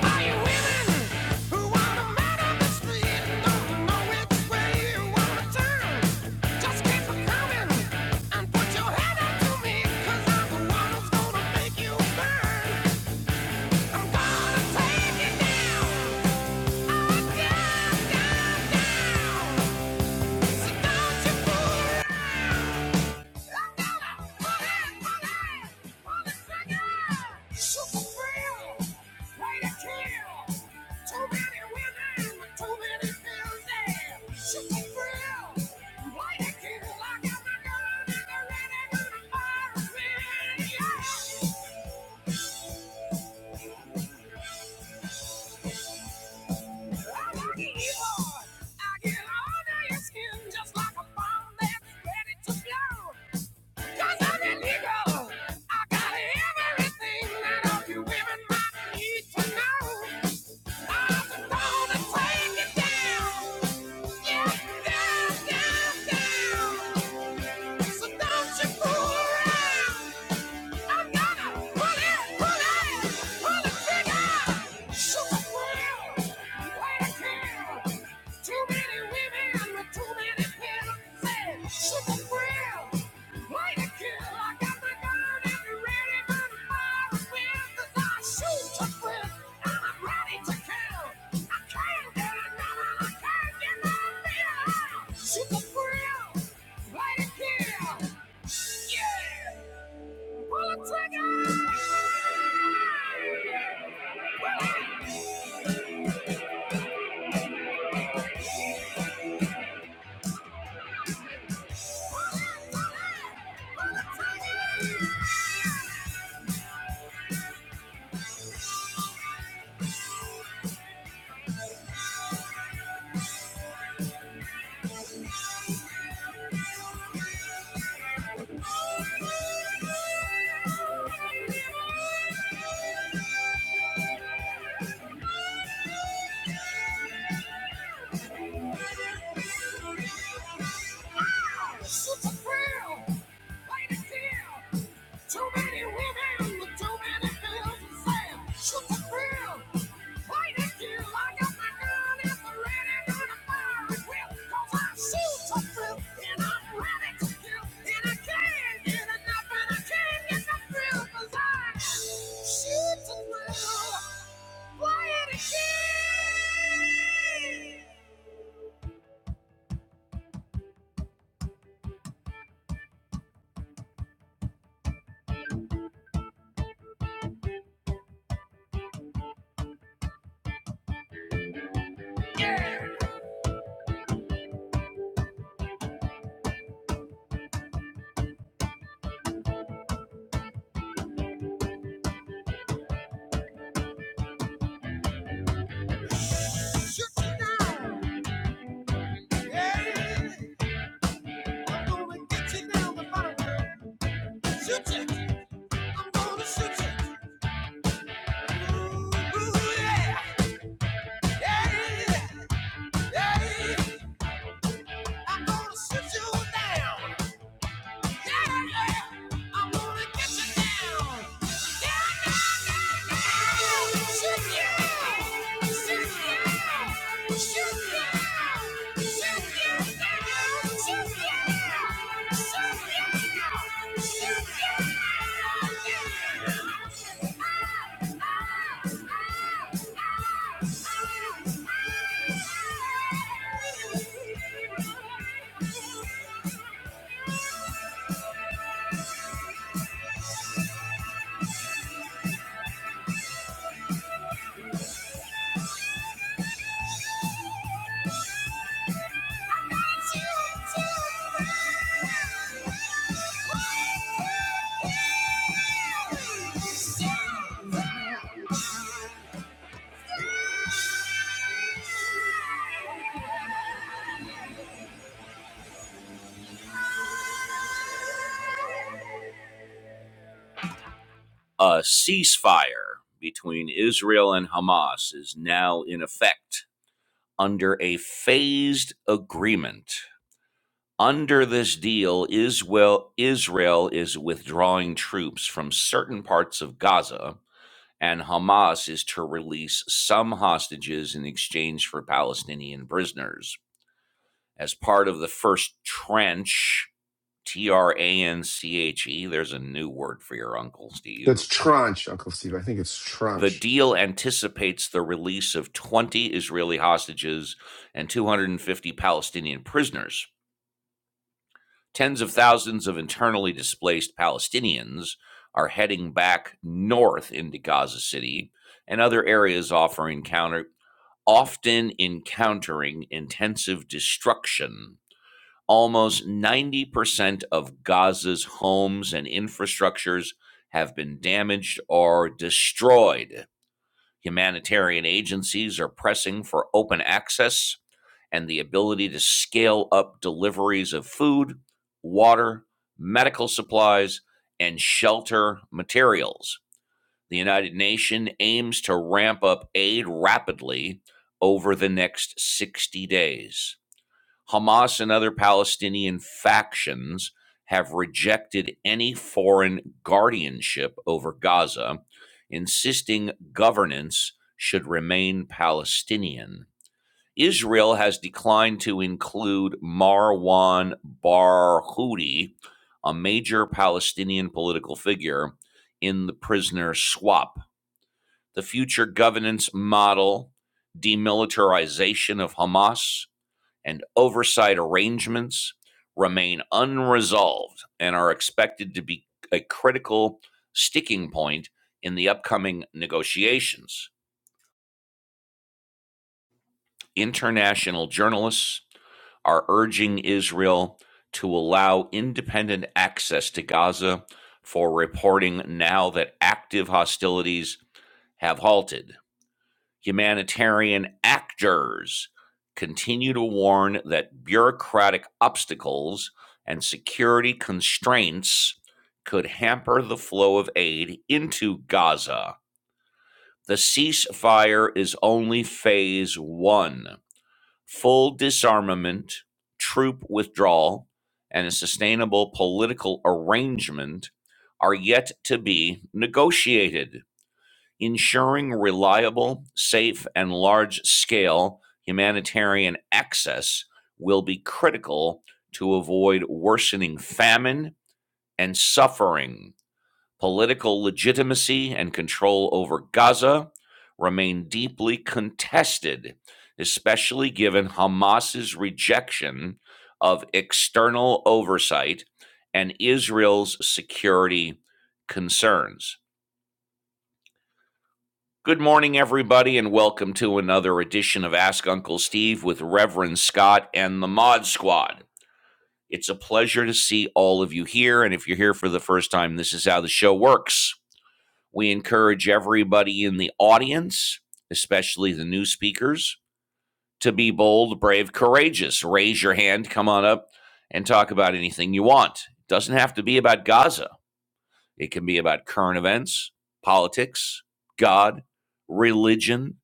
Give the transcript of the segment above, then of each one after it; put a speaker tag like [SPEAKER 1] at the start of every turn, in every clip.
[SPEAKER 1] Down, down, down. So don't you fool around. I get all day your skin Just like a bomb that's ready to blow. 'Cause I'm illegal. I got everything that all you women might need to know. I'm gonna take it down. Yeah, down, down, down. So don't you fool around. I'm gonna pull it, pull it, pull the trigger. Shoot thrill, play the kill. Too many women with too many pills. Say, thrill, play the kill. I got my gun and be ready to fire with 'cause I shoot the thrill and I'm ready to kill. I can't get another, I can't get another meal. Shoot thrill, play the kill. Yeah. Pull the trigger! Pull the trigger! Shoot the thrill! Play the deal! Too many women, with too many pills and sand. Shoot the thrill! Yeah! Shoot you down. Yeah. I'm gonna get you down the bottom. Shoot you. I'm gonna shoot you. Ooh, ooh, yeah. Yeah, yeah, yeah. I'm gonna sit you down. Yeah, yeah. I'm gonna get you down. Thank you. A ceasefire between Israel and Hamas is now in effect under a phased agreement. Under this deal, Israel, Israel is withdrawing troops from certain parts of Gaza, and Hamas is to release some hostages in exchange for Palestinian prisoners. As part of the first trench, T R A N C H E, there's a new word for your uncle, Steve.
[SPEAKER 2] That's tranche, Uncle Steve. I think it's
[SPEAKER 1] The
[SPEAKER 2] tranche.
[SPEAKER 1] deal anticipates the release of 20 Israeli hostages and 250 Palestinian prisoners. Tens of thousands of internally displaced Palestinians are heading back north into Gaza City and other areas offering counter, often encountering intensive destruction. Almost 90% of Gaza's homes and infrastructures have been damaged or destroyed. Humanitarian agencies are pressing for open access and the ability to scale up deliveries of food, water, medical supplies, and shelter materials. The United Nations aims to ramp up aid rapidly over the next 60 days. Hamas and other Palestinian factions have rejected any foreign guardianship over Gaza, insisting governance should remain Palestinian. Israel has declined to include Marwan Barghouti, a major Palestinian political figure, in the prisoner swap. The future governance model, demilitarization of Hamas, and oversight arrangements remain unresolved and are expected to be a critical sticking point in the upcoming negotiations. International journalists are urging Israel to allow independent access to Gaza for reporting now that active hostilities have halted. Humanitarian actors continue to warn that bureaucratic obstacles and security constraints could hamper the flow of aid into Gaza. The ceasefire is only phase one full disarmament, troop withdrawal, and a sustainable political arrangement are yet to be negotiated. Ensuring reliable, safe, and large scale humanitarian access will be critical to avoid worsening famine and suffering political legitimacy and control over Gaza remain deeply contested, especially given Hamas's rejection of external oversight and Israel's security concerns. Good morning, everybody, and welcome to another edition of Ask Uncle Steve with Reverend Scott and the Mod Squad. It's a pleasure to see all of you here. And if you're here for the first time, this is how the show works. We encourage everybody in the audience, especially the new speakers, to be bold, brave, courageous. Raise your hand, come on up, and talk about anything you want. It doesn't have to be about Gaza, it can be about current events, politics, God, religion,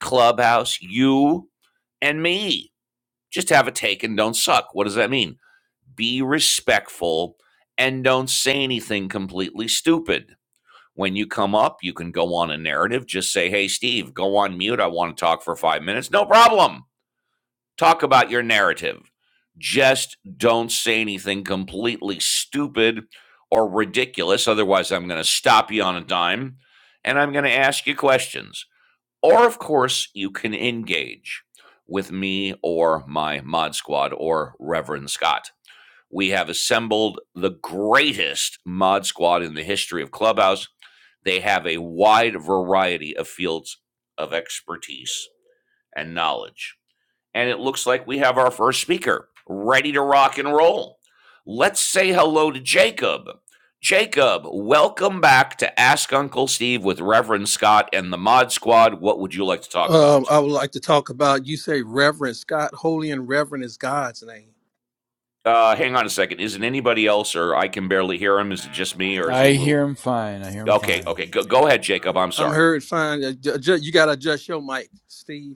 [SPEAKER 1] clubhouse, you, and me. Just have a take and don't suck. What does that mean? Be respectful and don't say anything completely stupid. When you come up, you can go on a narrative. Just say, hey, Steve, go on mute. I want to talk for five minutes. No problem. Talk about your narrative. Just don't say anything completely stupid or ridiculous. Otherwise, I'm going to stop you on a dime and I'm going to ask you questions. Or, of course, you can engage with me or my mod squad or Reverend Scott. We have assembled the greatest mod squad in the history of Clubhouse. They have a wide variety of fields of expertise and knowledge. And it looks like we have our first speaker ready to rock and roll. Let's say hello to Jacob. Jacob, welcome back to Ask Uncle Steve with Reverend Scott and the Mod Squad. What would you like to talk
[SPEAKER 3] Um,
[SPEAKER 1] about?
[SPEAKER 3] I would like to talk about you say Reverend Scott, holy and reverend is God's name.
[SPEAKER 1] Uh, hang on a second. Is it anybody else, or I can barely hear him? Is it just me, or is he
[SPEAKER 4] I
[SPEAKER 1] a little?
[SPEAKER 4] hear him fine. I hear him
[SPEAKER 1] Okay,
[SPEAKER 4] fine.
[SPEAKER 1] okay. Go, go ahead, Jacob. I'm
[SPEAKER 3] I'm
[SPEAKER 1] sorry.
[SPEAKER 3] heard fine. Uh, ju- ju- you got to adjust your mic, Steve.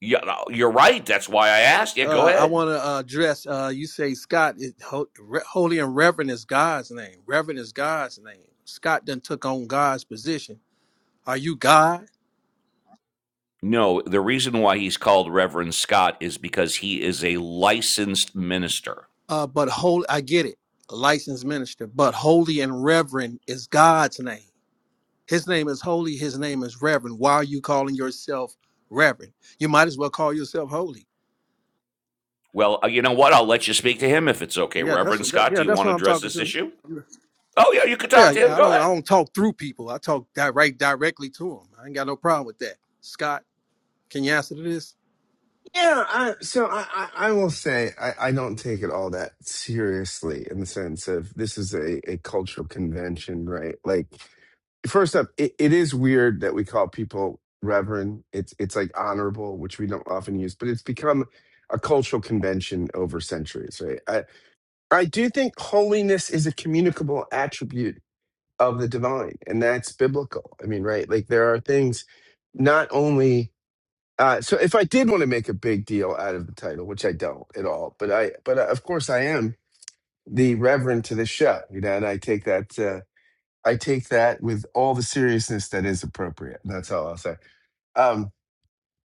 [SPEAKER 1] Yeah, no, you're right. That's why I asked. Yeah, go
[SPEAKER 3] Uh, I
[SPEAKER 1] ahead.
[SPEAKER 3] want to uh, address. Uh, you say Scott, is ho- re- holy and reverend is God's name. Reverend is God's name. Scott done took on God's position. Are you God?
[SPEAKER 1] No, the reason why he's called Reverend Scott is because he is a licensed minister.
[SPEAKER 3] Uh, but holy, I get it. A licensed minister, but holy and reverend is God's name. His name is holy. His name is reverend. Why are you calling yourself reverend? You might as well call yourself holy
[SPEAKER 1] Well, uh, you know what? I'll let you speak to him if it's okay.
[SPEAKER 3] Yeah, that's
[SPEAKER 1] Reverend
[SPEAKER 3] that,
[SPEAKER 1] Scott, do
[SPEAKER 3] yeah,
[SPEAKER 1] you
[SPEAKER 3] that's
[SPEAKER 1] want to
[SPEAKER 3] what I'm
[SPEAKER 1] address
[SPEAKER 3] talking
[SPEAKER 1] this
[SPEAKER 3] to.
[SPEAKER 1] issue? Oh, yeah, you could
[SPEAKER 3] Yeah,
[SPEAKER 1] talk to him.
[SPEAKER 3] I
[SPEAKER 1] Go
[SPEAKER 3] don't I
[SPEAKER 1] ahead.
[SPEAKER 3] don't talk through people. I talk direct directly to them. I ain't got no problem with that. Scott, can you answer to this?
[SPEAKER 2] Yeah. I, so I, I, I will say I, I don't take it all that seriously in the sense of this is a, a cultural convention, right? Like, first up, it, it is weird that we call people reverend. It's it's like honorable, which we don't often use, but it's become a cultural convention over centuries, right? I, I do think holiness is a communicable attribute of the divine, and that's biblical. I mean, right? Like there are things not only Uh, so if I did want to make a big deal out of the title, which I don't at all, but I, but uh, of course I am the reverend to the show, you know, and I take that, uh, I take that with all the seriousness that is appropriate. That's all I'll say. Um,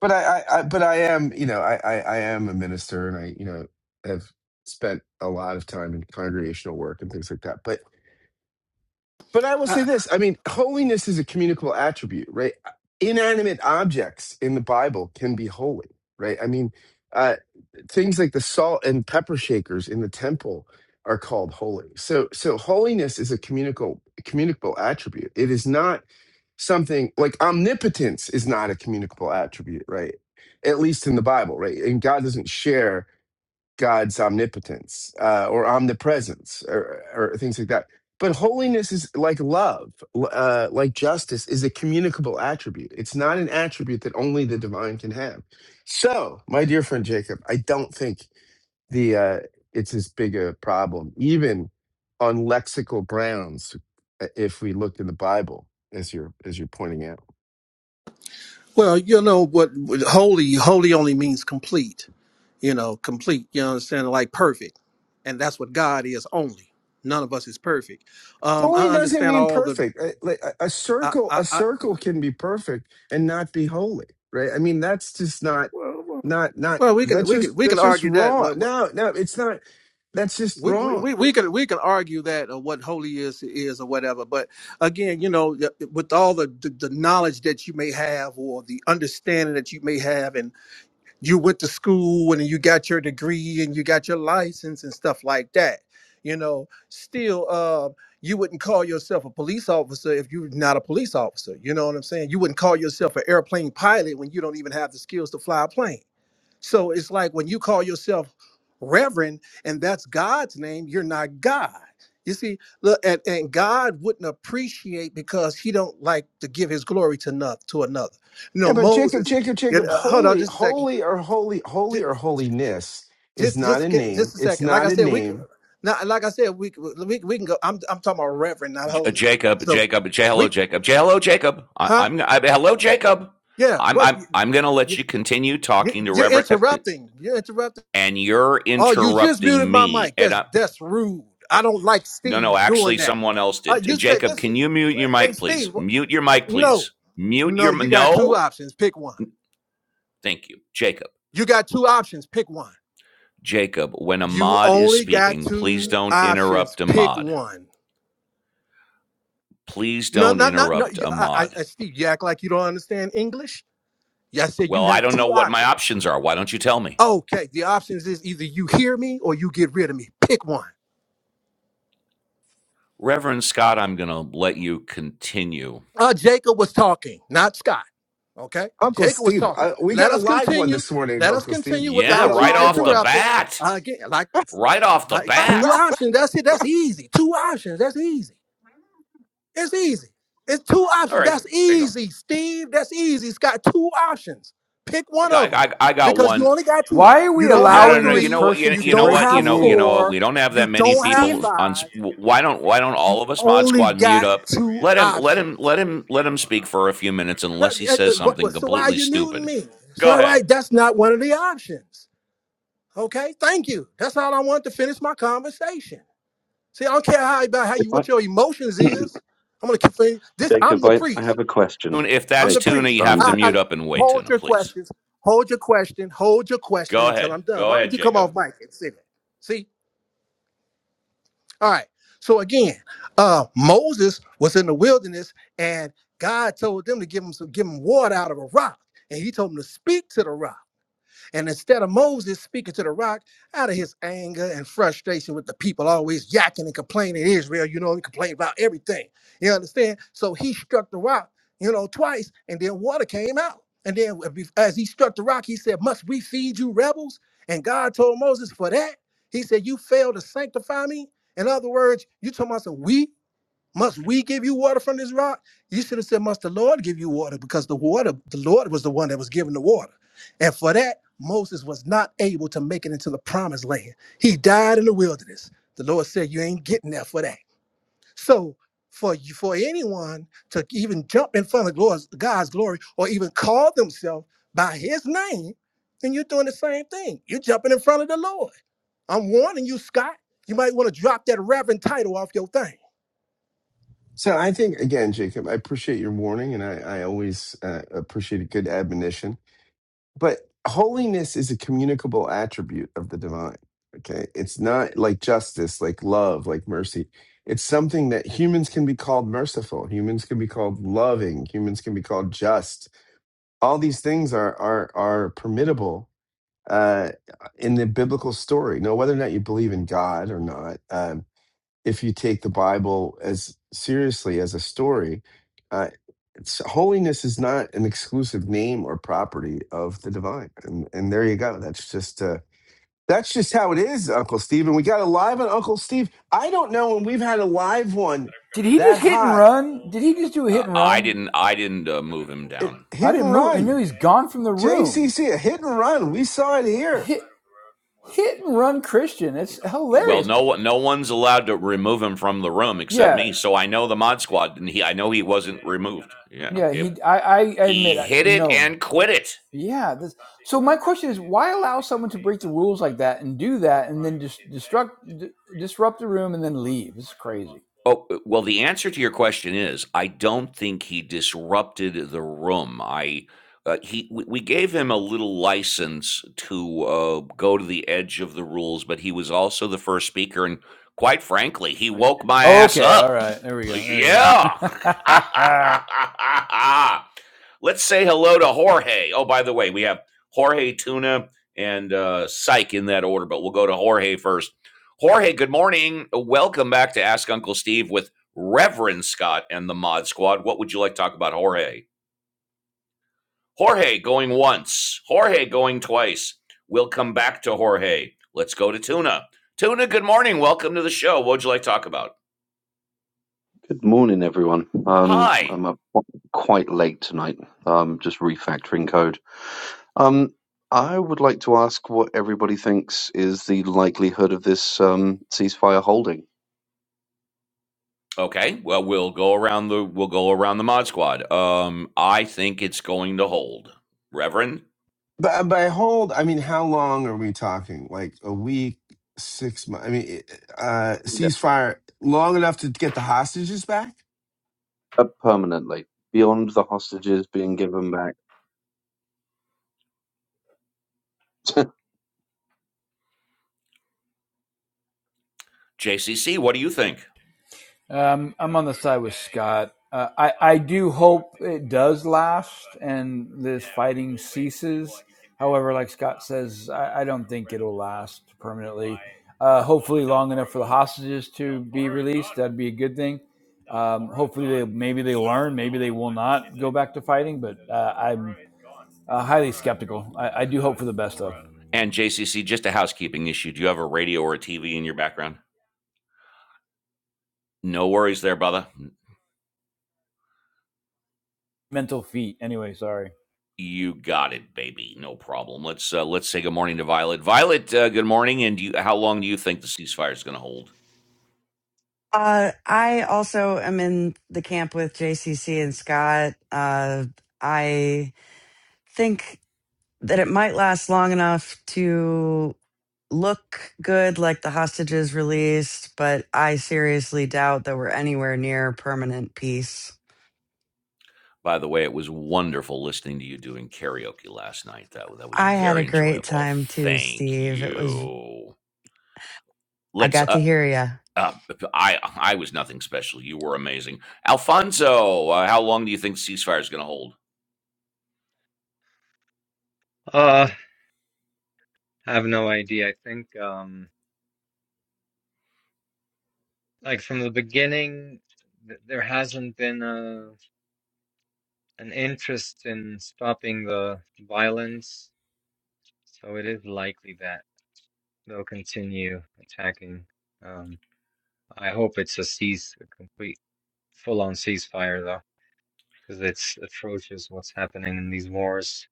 [SPEAKER 2] but I, I, I but I am, you know, I, I, I am a minister, and I, you know, have spent a lot of time in congregational work and things like that. But but I will
[SPEAKER 3] I,
[SPEAKER 2] say this I mean, holiness is a communicable attribute, right? Inanimate objects in the Bible can be holy, right? I mean, uh, things like the salt and pepper shakers in the temple are called holy. So, so holiness is a communicable, communicable attribute. It is not something like omnipotence is not a communicable attribute, right? At least in the Bible, right? And God doesn't share God's omnipotence uh, or omnipresence or, or things like that. But holiness is like love, uh, like justice is a communicable attribute. It's not an attribute that only the divine can have. So, my dear friend Jacob, I don't think the uh, it's as big a problem, even on lexical grounds, uh, if we looked in the Bible, as you're as you're pointing out.
[SPEAKER 3] well, you know what what holy holy only means complete. You know, complete. You understand? Like perfect, and that's what God is only. None of us is perfect. Um,
[SPEAKER 2] Holy
[SPEAKER 3] I
[SPEAKER 2] doesn't
[SPEAKER 3] understand
[SPEAKER 2] mean
[SPEAKER 3] all the.
[SPEAKER 2] perfect. A, like, a a
[SPEAKER 3] I,
[SPEAKER 2] circle,
[SPEAKER 3] I,
[SPEAKER 2] a
[SPEAKER 3] I,
[SPEAKER 2] circle can be perfect and not be holy, right? I mean, that's just not,
[SPEAKER 3] well, well,
[SPEAKER 2] not, not.
[SPEAKER 3] well, we can
[SPEAKER 2] That's
[SPEAKER 3] we can
[SPEAKER 2] just
[SPEAKER 3] we can
[SPEAKER 2] that's just
[SPEAKER 3] argue
[SPEAKER 2] wrong.
[SPEAKER 3] that.
[SPEAKER 2] No, no, it's not. That's just
[SPEAKER 3] we, we we
[SPEAKER 2] wrong.
[SPEAKER 3] we can we can argue that or what holy is is or whatever but again you know y- with all the, the the knowledge that you may have or the understanding that you may have and you went to school and you got your degree and you got your license and stuff like that you know still uh you wouldn't call yourself a police officer if you're not a police officer you know what i'm saying you wouldn't call yourself an airplane pilot when you don't even have the skills to fly a plane so it's like when you call yourself Reverend and that's God's name, you're not God. You see, look, and, and God wouldn't appreciate because He don't like to give His glory to another. To another, you know,
[SPEAKER 2] Yeah, but Jacob,
[SPEAKER 3] Moses.
[SPEAKER 2] Jacob,
[SPEAKER 3] it-
[SPEAKER 2] Jacob,
[SPEAKER 3] uh, hold on,
[SPEAKER 2] holy,
[SPEAKER 3] just a second.
[SPEAKER 2] holy, or holy, holy,
[SPEAKER 3] Just,
[SPEAKER 2] or holiness is
[SPEAKER 3] just,
[SPEAKER 2] not
[SPEAKER 3] just,
[SPEAKER 2] a
[SPEAKER 3] get,
[SPEAKER 2] name.
[SPEAKER 3] just a
[SPEAKER 2] It's
[SPEAKER 3] second. Like
[SPEAKER 2] not
[SPEAKER 3] I
[SPEAKER 2] a
[SPEAKER 3] said, we could.
[SPEAKER 2] name.
[SPEAKER 3] Now, like I said, we could- we we can go. I'm I'm talking about Reverend, not
[SPEAKER 1] J- uh,
[SPEAKER 3] holy.
[SPEAKER 1] Jacob,
[SPEAKER 3] So,
[SPEAKER 1] Jacob, J- hello,
[SPEAKER 3] we,
[SPEAKER 1] Jacob. J- hello, Jacob. I-
[SPEAKER 3] huh?
[SPEAKER 1] I'm, I- hello, Jacob.
[SPEAKER 3] Yeah.
[SPEAKER 1] I'm,
[SPEAKER 3] What?
[SPEAKER 1] I'm,
[SPEAKER 3] You,
[SPEAKER 1] I'm going to let
[SPEAKER 3] you,
[SPEAKER 1] you continue
[SPEAKER 3] you-
[SPEAKER 1] talking to
[SPEAKER 3] you're
[SPEAKER 1] Reverend, uh,
[SPEAKER 3] interrupting. You're interrupting.
[SPEAKER 1] and you're
[SPEAKER 3] Oh, you just muted
[SPEAKER 1] interrupting
[SPEAKER 3] my
[SPEAKER 1] me.
[SPEAKER 3] mic.
[SPEAKER 1] And
[SPEAKER 3] That's
[SPEAKER 1] I,
[SPEAKER 3] that's rude. I don't like
[SPEAKER 1] no, no,
[SPEAKER 3] Steve doing
[SPEAKER 1] actually,
[SPEAKER 3] that.
[SPEAKER 1] someone else
[SPEAKER 3] Uh,
[SPEAKER 1] did.
[SPEAKER 3] you said
[SPEAKER 1] Jacob,
[SPEAKER 3] this.
[SPEAKER 1] can you mute your
[SPEAKER 3] Hey,
[SPEAKER 1] mic, please?
[SPEAKER 3] Steve.
[SPEAKER 1] Mute your mic, please.
[SPEAKER 3] No,
[SPEAKER 1] Mute
[SPEAKER 3] no.
[SPEAKER 1] your,
[SPEAKER 3] You got two
[SPEAKER 1] no,
[SPEAKER 3] options. Pick one.
[SPEAKER 1] Thank you. Jacob.
[SPEAKER 3] You got two options. Pick one.
[SPEAKER 1] Jacob, when
[SPEAKER 3] You
[SPEAKER 1] Ahmad is
[SPEAKER 3] only got
[SPEAKER 1] speaking, please
[SPEAKER 3] two
[SPEAKER 1] don't
[SPEAKER 3] options.
[SPEAKER 1] interrupt
[SPEAKER 3] Pick
[SPEAKER 1] Ahmad.
[SPEAKER 3] one.
[SPEAKER 1] Please
[SPEAKER 3] No,
[SPEAKER 1] don't
[SPEAKER 3] no, no, no.
[SPEAKER 1] interrupt
[SPEAKER 3] You, I, I,
[SPEAKER 1] Ahmad.
[SPEAKER 3] I- Steve, you act like you don't understand English. Yeah, I said you
[SPEAKER 1] Well, I
[SPEAKER 3] have
[SPEAKER 1] don't
[SPEAKER 3] two
[SPEAKER 1] know what my
[SPEAKER 3] options.
[SPEAKER 1] options are. Why don't you tell me?
[SPEAKER 3] Okay, the options is either you hear me or you get rid of me. Pick one.
[SPEAKER 1] Reverend Scott, I'm going to let you continue.
[SPEAKER 3] Uh, Jacob was talking, not Scott. Okay?
[SPEAKER 2] Uncle
[SPEAKER 3] Jacob was
[SPEAKER 2] Steve,
[SPEAKER 3] talking.
[SPEAKER 2] uh, we
[SPEAKER 3] Let
[SPEAKER 2] got a
[SPEAKER 3] us
[SPEAKER 2] live one
[SPEAKER 3] continue.
[SPEAKER 2] this morning,
[SPEAKER 3] Let us
[SPEAKER 2] Uncle Steve.
[SPEAKER 3] continue
[SPEAKER 2] We
[SPEAKER 1] Yeah,
[SPEAKER 2] got a
[SPEAKER 3] without you
[SPEAKER 1] right
[SPEAKER 2] live
[SPEAKER 1] off the
[SPEAKER 2] one.
[SPEAKER 3] interrupting.
[SPEAKER 1] bat.
[SPEAKER 3] Uh, again, like,
[SPEAKER 1] Right off the
[SPEAKER 3] like two
[SPEAKER 1] bat.
[SPEAKER 3] options. That's it. That's easy. Two options. That's easy. It's easy. It's two
[SPEAKER 1] All
[SPEAKER 3] options.
[SPEAKER 1] right,
[SPEAKER 3] That's
[SPEAKER 1] there you go.
[SPEAKER 3] easy, Steve. That's easy. It's got two options. Pick
[SPEAKER 1] I
[SPEAKER 3] one
[SPEAKER 1] got, I
[SPEAKER 3] of them
[SPEAKER 1] got, I got
[SPEAKER 3] because you
[SPEAKER 1] one.
[SPEAKER 3] only got two. You don't
[SPEAKER 1] No,
[SPEAKER 3] have
[SPEAKER 1] no, no. You
[SPEAKER 3] three.
[SPEAKER 1] know what? You,
[SPEAKER 3] You
[SPEAKER 1] you know
[SPEAKER 3] don't
[SPEAKER 1] what? You
[SPEAKER 3] have
[SPEAKER 1] know, you know.
[SPEAKER 3] four.
[SPEAKER 1] We don't have
[SPEAKER 3] You
[SPEAKER 1] that many
[SPEAKER 3] don't have
[SPEAKER 1] people
[SPEAKER 5] Steve,
[SPEAKER 1] on. s-
[SPEAKER 3] five.
[SPEAKER 1] w- Why don't Why don't
[SPEAKER 3] You
[SPEAKER 1] all of us Mod
[SPEAKER 3] only
[SPEAKER 1] Squad mute
[SPEAKER 3] got
[SPEAKER 1] up?
[SPEAKER 3] two
[SPEAKER 1] Let him. Let him.
[SPEAKER 3] options.
[SPEAKER 1] Let him. Let him speak for a few minutes,
[SPEAKER 3] That-
[SPEAKER 1] unless he
[SPEAKER 3] uh,
[SPEAKER 1] says
[SPEAKER 3] uh, what-
[SPEAKER 1] something
[SPEAKER 3] so why are
[SPEAKER 1] completely
[SPEAKER 3] you muting
[SPEAKER 1] stupid.
[SPEAKER 3] me?
[SPEAKER 1] Go
[SPEAKER 3] So why
[SPEAKER 1] ahead.
[SPEAKER 3] that's not one of the options. Okay, thank you. That's all I want to finish my conversation. See, I don't care how about how
[SPEAKER 6] If
[SPEAKER 3] you
[SPEAKER 6] I,
[SPEAKER 3] what your emotions is. I'm gonna keep fin- this. I'm
[SPEAKER 6] Jacob,
[SPEAKER 3] the
[SPEAKER 6] I, I
[SPEAKER 3] priest.
[SPEAKER 6] have a question.
[SPEAKER 1] Tuna- If
[SPEAKER 3] I'm
[SPEAKER 1] that's
[SPEAKER 3] the
[SPEAKER 6] Jacob,
[SPEAKER 1] Tuna, you
[SPEAKER 3] priest.
[SPEAKER 1] have
[SPEAKER 6] um,
[SPEAKER 1] to
[SPEAKER 3] I,
[SPEAKER 6] uh,
[SPEAKER 1] mute
[SPEAKER 3] I
[SPEAKER 1] up and wait,
[SPEAKER 3] hold
[SPEAKER 1] Tuna.
[SPEAKER 3] your
[SPEAKER 1] Please.
[SPEAKER 3] questions. Hold your question. Hold your question
[SPEAKER 1] Go
[SPEAKER 3] until
[SPEAKER 1] ahead.
[SPEAKER 3] I'm done.
[SPEAKER 1] Go
[SPEAKER 3] Why
[SPEAKER 1] ahead,
[SPEAKER 3] would you come off
[SPEAKER 1] Jacob.
[SPEAKER 3] mic and sit? it? See, all right. So again, uh, Moses was in the wilderness, and God told them to give him some, give him water out of a rock, and He told him to speak to the rock. And instead of Moses speaking to the rock out of his anger and frustration with the people always yakking and complaining, Israel, you know, he complained about everything. You understand? So he struck the rock, you know, twice, and then water came out. And then as he struck the rock, he said, Must we feed you rebels? And God told Moses, For that, he said, You failed to sanctify me. In other words, you talking about some we? Must we give you water from this rock? You should have said, Must the Lord give you water? Because the water, the Lord was the one that was giving the water. And for that, Moses was not able to make it into the promised land. He died in the wilderness. The Lord said, You ain't getting there for that. So for you, for anyone to even jump in front of God's, God's glory or even call themselves by his name, then you're doing the same thing. You're jumping in front of the Lord. I'm warning you, Scott. You might want to drop that reverend title off your thing
[SPEAKER 2] So I think again, Jacob, I appreciate your warning, and I, I always uh, appreciate a good admonition. but holiness is a communicable attribute of the divine okay it's not like justice like love like mercy it's something that humans can be called merciful humans can be called loving humans can be called just all these things are are are permittable uh in the biblical story now whether or not you believe in god or not um, if you take the Bible as seriously as a story, uh, it's, holiness is not an exclusive name or property of the divine. And, and there you go. That's just uh, that's just how it is, Uncle Steve. And we got a live on Uncle Steve. I don't know when we've had a live one
[SPEAKER 4] Did he
[SPEAKER 2] that
[SPEAKER 4] just hit and
[SPEAKER 2] hot.
[SPEAKER 4] run? Did he just do a hit
[SPEAKER 1] Uh,
[SPEAKER 4] and
[SPEAKER 1] I
[SPEAKER 4] run?
[SPEAKER 1] didn't. I didn't uh, move him
[SPEAKER 2] It,
[SPEAKER 1] down.
[SPEAKER 4] I
[SPEAKER 2] hit
[SPEAKER 4] didn't
[SPEAKER 2] and
[SPEAKER 4] move. I knew
[SPEAKER 2] run,
[SPEAKER 4] he's gone from the room.
[SPEAKER 2] JCC, a hit
[SPEAKER 1] Oh,
[SPEAKER 2] and run. We saw it here.
[SPEAKER 4] Hit, hit and run, Christian.
[SPEAKER 1] y-
[SPEAKER 4] It's
[SPEAKER 1] y- Well,
[SPEAKER 4] hilarious.
[SPEAKER 1] no one. No one's allowed to remove him from the room except
[SPEAKER 4] Yeah,
[SPEAKER 1] me. So I know the Mod Squad, and he. I know he wasn't removed. Yeah.
[SPEAKER 4] yeah.
[SPEAKER 1] It.
[SPEAKER 4] He, I, I admit,
[SPEAKER 1] He
[SPEAKER 4] I,
[SPEAKER 1] hit it
[SPEAKER 4] no.
[SPEAKER 1] and quit it.
[SPEAKER 4] Yeah. This, so my question is, why allow someone to break the rules like that and do that, and then just destruct, d- disrupt the room, and then leave? It's crazy.
[SPEAKER 1] Oh, well, the answer to your question is I don't think he disrupted the room. I. Uh, he we we gave him a little license to uh, go to the edge of the rules, but he was also the first speaker, and quite frankly, he woke my
[SPEAKER 4] Oh,
[SPEAKER 1] ass
[SPEAKER 4] Okay.
[SPEAKER 1] up.
[SPEAKER 4] All right. There we go. There we
[SPEAKER 1] Yeah.
[SPEAKER 4] go.
[SPEAKER 1] Let's say hello to Jorge. Oh, by the way, we have Jorge Tuna and uh, Psych in that order, but we'll go to Jorge first. Jorge, good morning. Welcome back to Ask Uncle Steve with Reverend Scott and the Mod Squad. What would you like to talk about, Jorge? Jorge going once, Jorge going twice. We'll come back to Jorge. Let's go to Tuna. Tuna, good morning. Welcome to the show. What would you like to talk about?
[SPEAKER 6] good morning, everyone. Um,
[SPEAKER 1] Hi.
[SPEAKER 6] I'm up quite late tonight. Um, just refactoring code. Um, I would like to ask what everybody thinks is the likelihood of this um, ceasefire holding
[SPEAKER 1] Okay. Well, we'll go around the we'll go around the mod squad. Um, I think it's going to hold. Reverend
[SPEAKER 2] But by hold, I mean, how long are we talking? Like a week, six months? I mean, it- uh,
[SPEAKER 6] Inde-
[SPEAKER 2] ceasefire long enough to get the hostages back?
[SPEAKER 6] uh, permanently beyond the hostages being given back.
[SPEAKER 1] JCC, what do you think?
[SPEAKER 4] Um, I'm on the side with Scott. Uh, I I do hope it does last and this fighting ceases. However, like Scott says, I, I don't think it'll last permanently. Uh, hopefully, long enough for the hostages to be released. That'd be a good thing. Um, hopefully, they maybe they learn. Maybe they will not go back to fighting. But uh, I'm uh, highly skeptical. I, I do hope for the best though.
[SPEAKER 1] And JCC, just a housekeeping issue. Do you have a radio or a TV in your background? No worries there, brother.
[SPEAKER 4] Mental feat. Anyway, sorry.
[SPEAKER 1] You got it, baby. No problem. Let's uh, let's say good morning to Violet. Violet, uh, good morning. And do you, how long do you think the ceasefire is going to hold?
[SPEAKER 5] uh, I also am in the camp with JCC and Scott. Uh, I think that it might last long enough to look good, like the hostages released, but I seriously doubt that we're anywhere near permanent peace.
[SPEAKER 1] By the way, it was wonderful listening to you doing karaoke last night. That that was
[SPEAKER 5] I had a
[SPEAKER 1] very
[SPEAKER 5] great
[SPEAKER 1] enjoyable.
[SPEAKER 5] time too,
[SPEAKER 1] Thank
[SPEAKER 5] Steve. It was,
[SPEAKER 1] you
[SPEAKER 5] I
[SPEAKER 1] let's
[SPEAKER 5] got
[SPEAKER 1] uh,
[SPEAKER 5] to hear you.
[SPEAKER 1] Uh, I I was nothing special. You were amazing, Alfonso. Uh, how long do you think the ceasefire is going to hold?
[SPEAKER 7] Uh, I have no idea. I think, um, like from the beginning, th there hasn't been a an interest in stopping the violence, so it is likely that they'll continue attacking. Um, I hope it's a cease, a complete, full-on ceasefire, though, because it's atrocious what's happening in these wars.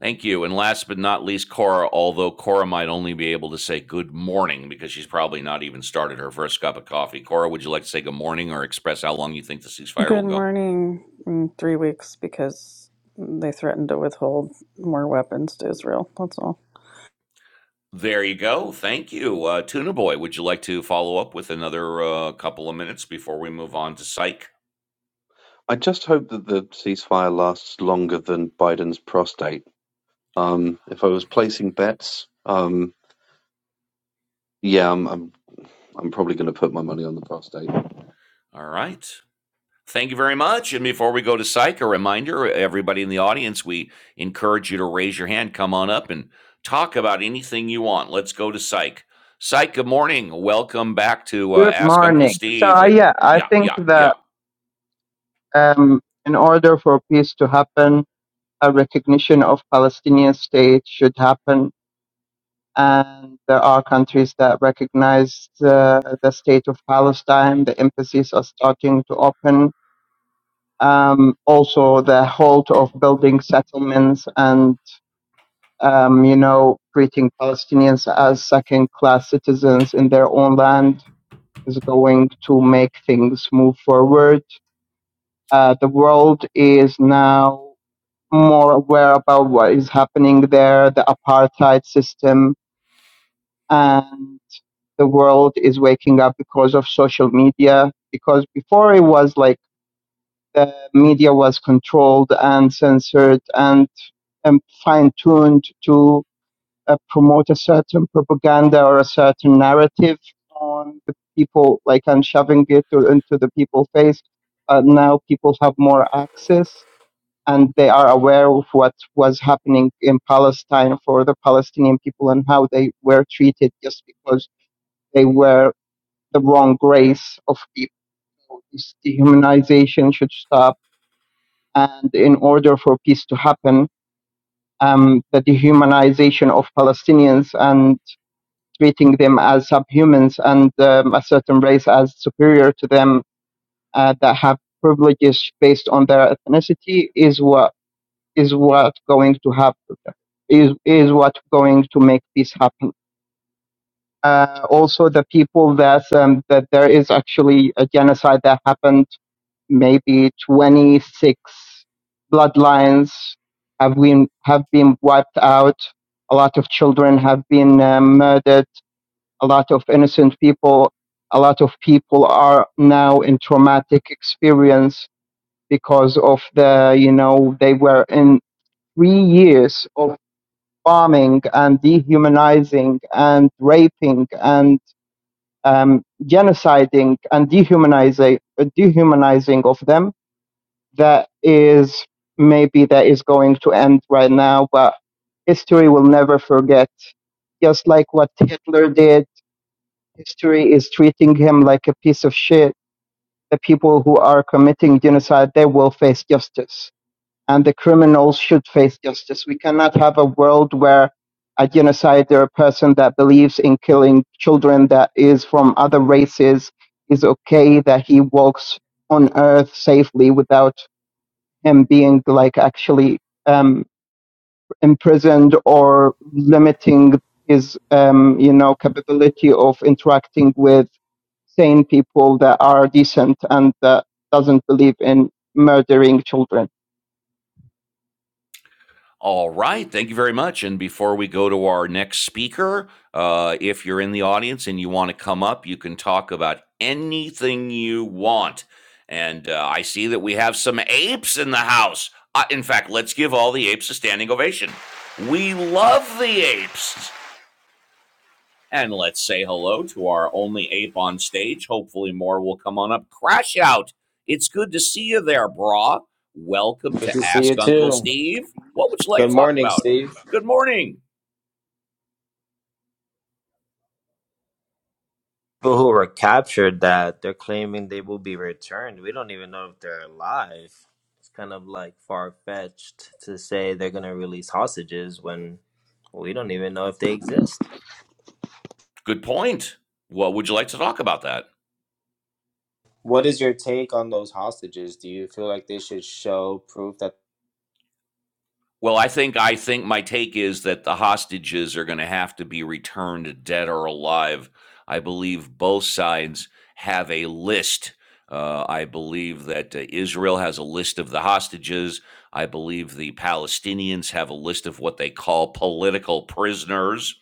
[SPEAKER 1] Thank you. And last but not least, Cora. Although Cora might only be able to say good morning because she's probably not even started her first cup of coffee. Cora, would you like to say good morning or express how long you think the ceasefire will
[SPEAKER 8] Good
[SPEAKER 1] go?
[SPEAKER 8] morning in three weeks because they threatened to withhold more weapons to Israel. That's all.
[SPEAKER 1] There you go. Thank you, uh, Tuna Boy. Would you like to follow up with another uh, couple of minutes before we move on to Psych?
[SPEAKER 6] I just hope that the ceasefire lasts longer than Biden's prostate. Um, if I was placing bets, um, yeah, I'm, I'm probably going to put my money on the prostate.
[SPEAKER 1] All right. Thank you very much. And before we go to psych, a reminder everybody in the audience, we encourage you to raise your hand, come on up, and talk about anything you want. Let's go to psych. Psych, good morning. Welcome back to uh,
[SPEAKER 9] Good
[SPEAKER 1] Ask Uncle
[SPEAKER 9] morning. So
[SPEAKER 1] Steve.
[SPEAKER 9] uh, yeah, I
[SPEAKER 1] Yeah,
[SPEAKER 9] think
[SPEAKER 1] yeah, yeah.
[SPEAKER 9] that um, in order for peace to happen, a recognition of Palestinian state should happen, and there are countries that recognize uh, the state of Palestine. The embassies are starting to open. Um, also, the halt of building settlements and um, you know treating Palestinians as second-class citizens in their own land is going to make things move forward uh, the world is now more aware about what is happening there, the apartheid system, and the world is waking up because of social media. Because before it was like the media was controlled and censored and, and fine tuned to uh, promote a certain propaganda or a certain narrative on the people, like, and shoving it to, into the people's face. Uh, now people have more access and they are aware of what was happening in Palestine for the Palestinian people and how they were treated just because they were the wrong race of people. This dehumanization should stop. And in order for peace to happen, um, the dehumanization of Palestinians and treating them as subhumans and um, a certain race as superior to them uh, that have privileges based on their ethnicity is what is what going to happen is is what going to make this happen uh, also the people that um, that there is actually a genocide that happened maybe 26 bloodlines have been have been wiped out a lot of children have been uh, murdered a lot of innocent people a lot of people are now in traumatic experience because of the you know they were in three years of bombing and dehumanizing and raping and um, genociding and dehumanizing, dehumanizing of them that is maybe that is going to end right now, but history will never forget. Just like what Hitler did, history is treating him like a piece of shit. The people who are committing genocide, they will face justice and the criminals should face justice. We cannot have a world where a genocide there a person that believes in killing children that is from other races is okay that he walks on earth safely without him being like actually um, imprisoned or limiting his um, you know capability of interacting with sane people that are decent and that doesn't believe in murdering children
[SPEAKER 1] All right. Thank you very much. And before we go to our next speaker, uh, if you're in the audience and you want to come up, you can talk about anything you want. And uh, I see that we have some apes in the house. Uh, in fact, let's give all the apes a standing ovation. We love the apes. And let's say hello to our only ape on stage. Hopefully, more will come on up. Crash out. It's good to see you there, brah. Welcome
[SPEAKER 10] Good
[SPEAKER 1] to
[SPEAKER 10] to see
[SPEAKER 1] Ask
[SPEAKER 10] you
[SPEAKER 1] Uncle
[SPEAKER 10] too.
[SPEAKER 1] Steve. What would you like
[SPEAKER 10] Good
[SPEAKER 1] to talk
[SPEAKER 10] morning,
[SPEAKER 1] about?
[SPEAKER 10] Steve.
[SPEAKER 1] Good morning.
[SPEAKER 10] People who were captured that they're claiming they will be returned. We don't even know if they're alive. It's kind of like far fetched to say they're going to release hostages when we don't even know if they exist.
[SPEAKER 1] Good point. What would you like to talk about that?
[SPEAKER 10] What is your take on those hostages? Do you feel like they should show proof that?
[SPEAKER 1] Well, I think I think my take is that the hostages are going to have to be returned dead or alive. I believe both sides have a list. Uh, I believe that uh, Israel has a list of the hostages. I believe the Palestinians have a list of what they call political prisoners.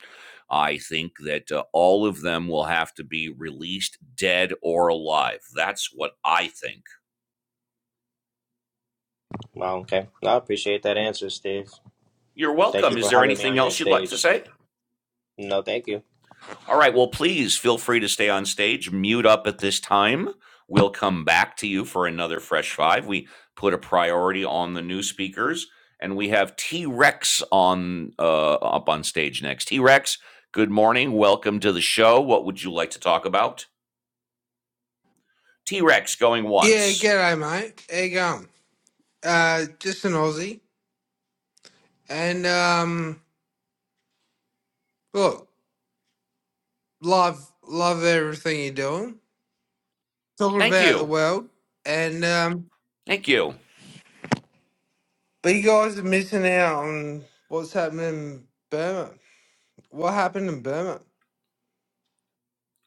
[SPEAKER 1] I think that uh, all of them will have to be released dead or alive. That's what I think.
[SPEAKER 10] Well, okay. No, I appreciate that answer, Steve.
[SPEAKER 1] You're
[SPEAKER 10] Thank
[SPEAKER 1] welcome.
[SPEAKER 10] you
[SPEAKER 1] Is
[SPEAKER 10] for
[SPEAKER 1] there
[SPEAKER 10] having me
[SPEAKER 1] anything
[SPEAKER 10] on your
[SPEAKER 1] else you'd like to
[SPEAKER 10] stage.
[SPEAKER 1] say?
[SPEAKER 10] No, thank you.
[SPEAKER 1] All right. Well, please feel free to stay on stage, mute up at this time. We'll come back to you for another Fresh Five. We put a priority on the new speakers, and we have T Rex on uh, up on stage next. T Rex, good morning. Welcome to the show. What would you like to talk about? T Rex going
[SPEAKER 11] Yeah,
[SPEAKER 1] once.
[SPEAKER 11] g'day, mate. How you going? Uh, just an Aussie, and um, look, love love everything you're doing, talking
[SPEAKER 1] Thank
[SPEAKER 11] about the
[SPEAKER 1] you.
[SPEAKER 11] world, and um,
[SPEAKER 1] Thank you.
[SPEAKER 11] but you guys are missing out on what's happening in Burma. What happened in Burma?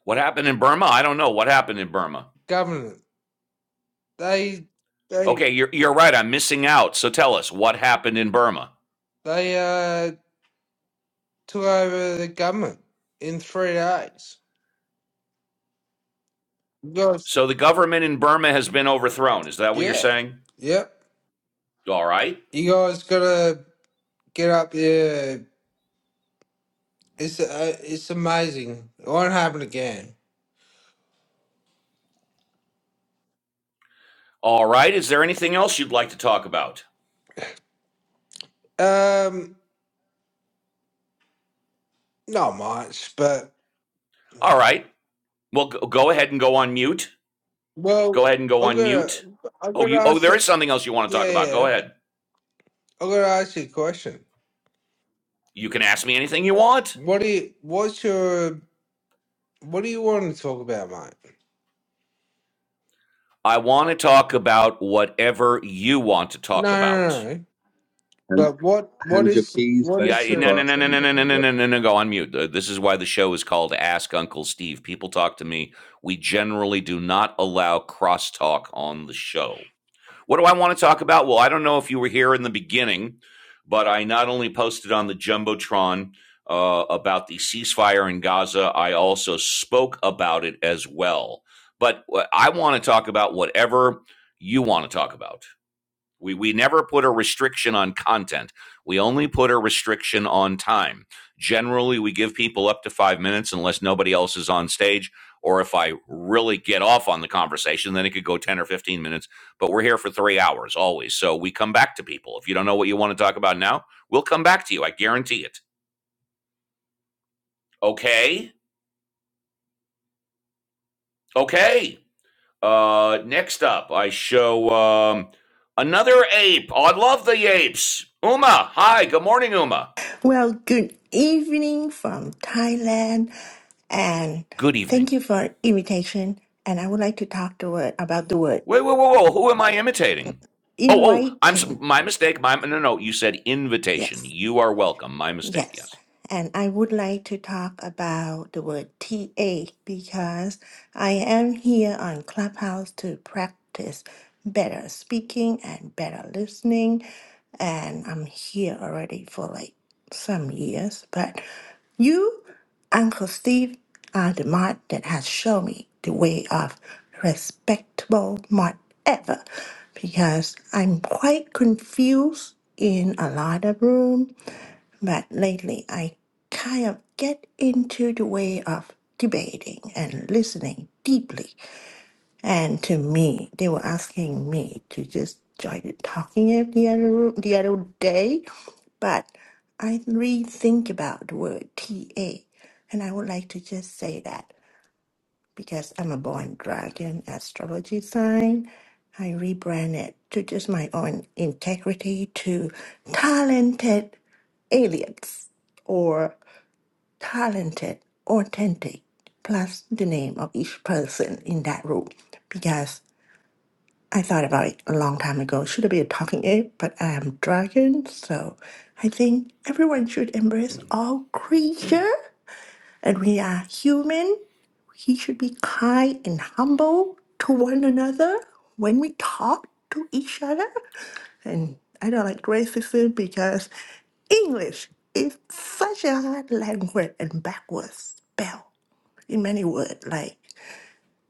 [SPEAKER 1] What happened in Burma? I don't know. What happened in Burma?
[SPEAKER 11] Government. They they
[SPEAKER 1] Okay, you're, you're right. I'm missing out. So tell us what happened in Burma.
[SPEAKER 11] they uh took over the government in three days. You guys,
[SPEAKER 1] So the government in Burma has been overthrown. Is that what you're
[SPEAKER 11] yeah,
[SPEAKER 1] saying?
[SPEAKER 11] yep.
[SPEAKER 1] All right.
[SPEAKER 11] You guys gotta get up there It's uh, it's amazing. It won't happen again.
[SPEAKER 1] All right. Is there anything else you'd like to talk about?
[SPEAKER 11] Um, not much, but
[SPEAKER 1] All right. Well, go ahead and go on mute. Go
[SPEAKER 11] well,
[SPEAKER 1] ahead and go
[SPEAKER 11] I'm
[SPEAKER 1] on
[SPEAKER 11] gonna
[SPEAKER 1] mute.
[SPEAKER 11] I'm
[SPEAKER 1] Oh,
[SPEAKER 11] gonna
[SPEAKER 1] you. Oh,
[SPEAKER 11] ask.
[SPEAKER 1] there is something else you want to talk
[SPEAKER 11] Yeah,
[SPEAKER 1] about. Go
[SPEAKER 11] yeah.
[SPEAKER 1] ahead.
[SPEAKER 11] I'm gonna ask you a question.
[SPEAKER 1] You can ask me anything you want.
[SPEAKER 11] What do you? What's your? What do you want to talk about, mate?
[SPEAKER 1] I want to talk about whatever you want to
[SPEAKER 11] No,
[SPEAKER 1] talk about.
[SPEAKER 11] no, no. no.
[SPEAKER 6] And
[SPEAKER 11] But what? What
[SPEAKER 6] hand your
[SPEAKER 11] is?
[SPEAKER 6] keys
[SPEAKER 11] What
[SPEAKER 6] back
[SPEAKER 1] Yeah,
[SPEAKER 6] to
[SPEAKER 11] is
[SPEAKER 6] the
[SPEAKER 11] the?
[SPEAKER 1] no, no, no, no, no,
[SPEAKER 6] bartender,
[SPEAKER 1] no, no,
[SPEAKER 6] brother.
[SPEAKER 1] no, no, no, no. Go on mute. Uh, This is why the show is called Ask Uncle Steve. People talk to me. We generally do not allow crosstalk on the show. What do I want to talk about? Well, I don't know if you were here in the beginning, but I not only posted on the Jumbotron uh, about the ceasefire in Gaza, I also spoke about it as well. But uh, I want to talk about whatever you want to talk about. We, we never put a restriction on content. We only put a restriction on time. Generally, we give people up to five minutes unless nobody else is on stage, or if I really get off on the conversation, then it could go 10 or 15 minutes. But we're here for three hours always. So we come back to people. If you don't know what you want to talk about now, we'll come back to you. I guarantee it. Okay. Okay. Uh, next up, I show um, another ape. Oh, I love the apes. Uma. Hi. Good morning, Uma.
[SPEAKER 12] Well, good evening from Thailand, and
[SPEAKER 1] Good evening.
[SPEAKER 12] thank you for invitation. And I would like to talk the word about the word
[SPEAKER 1] Wait, whoa, whoa, whoa! Who am I imitating? Oh, oh! I'm
[SPEAKER 12] inviting.
[SPEAKER 1] my mistake. My no, no. You said invitation.
[SPEAKER 12] Yes.
[SPEAKER 1] You are welcome. My mistake.
[SPEAKER 12] Yes,
[SPEAKER 1] Yes,
[SPEAKER 12] and I would like to talk about the word TA because I am here on Clubhouse to practice better speaking and better listening. And I'm here already for like some years. But you, Uncle Steve, are the mod that has shown me the way of respectable mod ever because I'm quite confused in a lot of room but lately, I kind of get into the way of debating and listening deeply. And to me, they were asking me to just join talking it the other the other day, but I rethink about the word TA, and I would like to just say that because I'm a born dragon astrology sign. I rebranded to just my own integrity to talented aliens or talented, authentic, plus the name of each person in that room. Because I thought about it a long time ago. Should I be a talking ape? But I am dragon, so I think everyone should embrace all creature. And we are human. He should be kind and humble to one another when we talk to each other. And I don't like racism because English is such a hard language and backwards spell in many words like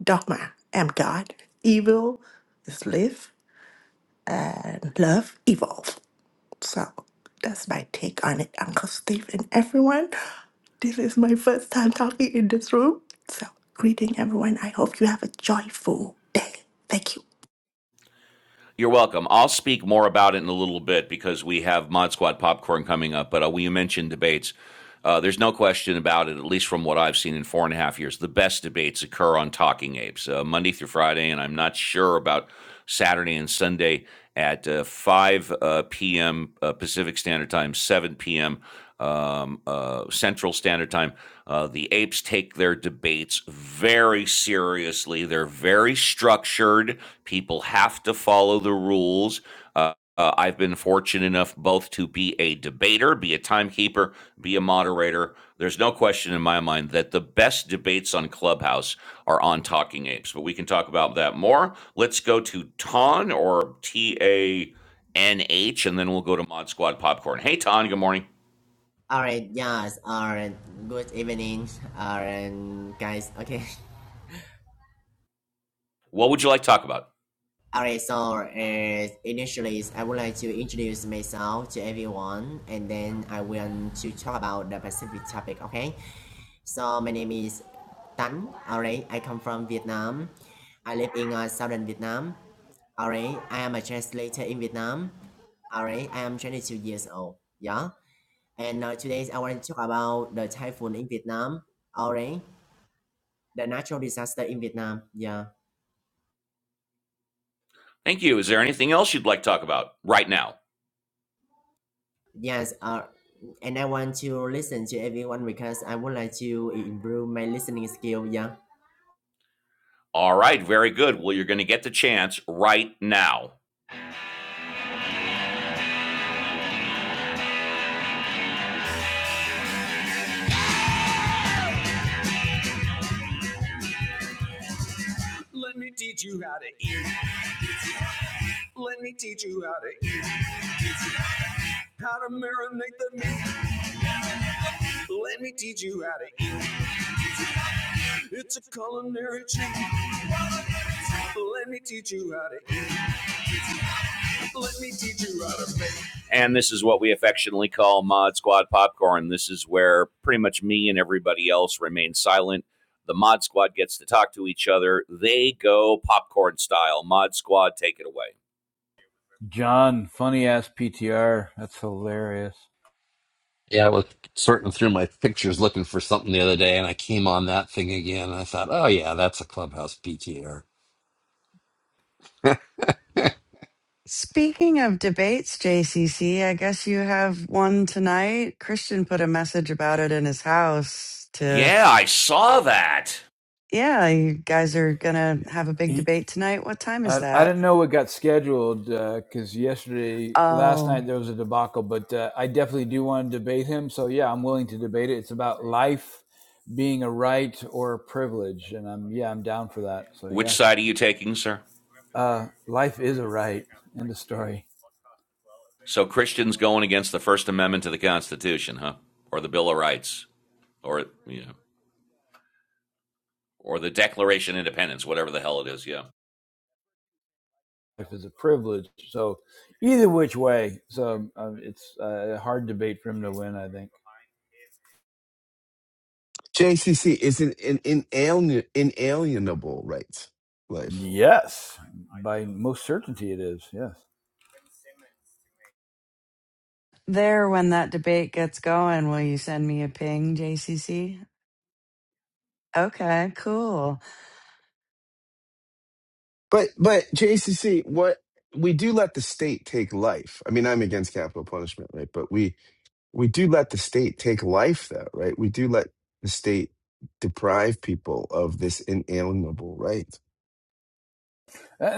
[SPEAKER 12] dogma am God, evil is live, and love evolve. So that's my take on it, Uncle Steve and everyone. This is my first time talking in this room. So greeting everyone. I hope you have a joyful day. Thank you.
[SPEAKER 1] you're welcome. I'll speak more about it in a little bit because we have Mod Squad popcorn coming up. But uh, we mentioned debates. Uh, there's no question about it, at least from what I've seen in four and a half years. The best debates occur on Talking Apes, uh, Monday through Friday, and I'm not sure about Saturday and Sunday at uh, 5 uh, p.m. Uh, Pacific Standard Time, 7 p.m. Um, uh, Central Standard Time. Uh, the apes take their debates very seriously. They're very structured. People have to follow the rules. Uh, uh, I've been fortunate enough both to be a debater, be a timekeeper, be a moderator. There's no question in my mind that the best debates on Clubhouse are on Talking Apes, but we can talk about that more. Let's go to Ton or T A N H, and then we'll go to Mod Squad Popcorn. Hey, Ton, good morning.
[SPEAKER 13] Alright, yes, alright, good evening, alright, guys, okay.
[SPEAKER 1] What would you like to talk about?
[SPEAKER 13] Alright, so uh, initially I would like to introduce myself to everyone and then I want to talk about the specific topic, okay? So my name is Tan, alright, I come from Vietnam. I live in uh, southern Vietnam. Alright, I am a translator in Vietnam. Alright, I am 22 years old, yeah? And uh, today I want to talk about the typhoon in Vietnam. Alright. the natural disaster in Vietnam. Yeah.
[SPEAKER 1] Thank you. Is there anything else you'd like to talk about right now?
[SPEAKER 13] Yes. Uh, and I want to listen to everyone because I would like to improve my listening skill. Yeah.
[SPEAKER 1] All right, very good. Well, you're going to get the chance right now. Let Let me me teach teach you you how how to to eat. Let me teach you how to eat. How to marinate the meat. Let me teach you how to eat. It's a culinary treat. Let me teach you how to eat. Let me teach you how to make. And this is what we affectionately call Mod Squad Popcorn. This is where pretty much me and everybody else remain silent. The Mod Squad gets to talk to each other. They go popcorn style. Mod Squad, take it away.
[SPEAKER 4] John, funny ass PTR. That's hilarious.
[SPEAKER 14] Yeah, I was sorting through my pictures looking for something the other day, and I came on that thing again. And I thought, oh yeah, that's a clubhouse PTR.
[SPEAKER 5] Speaking of debates, JCC, I guess you have one tonight. Christian put a message about it in his house to
[SPEAKER 1] Yeah, I saw that.
[SPEAKER 5] Yeah, you guys are gonna have a big
[SPEAKER 4] He,
[SPEAKER 5] debate tonight. What time is
[SPEAKER 4] I, I
[SPEAKER 5] that?
[SPEAKER 4] didn't know what got scheduled because uh, yesterday, last
[SPEAKER 5] Oh,
[SPEAKER 4] night there was a debacle, but uh, I definitely do want to debate him. So yeah, I'm willing to debate it. It's about life being a right or a privilege, and I'm yeah, I'm down for that. So
[SPEAKER 1] Which
[SPEAKER 4] yeah,
[SPEAKER 1] side are you taking, sir?
[SPEAKER 4] uh, life is a right. End of story.
[SPEAKER 1] So Christians going against the First Amendment to the Constitution, huh? Or the Bill of Rights? or you know, or the Declaration of Independence, whatever the hell it is. Yeah,
[SPEAKER 4] Life is a privilege. So either which way, so um, it's uh, a hard debate for him to win. I think.
[SPEAKER 2] JCC is an, an inalien, inalienable right, life.
[SPEAKER 4] Yes, by most certainty it is. Yes.
[SPEAKER 5] there when that debate gets going, will you send me a ping, JCC? Okay, cool.
[SPEAKER 2] But but JCC, what we do let the state take life. I mean, I'm against capital punishment, right? But we we do let the state take life, though, right? We do let the state deprive people of this inalienable right.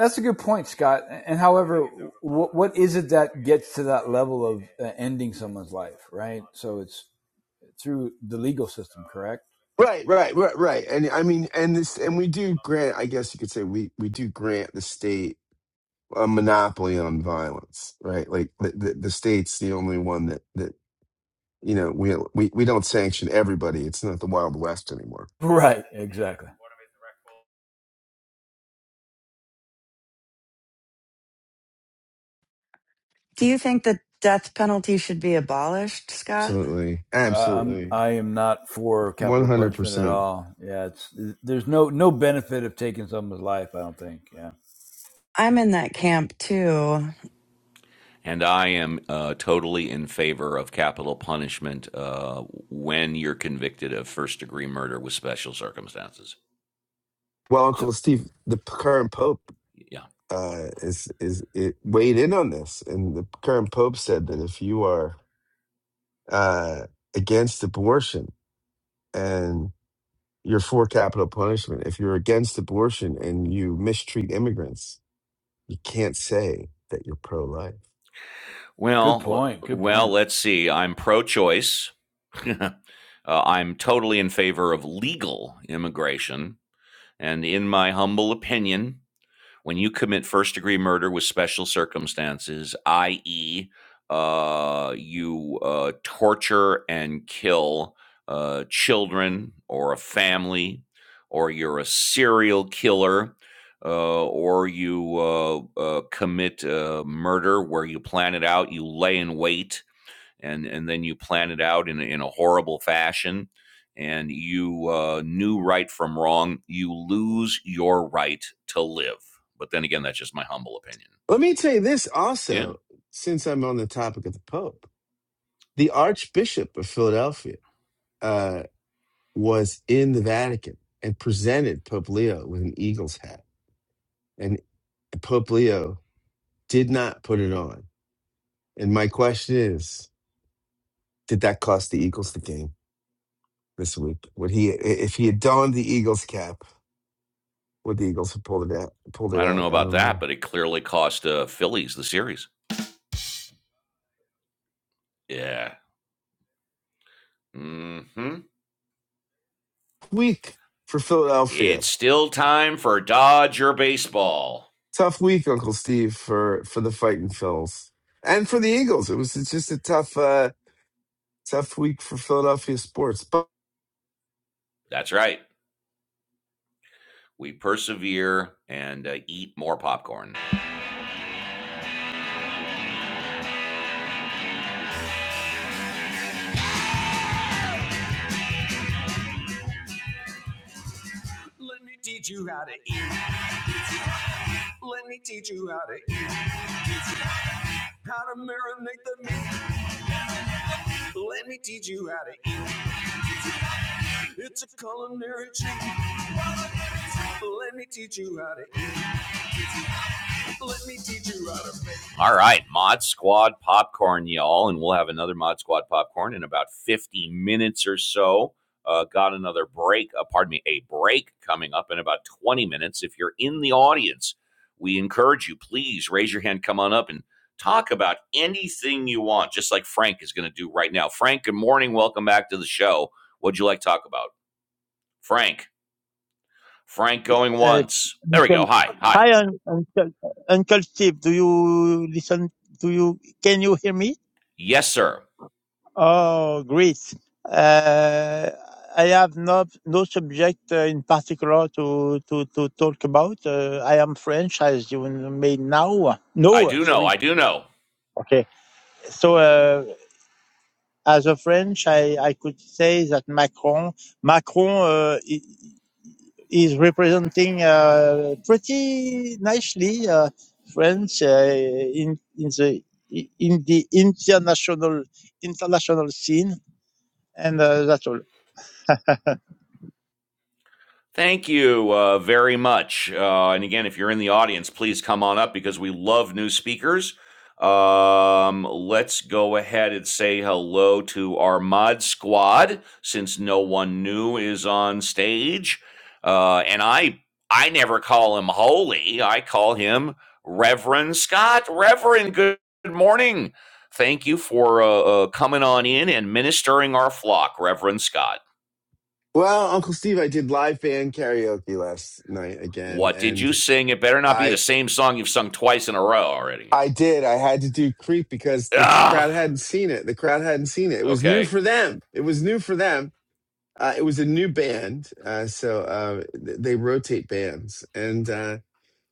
[SPEAKER 4] That's a good point, Scott. And however, what what is it that gets to that level of uh, ending someone's life, right? So it's through the legal system, correct?
[SPEAKER 2] Right, right, right, right. And I mean, and this, and we do grant. I guess you could say we we do grant the state a monopoly on violence, right? Like the the, the state's the only one that that you know we we we don't sanction everybody. It's not the Wild West anymore.
[SPEAKER 4] Right. Exactly.
[SPEAKER 5] Do you think the death penalty should be abolished, Scott?
[SPEAKER 2] Absolutely,
[SPEAKER 4] I, I'm
[SPEAKER 2] absolutely,
[SPEAKER 4] I am not for
[SPEAKER 2] one
[SPEAKER 4] capital
[SPEAKER 2] hundred
[SPEAKER 4] punishment at
[SPEAKER 2] percent.
[SPEAKER 4] all. Yeah, it's there's no no benefit of taking someone's life. I don't think. Yeah.
[SPEAKER 5] I'm in that camp too.
[SPEAKER 1] and I am uh, totally in favor of capital punishment uh, when you're convicted of first degree murder with special circumstances.
[SPEAKER 2] Well,
[SPEAKER 4] So,
[SPEAKER 2] Uncle Steve, the p- current Pope
[SPEAKER 1] Yeah.
[SPEAKER 2] uh, is is it weighed in on this, and the current Pope said that if you are uh, against abortion. You're for capital punishment. If you're against abortion and you mistreat immigrants, you can't say that you're pro life.
[SPEAKER 4] good
[SPEAKER 1] Well,
[SPEAKER 4] point. Good
[SPEAKER 1] well,
[SPEAKER 4] point.
[SPEAKER 1] let's see. I'm pro-choice. uh, I'm totally in favor of legal immigration, and in my humble opinion, when you commit first degree murder with special circumstances, i.e., uh, you uh, torture and kill uh, children or a family, or you're a serial killer, uh, or you uh, uh, commit uh, murder where you plan it out, you lay in wait and and then you plan it out in in a horrible fashion, and you uh, knew right from wrong. You lose your right to live. But then again, that's just my humble opinion.
[SPEAKER 2] Let me tell you this
[SPEAKER 1] Yeah,
[SPEAKER 2] also, since I'm on the topic of the Pope, the Archbishop of Philadelphia uh, was in the Vatican and presented Pope Leo with an eagle's hat. And Pope Leo did not put it on. And my question is, did that cost the Eagles the game this week? Would he, if he had donned the Eagles cap? Well, the Eagles have pulled it out. Pulled
[SPEAKER 1] I
[SPEAKER 2] it
[SPEAKER 1] don't know
[SPEAKER 2] out. I
[SPEAKER 1] about
[SPEAKER 2] don't
[SPEAKER 1] that,
[SPEAKER 2] know.
[SPEAKER 1] but it clearly cost uh, Phillies the series. Yeah. Mm-hmm.
[SPEAKER 2] Week for Philadelphia.
[SPEAKER 1] It's still time for Dodger baseball.
[SPEAKER 2] Tough week, Uncle Steve, for for the fighting Phils and for the Eagles. It was it's just a tough, uh, tough week for Philadelphia sports. But
[SPEAKER 1] That's right. We persevere and uh, eat more popcorn. Let me teach you how to eat. Let me teach you how to eat. How to marinate the meat. Let me teach you how to eat. It's a culinary treat. Let me teach you how to eat. Let me teach you how to make. All right, Mod Squad popcorn, y'all, and we'll have another Mod Squad popcorn in about 50 minutes or so. Uh, got another break, uh, pardon me, a break coming up in about 20 minutes. If you're in the audience, we encourage you, please raise your hand, come on up and talk about anything you want, just like Frank is going to do right now. Frank, good morning. Welcome back to the show. What'd you like to talk about? Frank. Frank going
[SPEAKER 15] Uh,
[SPEAKER 1] once. There we go.
[SPEAKER 15] Uncle,
[SPEAKER 1] Hi. Hi.
[SPEAKER 15] hi, un- Uncle, Uncle Steve. Do you listen? Do you can you hear me?
[SPEAKER 1] Yes, sir.
[SPEAKER 15] Oh, great. Uh, I have no no subject uh, in particular to to to talk about. Uh, I am French, as you may now.
[SPEAKER 1] I
[SPEAKER 15] No,
[SPEAKER 1] do know.
[SPEAKER 15] sorry.
[SPEAKER 1] I do know.
[SPEAKER 15] Okay. So, uh, as a French, I I could say that Macron Macron. Uh, is representing uh, pretty nicely uh, France uh, in in the in the international international scene, and uh, that's all.
[SPEAKER 1] Thank you uh, very much. Uh, and again, if you're in the audience, please come on up because we love new speakers. Um, let's go ahead and say hello to our mod squad since no one new is on stage. Uh, and I, I never call him holy. I call him Reverend Scott. Reverend, good morning. Thank you for uh, uh, coming on in and ministering our flock, Reverend Scott.
[SPEAKER 2] well, Uncle Steve, I did live band karaoke last night again,
[SPEAKER 1] What did you
[SPEAKER 2] and
[SPEAKER 1] sing? It better not be the
[SPEAKER 2] I
[SPEAKER 1] same song you've sung twice in a row already, you
[SPEAKER 2] I
[SPEAKER 1] know.
[SPEAKER 2] did. I had to do Creep because this crowd
[SPEAKER 1] Ah,
[SPEAKER 2] hadn't seen it. The crowd hadn't seen it. It was new
[SPEAKER 1] okay.
[SPEAKER 2] for them. It was new for them. Uh, it was a new band, uh, so uh, th- they rotate bands and. Uh,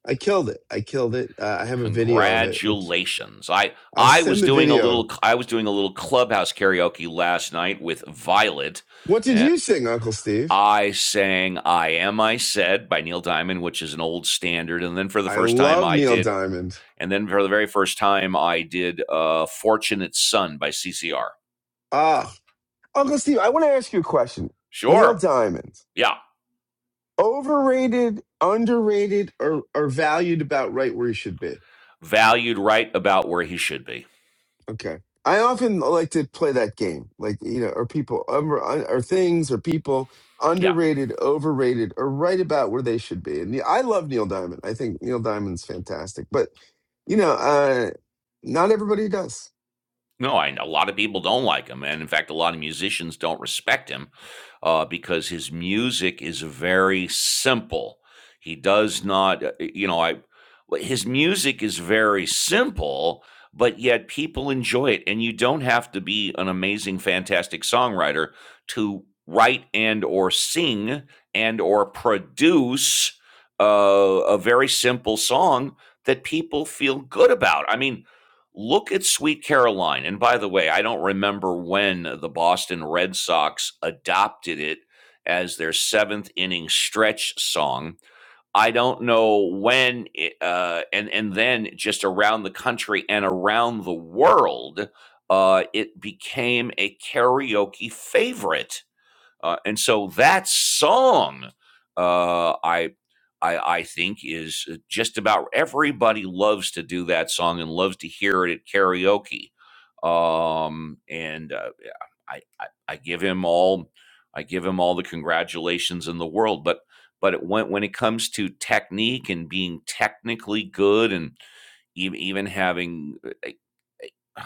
[SPEAKER 2] I killed it. I killed it. Uh, I have a video of it, which
[SPEAKER 1] Congratulations. I
[SPEAKER 2] I'll
[SPEAKER 1] I was
[SPEAKER 2] send the
[SPEAKER 1] doing a
[SPEAKER 2] video.
[SPEAKER 1] little I was doing a little clubhouse karaoke last night with Violet
[SPEAKER 2] What did
[SPEAKER 1] and
[SPEAKER 2] you sing, Uncle Steve?
[SPEAKER 1] I sang I Am I Said by Neil Diamond, which is an old standard. And then for the
[SPEAKER 2] I
[SPEAKER 1] first time
[SPEAKER 2] love
[SPEAKER 1] I
[SPEAKER 2] Neil
[SPEAKER 1] did
[SPEAKER 2] Diamond.
[SPEAKER 1] and then for the very first time I did uh Fortunate Son by CCR.
[SPEAKER 2] Ah, Uncle Steve, I want to ask you a question. Neil
[SPEAKER 1] Sure.
[SPEAKER 2] Diamond,
[SPEAKER 1] Yeah.
[SPEAKER 2] overrated, underrated, or, or valued about right where he should be?
[SPEAKER 1] Valued right about where he should be.
[SPEAKER 2] Okay. I often like to play that game. Like, you know, are people over, are things, are people
[SPEAKER 1] Yeah.
[SPEAKER 2] underrated, overrated, or right about where they should be? And yeah, I love Neil Diamond. I think Neil Diamond's fantastic. But, you know, uh, not everybody does.
[SPEAKER 1] No, I a lot of people don't like him, and in fact, a lot of musicians don't respect him uh, because his music is very simple. He does not, uh, you know, I well, his music is very simple, but yet people enjoy it, and you don't have to be an amazing, fantastic songwriter to write and or sing and or produce uh, a very simple song that people feel good about. I mean, Look at Sweet Caroline. And by the way, I don't remember when the Boston Red Sox adopted it as their seventh inning stretch song. I don't know when, it, uh, and and then just around the country and around the world, uh, it became a karaoke favorite. Uh, and so that song, uh, I, I, I think is uh, just about everybody loves to do that song and loves to hear it at karaoke. Um, and uh, yeah, I, I, I give him all, I give him all the congratulations in the world. But, but it, when when it comes to technique and being technically good and even even having uh, uh,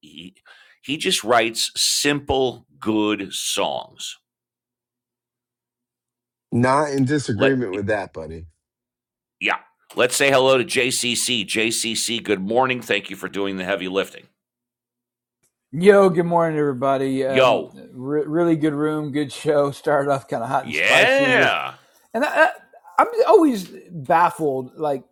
[SPEAKER 1] he, he just writes simple good songs.
[SPEAKER 2] Not in
[SPEAKER 1] Let
[SPEAKER 2] disagreement with that, buddy.
[SPEAKER 1] Yeah. Let's say hello to JCC. JCC, good morning. Thank you for doing the heavy lifting.
[SPEAKER 4] Yo, good morning, everybody. Um,
[SPEAKER 1] Yo.
[SPEAKER 4] re- really good room, good show. Started off kind of hot and spicy with,
[SPEAKER 1] Yeah.
[SPEAKER 4] and I, I, I'm always baffled, like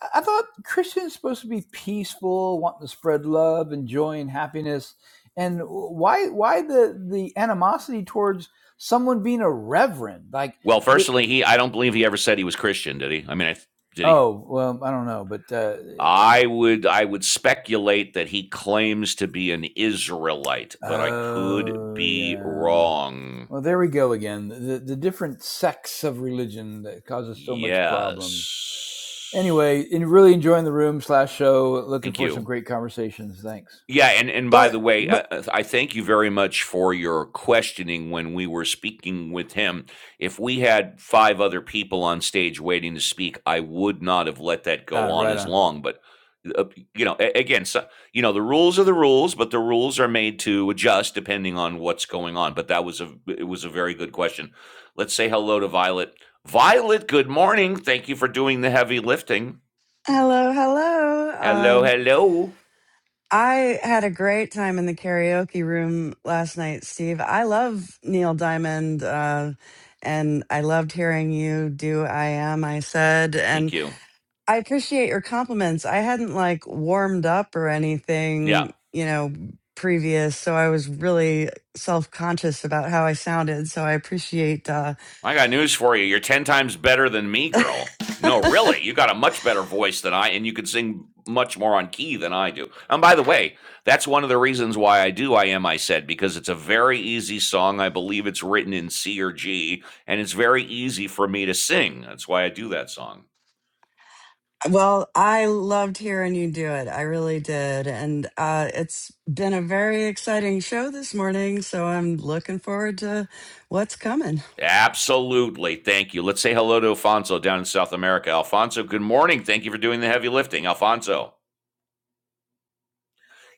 [SPEAKER 4] I thought Christians are supposed to be peaceful, wanting to spread love, and joy, and happiness, and why why the the animosity towards someone being a reverend like
[SPEAKER 1] Well,
[SPEAKER 4] the
[SPEAKER 1] firstly, he I don't believe he ever said he was Christian, did he? I mean, I, did he?
[SPEAKER 4] oh well I don't know but uh,
[SPEAKER 1] I would I would speculate that he claims to be an Israelite, but I could
[SPEAKER 4] oh
[SPEAKER 1] be
[SPEAKER 4] yeah
[SPEAKER 1] wrong.
[SPEAKER 4] well there we go again the the different sects of religion that causes so much problems
[SPEAKER 1] Yes.
[SPEAKER 4] anyway really enjoying the room slash show looking
[SPEAKER 1] Thank
[SPEAKER 4] for
[SPEAKER 1] you.
[SPEAKER 4] some great conversations thanks
[SPEAKER 1] Yeah, and and by
[SPEAKER 2] But,
[SPEAKER 1] the way,
[SPEAKER 2] but
[SPEAKER 1] uh, uh, I thank you very much for your questioning when we were speaking with him. If we had five other people on stage waiting to speak, I would not have let that
[SPEAKER 4] right
[SPEAKER 1] go
[SPEAKER 4] on
[SPEAKER 1] on
[SPEAKER 4] right
[SPEAKER 1] as
[SPEAKER 4] on
[SPEAKER 1] long. But uh, you know, a- again, so, you know, the rules are the rules, but the rules are made to adjust depending on what's going on. But that was a it was a very good question. Let's say hello to Violet. Violet, good morning. Thank you for doing the heavy lifting.
[SPEAKER 5] Hello, hello.
[SPEAKER 1] Hello,
[SPEAKER 5] Um,
[SPEAKER 1] hello.
[SPEAKER 5] I had a great time in the karaoke room last night, Steve. I love Neil Diamond, uh, and I loved hearing you do I Am, I Said, and
[SPEAKER 1] Thank you.
[SPEAKER 5] I appreciate your compliments. I hadn't like warmed up or
[SPEAKER 1] Yeah.
[SPEAKER 5] anything, you know, previous, so I was really self-conscious about how I sounded. So I appreciate uh
[SPEAKER 1] I got news for you. You're 10 times better than me, girl. No, really. You got a much better voice than I, and you can sing much more on key than I do. And by the way, that's one of the reasons why I do I Am I Said, because it's a very easy song. I believe it's written in C or G, and it's very easy for me to sing. That's why I do that song.
[SPEAKER 5] well, I loved hearing you do it. I really did. And uh it's been a very exciting show this morning, so I'm looking forward to what's coming.
[SPEAKER 1] Absolutely. Thank you. Let's say hello to Alfonso down in South America. Alfonso, good morning. Thank you for doing the heavy lifting. Alfonso,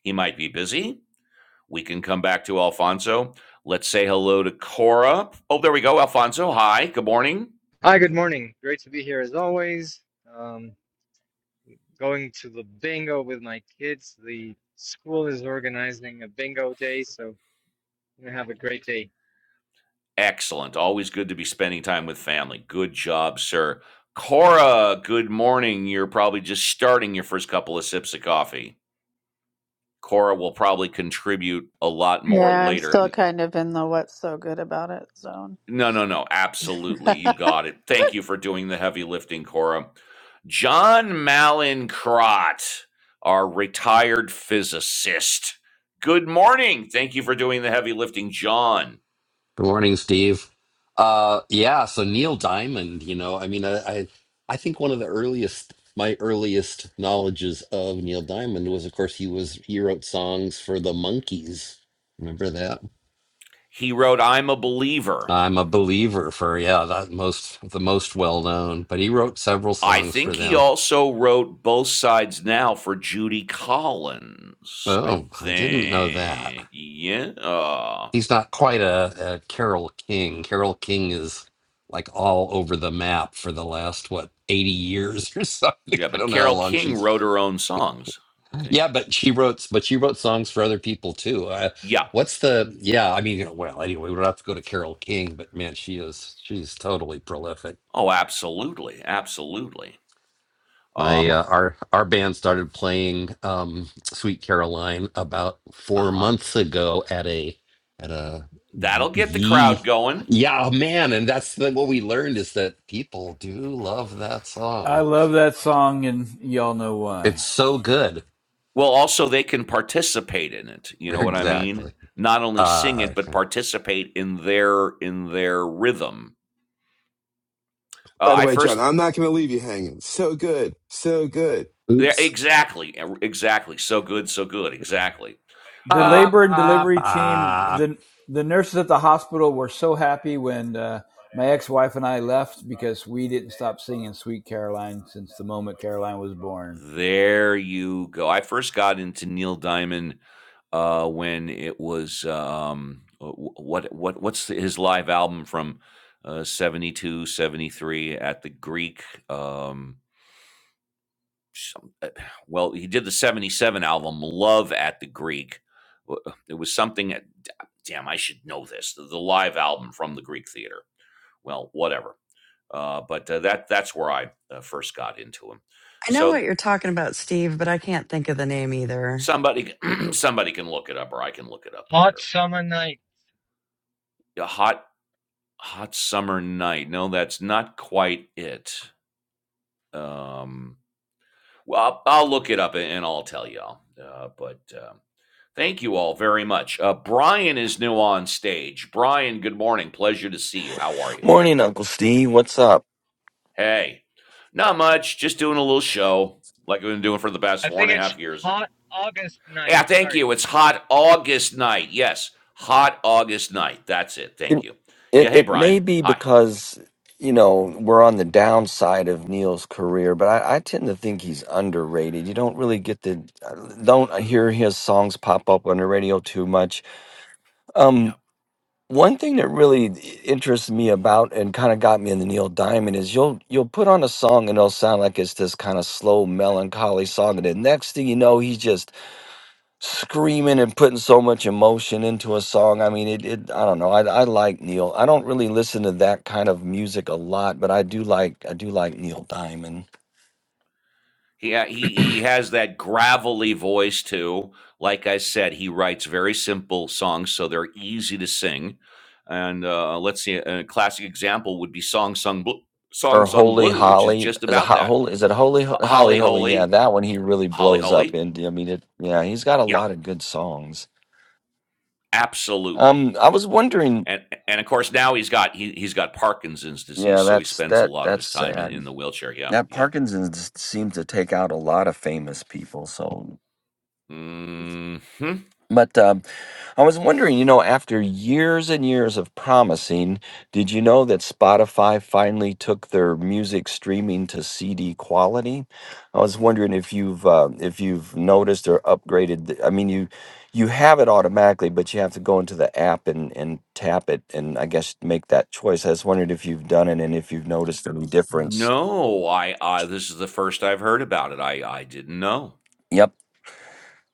[SPEAKER 1] he might be busy. We can come back to Alfonso. Let's say hello to Cora. Oh, there we go. Alfonso, hi. Good morning.
[SPEAKER 7] Hi, good morning. Great to be here as always. Um, going to the bingo with my kids. The school is organizing a bingo day, so I'm gonna have a great day.
[SPEAKER 1] Excellent. Always good to be spending time with family. Good job, sir. Cora, good morning. You're probably just starting your first couple of sips of coffee. Cora will probably contribute a lot more
[SPEAKER 8] Yeah, I'm
[SPEAKER 1] later.
[SPEAKER 8] still kind of in the what's so good about it zone.
[SPEAKER 1] No, no, no. Absolutely. You got it. Thank you for doing the heavy lifting, Cora. John Malin Crott, our retired physicist. Good morning. Thank you for doing the heavy lifting, John.
[SPEAKER 14] Good morning, Steve. Uh, yeah. So Neil Diamond, you know, I mean, I, I, I think one of the earliest, my earliest knowledges of Neil Diamond was, of course, he was he wrote songs for the Monkees. Remember that?
[SPEAKER 1] He wrote, I'm a believer.
[SPEAKER 14] I'm a believer for yeah, that most the most well known, but he wrote several
[SPEAKER 1] I
[SPEAKER 14] songs for
[SPEAKER 1] think he
[SPEAKER 14] them.
[SPEAKER 1] also wrote Both Sides Now for Judy Collins. I
[SPEAKER 14] Oh, I didn't know that.
[SPEAKER 1] think. Yeah. Uh,
[SPEAKER 14] he's not quite a, a Carol King. Carol King is like all over the map for the last what eighty years or something.
[SPEAKER 1] Yeah,
[SPEAKER 14] I
[SPEAKER 1] but
[SPEAKER 14] don't know how
[SPEAKER 1] Carol
[SPEAKER 14] long
[SPEAKER 1] King
[SPEAKER 14] she's.
[SPEAKER 1] wrote her own songs, I think.
[SPEAKER 14] Yeah, but she wrote, but she wrote songs for other people too. Uh,
[SPEAKER 1] Yeah.
[SPEAKER 14] what's the? Yeah, I mean, well, anyway, we don't have to go to Carol King, but man, she is she's totally prolific.
[SPEAKER 1] Oh, absolutely, absolutely.
[SPEAKER 14] My
[SPEAKER 1] Um,
[SPEAKER 14] uh, our our band started playing um, "Sweet Caroline" about four
[SPEAKER 1] uh-huh.
[SPEAKER 14] months ago at a at a
[SPEAKER 1] That'll get the
[SPEAKER 14] the
[SPEAKER 1] crowd going.
[SPEAKER 14] yeah oh, man, and that's the, what we learned is that people do love that
[SPEAKER 4] I
[SPEAKER 14] song.
[SPEAKER 4] love that song, and y'all know
[SPEAKER 14] It's
[SPEAKER 4] why.
[SPEAKER 14] so good.
[SPEAKER 1] Well, also they can participate in it. You know what I mean?
[SPEAKER 14] Exactly.
[SPEAKER 1] Not only sing
[SPEAKER 14] Uh,
[SPEAKER 1] it, but participate in their in their rhythm. Uh,
[SPEAKER 2] by the
[SPEAKER 1] I
[SPEAKER 2] way, John,
[SPEAKER 1] first,
[SPEAKER 2] I'm not going to leave you hanging. So good. So good.
[SPEAKER 1] yeah,
[SPEAKER 14] oops.
[SPEAKER 1] exactly, e- exactly. So good, so good, exactly.
[SPEAKER 4] The
[SPEAKER 1] Uh,
[SPEAKER 14] Ba,
[SPEAKER 4] labor and
[SPEAKER 14] ba,
[SPEAKER 4] delivery team,
[SPEAKER 14] ba.
[SPEAKER 4] the the nurses at the hospital were so happy when uh, my ex wife and I left because we didn't stop singing "Sweet Caroline" since the moment Caroline was born.
[SPEAKER 1] There you go. I first got into Neil Diamond, uh, when it was, um, uh, wh- what what what's the, his live album from, uh, 72, seventy-three at the Greek, um, some, uh, well, he did the 77 album, Love at the Greek. Wh- It was something, at, damn, I should know this, the, the live album from the Greek Theater. Well, whatever. Uh, but uh, that that's where I uh, first got into him.
[SPEAKER 5] I know
[SPEAKER 1] So
[SPEAKER 5] what you're talking about, Steve, but I can't think of the name either.
[SPEAKER 1] Somebody somebody can look it up or I can look it up
[SPEAKER 7] Hot
[SPEAKER 1] later.
[SPEAKER 7] summer night.
[SPEAKER 1] A hot hot summer night. No, that's not quite it. Um, well, I'll, I'll look it up and I'll tell y'all. Uh, but um thank you all very much. Uh, Brian is new on stage. Brian, good morning. Pleasure to see you. How are you?
[SPEAKER 16] Morning, Uncle Steve. What's up?
[SPEAKER 1] Hey, not much. Just doing a little show like I've been doing for the past
[SPEAKER 7] I
[SPEAKER 1] four
[SPEAKER 7] think
[SPEAKER 1] and a
[SPEAKER 7] it's
[SPEAKER 1] half years.
[SPEAKER 7] hot August night.
[SPEAKER 1] Yeah, thank
[SPEAKER 7] Sorry.
[SPEAKER 1] you. It's hot August night. Yes, hot August night. That's it.
[SPEAKER 16] It,
[SPEAKER 1] Thank you.
[SPEAKER 16] it
[SPEAKER 1] Yeah. Hey,
[SPEAKER 16] it may
[SPEAKER 1] Brian.
[SPEAKER 16] be
[SPEAKER 1] Hi.
[SPEAKER 16] because you know we're on the downside of Neil's career, but I, I tend to think he's underrated. You don't really get the don't hear his songs pop up on the radio too much.
[SPEAKER 1] Yeah.
[SPEAKER 16] Um, one thing that really interests me about and kind of got me in the Neil Diamond is you'll you'll put on a song and it'll sound like it's this kind of slow melancholy song, and the next thing you know, he's just screaming and putting so much emotion into a song. I mean, it, it I don't know. I, I like Neil. I don't really listen to that kind of music a lot, but I do like I do like Neil Diamond
[SPEAKER 1] He uh, he he has that gravelly voice too. Like I said, he writes very simple songs, so they're easy to sing. And uh, let's see, a classic example would be "Song Sung Blue," "Song
[SPEAKER 16] or
[SPEAKER 1] Sung
[SPEAKER 16] Holy
[SPEAKER 1] Blue," which is
[SPEAKER 16] Holly.
[SPEAKER 1] just
[SPEAKER 16] Is a
[SPEAKER 1] about that.
[SPEAKER 16] holy is it Holy Ho- Holly
[SPEAKER 1] Holly
[SPEAKER 16] Holy? Yeah,
[SPEAKER 1] Holy,
[SPEAKER 16] that one he really
[SPEAKER 1] Holly
[SPEAKER 16] blows up
[SPEAKER 1] Holy.
[SPEAKER 16] and I mean it yeah, he's got a
[SPEAKER 1] Yeah,
[SPEAKER 16] lot of good songs.
[SPEAKER 1] absolutely.
[SPEAKER 16] Um I was wondering,
[SPEAKER 1] and and of course now he's got he he's got Parkinson's disease,
[SPEAKER 16] yeah,
[SPEAKER 1] so he
[SPEAKER 16] that's
[SPEAKER 1] spends a
[SPEAKER 16] that
[SPEAKER 1] lot of
[SPEAKER 16] that's
[SPEAKER 1] his time in, in
[SPEAKER 16] sad.
[SPEAKER 1] the wheelchair. Yeah,
[SPEAKER 16] That
[SPEAKER 1] yeah.
[SPEAKER 16] Parkinson's seems to take out a lot of famous people, so
[SPEAKER 1] hmm
[SPEAKER 16] but uh, I was wondering, you know, after years and years of promising, did you know that Spotify finally took their music streaming to CD quality? I was wondering if you've uh, if you've noticed or upgraded. The, I mean, you you have it automatically, but you have to go into the app and and tap it, and I guess make that choice. I was wondering if you've done it and if you've noticed any difference.
[SPEAKER 1] No, I I this is the first I've heard about it. I I didn't know.
[SPEAKER 16] Yep.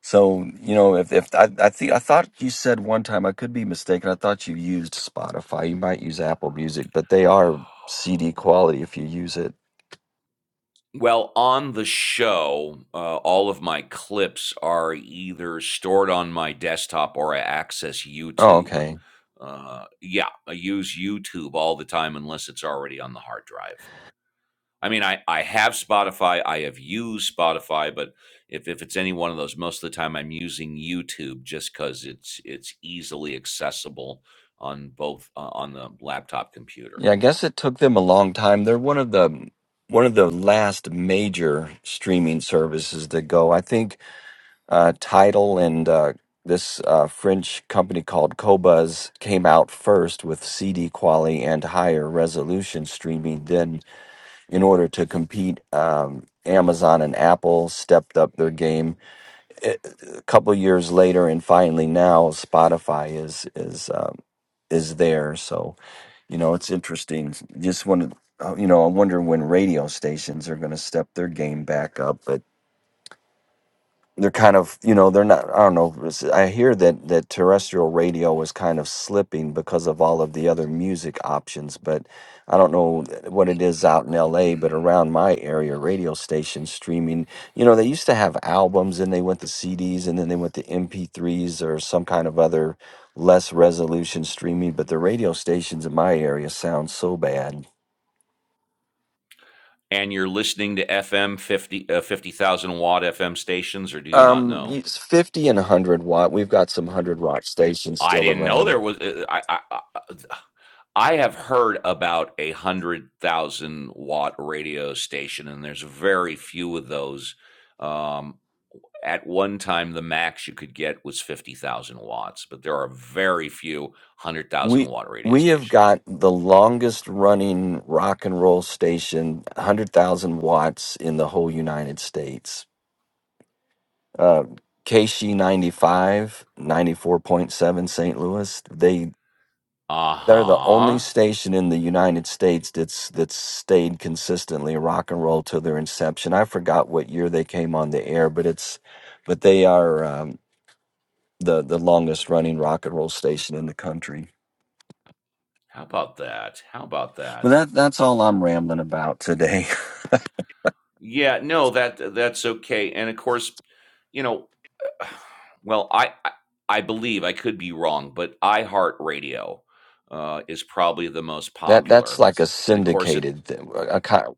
[SPEAKER 16] So you know, if if I, I think I thought you said one time, I could be mistaken. I thought you used Spotify. You might use Apple Music, but they are CD quality if you use it.
[SPEAKER 1] Well, on the show, uh, all of my clips are either stored on my desktop or I access
[SPEAKER 16] Oh,
[SPEAKER 1] YouTube.
[SPEAKER 16] okay.
[SPEAKER 1] Uh, yeah, I use YouTube all the time unless it's already on the hard drive. I mean, I I have Spotify. I have used Spotify, but if if it's any one of those, most of the time I'm using YouTube just because it's it's easily accessible on both uh, on the laptop computer,
[SPEAKER 16] Yeah, I
[SPEAKER 1] you know.
[SPEAKER 16] guess it took them a long time. They're one of the one of the last major streaming services to go. I think uh, Tidal and uh, this uh, French company called Cobuz came out first with CD quality and higher resolution streaming. Then in order to compete. Um, Amazon and Apple stepped up their game. A a couple years later, and finally now Spotify is is um, is there. So you know it's interesting. Just want to you know I'm wondering when radio stations are going to step their game back up, but they're kind of you know they're not i don't know it's- i hear that that terrestrial radio is kind of slipping because of all of the other music options but i don't know th- what it is out in la but around my area radio stations streaming you know they used to have albums and they went to cds and then they went to mp3s or some kind of other less resolution streaming but the radio stations in my area sound so bad
[SPEAKER 1] And you're listening to FM 50 uh, 50,000 watt FM stations, or do you not
[SPEAKER 16] um
[SPEAKER 1] know?
[SPEAKER 16] it's 50 and 100 watt we've got some 100 watt stations
[SPEAKER 1] I
[SPEAKER 16] still
[SPEAKER 1] didn't know
[SPEAKER 16] around
[SPEAKER 1] there was. uh, I I, I uh, I- have heard about a hundred thousand watt radio station, and there's very few of those. Um, At one time, the max you could get was 50,000 watts, but there are very few 100,000
[SPEAKER 16] we
[SPEAKER 1] watt radio
[SPEAKER 16] we have
[SPEAKER 1] stations.
[SPEAKER 16] got the longest running rock and roll station 100000 watts in the whole united states uh, kc 95 st louis they
[SPEAKER 1] Uh
[SPEAKER 16] they're the only
[SPEAKER 1] huh.
[SPEAKER 16] station in the united states that's that's stayed consistently rock and roll till their inception i forgot what year they came on the air but it's but they are um, the the longest running rock and roll station in the country
[SPEAKER 1] How about that? How about
[SPEAKER 16] well,
[SPEAKER 1] that?
[SPEAKER 16] that that's all I'm rambling about today.
[SPEAKER 1] Yeah, no, that that's okay. And of course, you know, well, I I, I believe I could be wrong, but iHeartRadio uh, is probably the most
[SPEAKER 16] That that's
[SPEAKER 1] popular.
[SPEAKER 16] like a
[SPEAKER 1] And of course, it
[SPEAKER 16] syndicated thing. A kind,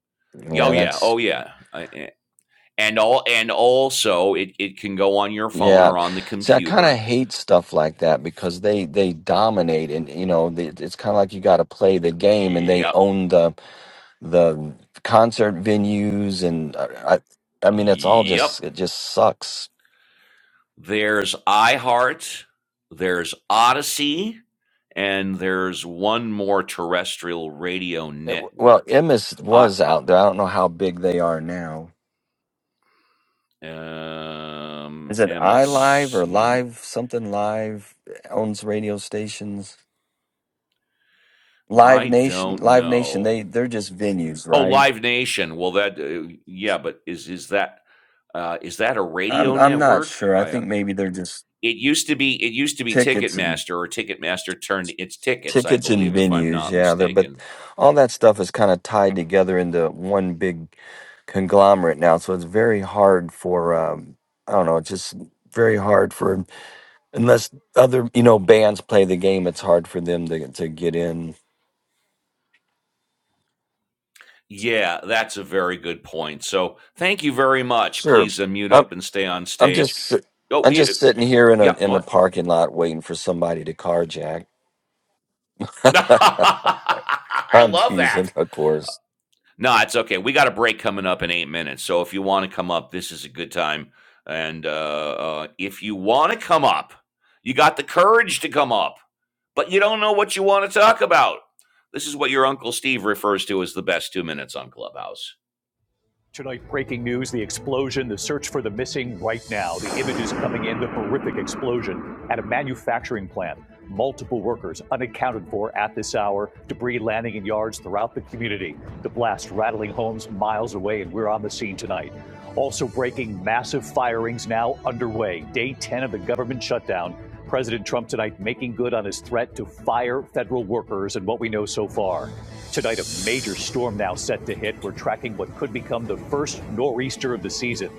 [SPEAKER 1] Yeah, Oh
[SPEAKER 16] yeah,
[SPEAKER 1] yeah,
[SPEAKER 16] that's
[SPEAKER 1] oh yeah, I- I- and all and also it it can go on your phone
[SPEAKER 16] yeah.
[SPEAKER 1] or on the
[SPEAKER 16] See, I kind of
[SPEAKER 1] computer.
[SPEAKER 16] hate stuff like that because they they dominate, and you know, they, it's kind of like you got to play the game, and they
[SPEAKER 1] Yep,
[SPEAKER 16] own the the concert venues, and uh, I I mean, it's all
[SPEAKER 1] yep.
[SPEAKER 16] just it just sucks.
[SPEAKER 1] There's iHeart, there's Odyssey, and there's one more terrestrial radio
[SPEAKER 16] It, well,
[SPEAKER 1] network.
[SPEAKER 16] Emmis
[SPEAKER 1] I
[SPEAKER 16] was
[SPEAKER 1] uh,
[SPEAKER 16] out there. I don't know how big they are now.
[SPEAKER 1] um
[SPEAKER 16] Is it iLive or
[SPEAKER 1] MSU.
[SPEAKER 16] Live something Live owns radio stations?
[SPEAKER 1] I
[SPEAKER 16] Live Nation,
[SPEAKER 1] don't
[SPEAKER 16] Live Nation,
[SPEAKER 1] know.
[SPEAKER 16] they they're just venues,
[SPEAKER 1] Oh,
[SPEAKER 16] right?
[SPEAKER 1] Live Nation. Well, that uh, yeah, but is is that uh, is that a
[SPEAKER 16] I'm
[SPEAKER 1] radio
[SPEAKER 16] I'm not
[SPEAKER 1] network?
[SPEAKER 16] sure. I
[SPEAKER 1] I,
[SPEAKER 16] think maybe they're just
[SPEAKER 1] it used to be it used to be
[SPEAKER 16] tickets and
[SPEAKER 1] Ticketmaster or Ticketmaster turned its tickets, I
[SPEAKER 16] tickets and
[SPEAKER 1] believe, if I'm
[SPEAKER 16] venues.
[SPEAKER 1] not
[SPEAKER 16] Yeah, they're but
[SPEAKER 1] mistaken.
[SPEAKER 16] all that stuff is kind of tied together into one big conglomerate now. So it's very hard for um, I don't know, it's just very hard for unless other you know bands play the game. It's hard for them to to get in.
[SPEAKER 1] Yeah, that's a very good point. So thank you very much.
[SPEAKER 16] Sure,
[SPEAKER 1] Please uh, mute
[SPEAKER 16] I'm
[SPEAKER 1] up and stay on
[SPEAKER 16] I'm just.
[SPEAKER 1] stage.
[SPEAKER 16] sit-
[SPEAKER 1] Oh,
[SPEAKER 16] I'm
[SPEAKER 1] y-
[SPEAKER 16] just sitting here in a
[SPEAKER 1] yeah,
[SPEAKER 16] in a
[SPEAKER 1] what?
[SPEAKER 16] parking lot waiting for somebody to carjack.
[SPEAKER 1] I
[SPEAKER 16] I'm
[SPEAKER 1] love that.
[SPEAKER 16] teasing, of course.
[SPEAKER 1] No, it's okay. We got a break coming up in eight minutes. So if you want to come up, this is a good time. And uh, uh, if you want to come up, you got the courage to come up, but you don't know what you want to talk about. This is what your Uncle Steve refers to as the best two minutes on Clubhouse. Tonight, breaking news the explosion, the search for the missing right now. The images coming in, the horrific explosion at a manufacturing plant. Multiple workers unaccounted for at this hour, debris landing in yards throughout the community. The blast rattling homes miles away, and we're on the scene tonight. Also breaking massive firings now underway. Day 10 of the government shutdown. President Trump tonight making good on his threat to fire federal workers and what we know so far. Tonight, a major storm now set to hit. We're tracking what could become the first nor'easter of the season.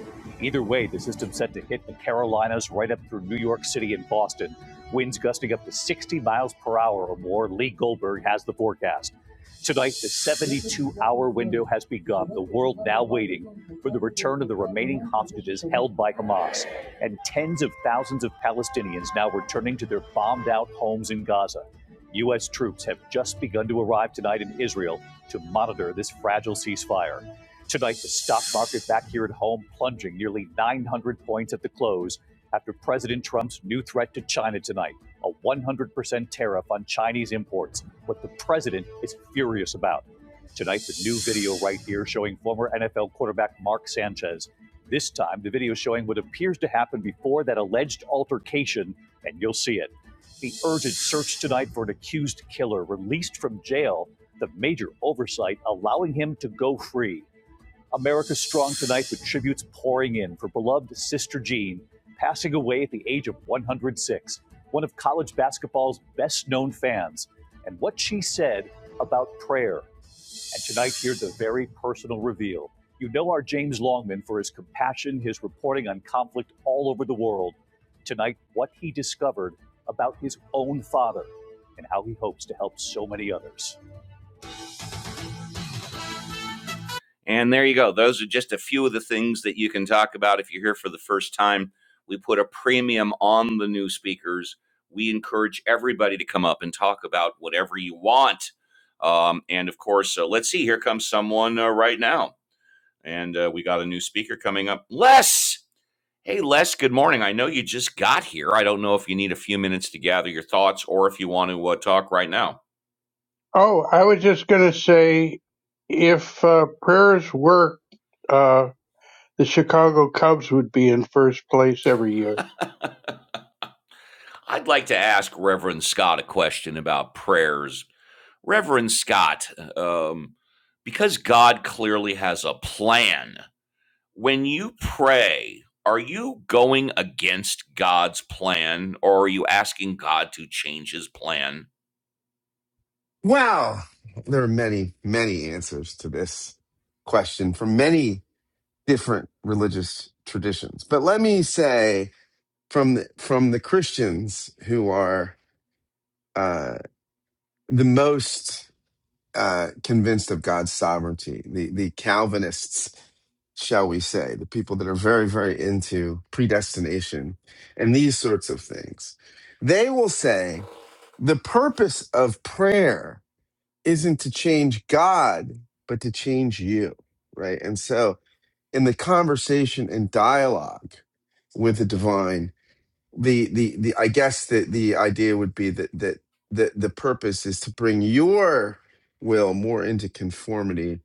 [SPEAKER 1] Either way, the system set to hit the Carolinas right up through New York City and Boston. Winds gusting up to 60 miles per hour or more. Lee Goldberg has the forecast. Tonight, the 72 hour window has begun, the world now waiting for the return of the remaining hostages held by Hamas. And tens of thousands of Palestinians now returning to their bombed out homes in Gaza. U.S. troops have just begun to arrive tonight in Israel to monitor this fragile ceasefire. Tonight, the stock market back here at home plunging nearly 900 points at the close after President Trump's new threat to China tonight a 100% tariff on Chinese imports, what the president is furious about. Tonight, the new video right here showing former NFL quarterback Mark Sanchez. This time, the video showing what appears to happen before that alleged altercation, and you'll see it. The urgent search tonight for an accused killer released from jail, the major oversight allowing him to go free. America strong tonight with tributes pouring in for beloved Sister Jean, passing away at the age of 106, one of college basketball's best known fans, and what she said about prayer. And tonight, here's a very personal reveal. You know our James Longman for his compassion, his reporting on conflict all over the world. Tonight, what he discovered about his own father and how he hopes to help so many others. And there you go. Those are just a few of the things that you can talk about if you're here for the first time. We put a premium on the new speakers. We encourage everybody to come up and talk about whatever you want. Um, and of course, uh, let's see, here comes someone uh, right now. And uh, we got a new speaker coming up. Les! Hey, Les, good morning. I know you just got here. I don't know if you need a few minutes to gather your thoughts or if you want to uh, talk right now.
[SPEAKER 17] Oh, I was just going to say if uh, prayers worked, uh, the Chicago Cubs would be in first place every year.
[SPEAKER 1] I'd like to ask Reverend Scott a question about prayers Reverend Scott, um, because God clearly has a plan, when you pray, are you going against God's plan or are you asking God to change his plan?
[SPEAKER 2] Wow. There are many, many answers to this question from many different religious traditions. But let me say from the, from the Christians who are uh, the most uh, convinced of God's sovereignty, the the Calvinists, shall we say, the people that are very very into predestination and these sorts of things, they will say the purpose of prayer isn't to change God, but to change you, right? And so in the conversation and dialogue with the divine the the, the i guess the the idea would be that that the, the purpose is to bring your will more into conformity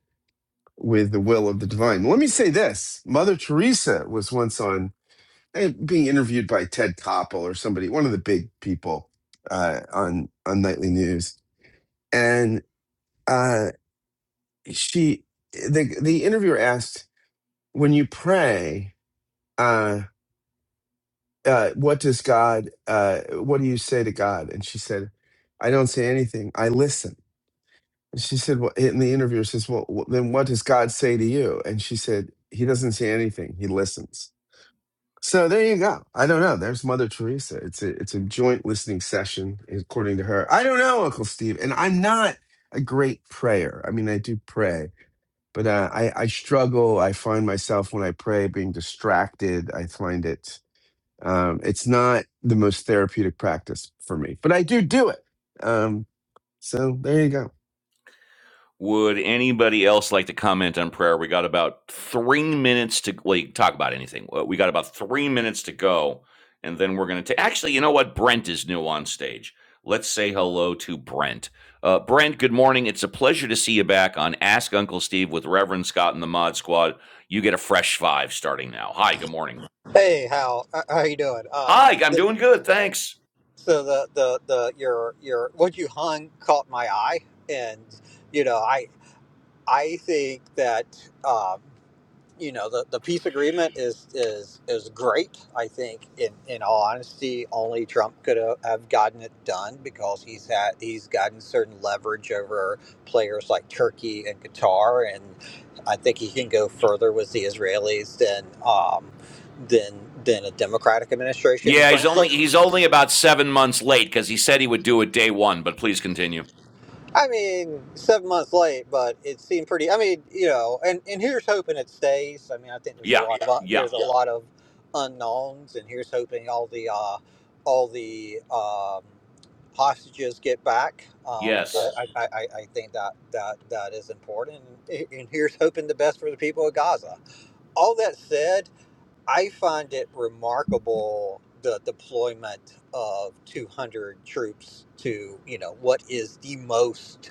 [SPEAKER 2] with the will of the divine let me say this mother teresa was once on eh, being interviewed by ted koppel or somebody one of the big people uh, on on nightly news and uh, she the the interviewer asked when you pray uh, uh, what does God, uh, what do you say to God? And she said, I don't say anything. I listen. And she said, well, and the interviewer says, well, wh- then what does God say to you? And she said, he doesn't say anything. He listens. So there you go. I don't know. There's Mother Teresa. It's a, it's a joint listening session, according to her. I don't know, Uncle Steve. And I'm not a great prayer. I mean, I do pray, but uh, I, I struggle. I find myself when I pray being distracted. I find it um, it's not the most therapeutic practice for me, but I do do it. Um, so there you go.
[SPEAKER 1] Would anybody else like to comment on prayer? We got about three minutes to like talk about anything. Uh, We got about three minutes to go, and then we're gonna take. Actually, you know what? Brent is new on stage. Let's say hello to Brent. Uh, Brent, good morning. It's a pleasure to see you back on Ask Uncle Steve with Reverend Scott and the Mod Squad. You get a fresh five starting now. Hi, good morning.
[SPEAKER 18] Hey, Hal, Uh, how you doing? Uh,
[SPEAKER 1] Hi, I'm doing good, thanks.
[SPEAKER 18] so the the the your your what you hung caught my eye, and you know I I think that. Um, you know the, the peace agreement is is is great. I think in in all honesty, only Trump could have gotten it done because he's had he's gotten certain leverage over players like Turkey and Qatar, and I think he can go further with the Israelis than um, than than a Democratic administration,
[SPEAKER 1] Yeah, he's only
[SPEAKER 18] frankly.
[SPEAKER 1] he's only about seven months late because he said he would do it day one. But please continue.
[SPEAKER 18] I mean, seven months late, but it seemed pretty. I mean, you know, and and here's hoping it stays. I mean, I think there's a
[SPEAKER 1] Yeah,
[SPEAKER 18] lot of Yeah.
[SPEAKER 1] yeah,
[SPEAKER 18] there's a Yeah. lot of unknowns, and here's hoping all the uh, all the um, hostages get back. Um,
[SPEAKER 1] yes.
[SPEAKER 18] I, Yes. I, I I think that that that is important, and and here's hoping the best for the people of Gaza. All that said, I find it remarkable the deployment of 200 troops to you know what is the most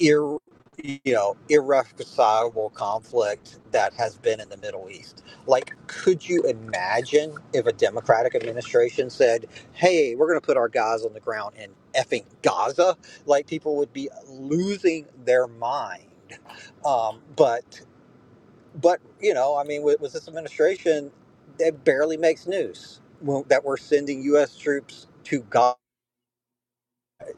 [SPEAKER 18] ir, you know irreconcilable conflict that has been in the Middle East. Like, could you imagine if a Democratic administration said, "Hey, we're going to put our guys on the ground in effing Gaza"? Like, people would be losing their mind. Um, but but you know, I mean, with, with this administration, it barely makes news when- that we're sending U.S. troops to Gaza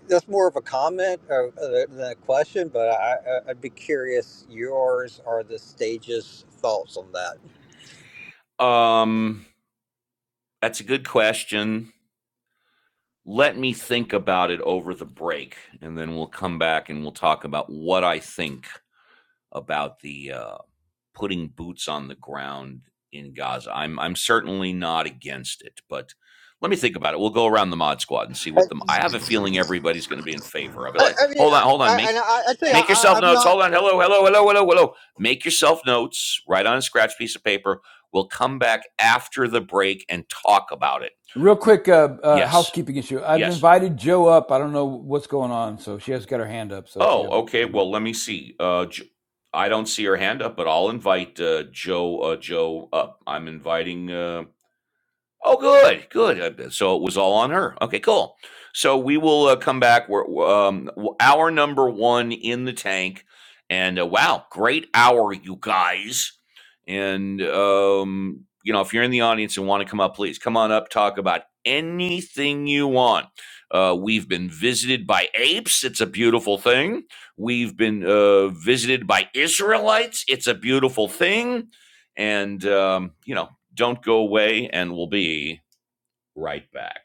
[SPEAKER 18] that's more of a comment uh, than a question, but I, I- I'd be curious. Yours are the stages' thoughts on that.
[SPEAKER 1] Um, that's a good question. Let me think about it over the break, and then we'll come back and we'll talk about what I think about the uh, putting boots on the ground in Gaza. I'm I'm certainly not against it, but let me think about it. We'll go around the mod squad and see
[SPEAKER 18] I,
[SPEAKER 1] what them. I have a feeling everybody's going to be in favor of it.
[SPEAKER 18] I,
[SPEAKER 1] Like,
[SPEAKER 18] I mean,
[SPEAKER 1] hold on, hold
[SPEAKER 18] I,
[SPEAKER 1] on,
[SPEAKER 18] I,
[SPEAKER 1] make
[SPEAKER 18] and I, I tell you,
[SPEAKER 1] make
[SPEAKER 18] I,
[SPEAKER 1] yourself
[SPEAKER 18] I'm
[SPEAKER 1] notes.
[SPEAKER 18] not.
[SPEAKER 1] Hold on, hello, hello, hello, hello, hello. Make yourself notes. Write on a scratch piece of paper. We'll come back after the break and talk about it.
[SPEAKER 4] Real quick, uh, uh,
[SPEAKER 1] Yes,
[SPEAKER 4] housekeeping issue. I've
[SPEAKER 1] yes.
[SPEAKER 4] invited Joe up. I don't know what's going on, so she has got her hand up, so she
[SPEAKER 1] Oh,
[SPEAKER 4] hasn't
[SPEAKER 1] okay.
[SPEAKER 4] come up.
[SPEAKER 1] Well, let me see. Uh, J- I don't see her hand up, but I'll invite uh, Joe. Uh, Joe up. I'm inviting. Uh, oh, good, good. Uh, So it was all on her. Okay, cool. So we will uh, come back. We're um, w- hour number one in the tank, and uh, wow, great hour, you guys. And um, you know, if you're in the audience and want to come up, please come on up, talk about anything you want. Uh, we've been visited by apes. It's a beautiful thing. We've been uh, visited by Israelites. It's a beautiful thing. And, um, you know, don't go away, and we'll be right back.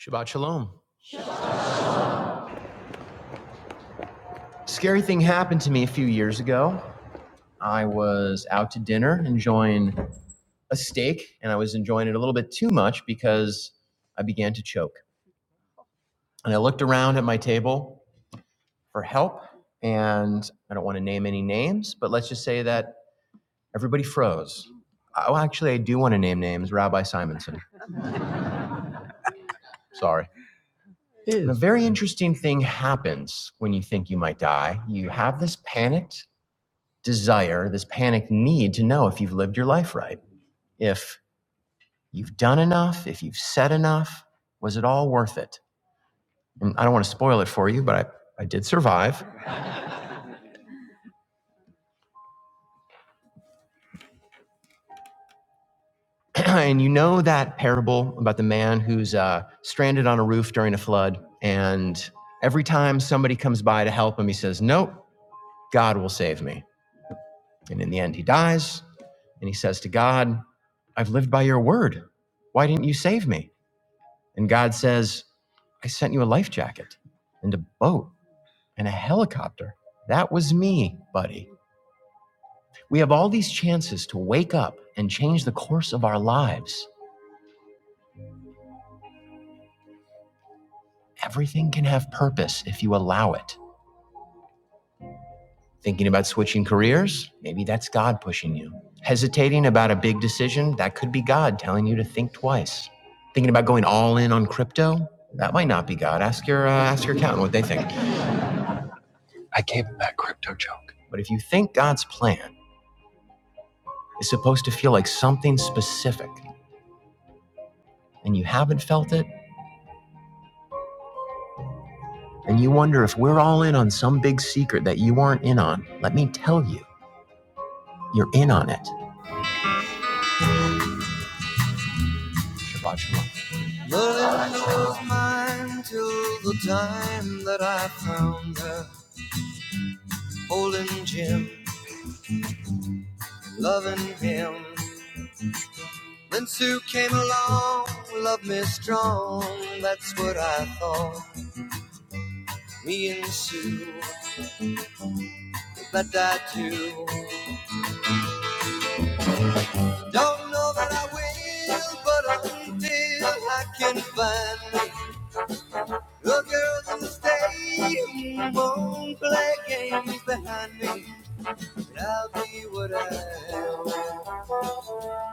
[SPEAKER 1] Shabbat Shalom. Scary thing happened to me a few years ago. I was out to dinner enjoying a steak and I was enjoying it a little bit too much because I began to choke. And I looked around at my table for help. And I don't want to name any names, but let's just say that everybody froze. Oh, actually, I do want to name names Rabbi Simonson. Sorry. And a very interesting thing happens when you think you might die. You have this panicked desire, this panicked need to know if you've lived your life right, if you've done enough, if you've said enough, was it all worth it? Mm, I don't want to spoil it for you, but I, I did survive. and you know that parable about the man who's uh, stranded on a roof during a flood. And every time somebody comes by to help him, he says, Nope, God will save me. And in the end, he dies. And he says to God, I've lived by your word. Why didn't you save me? And God says, I sent you a life jacket and a boat and a helicopter. That was me, buddy. We have all these chances to wake up and change the course of our lives. Everything can have purpose if you allow it. Thinking about switching careers? Maybe that's God pushing you. Hesitating about a big decision? That could be God telling you to think twice. Thinking about going all in on crypto? That might not be God. Ask your uh, ask your accountant what they think. But if you think God's plan is supposed to feel like something specific and you haven't felt it, and you wonder if we're all in on some big secret that you aren't in on, let me tell you. you're in on it. Shabbat shalom. But it was mine till the time that I found her holding Jim, loving him. Then Sue came along, loved me strong, that's what I thought. Me and Sue, that I do. Don't know that I will, but until I can find me a girl that'll won't play games behind me. I'll be what I am.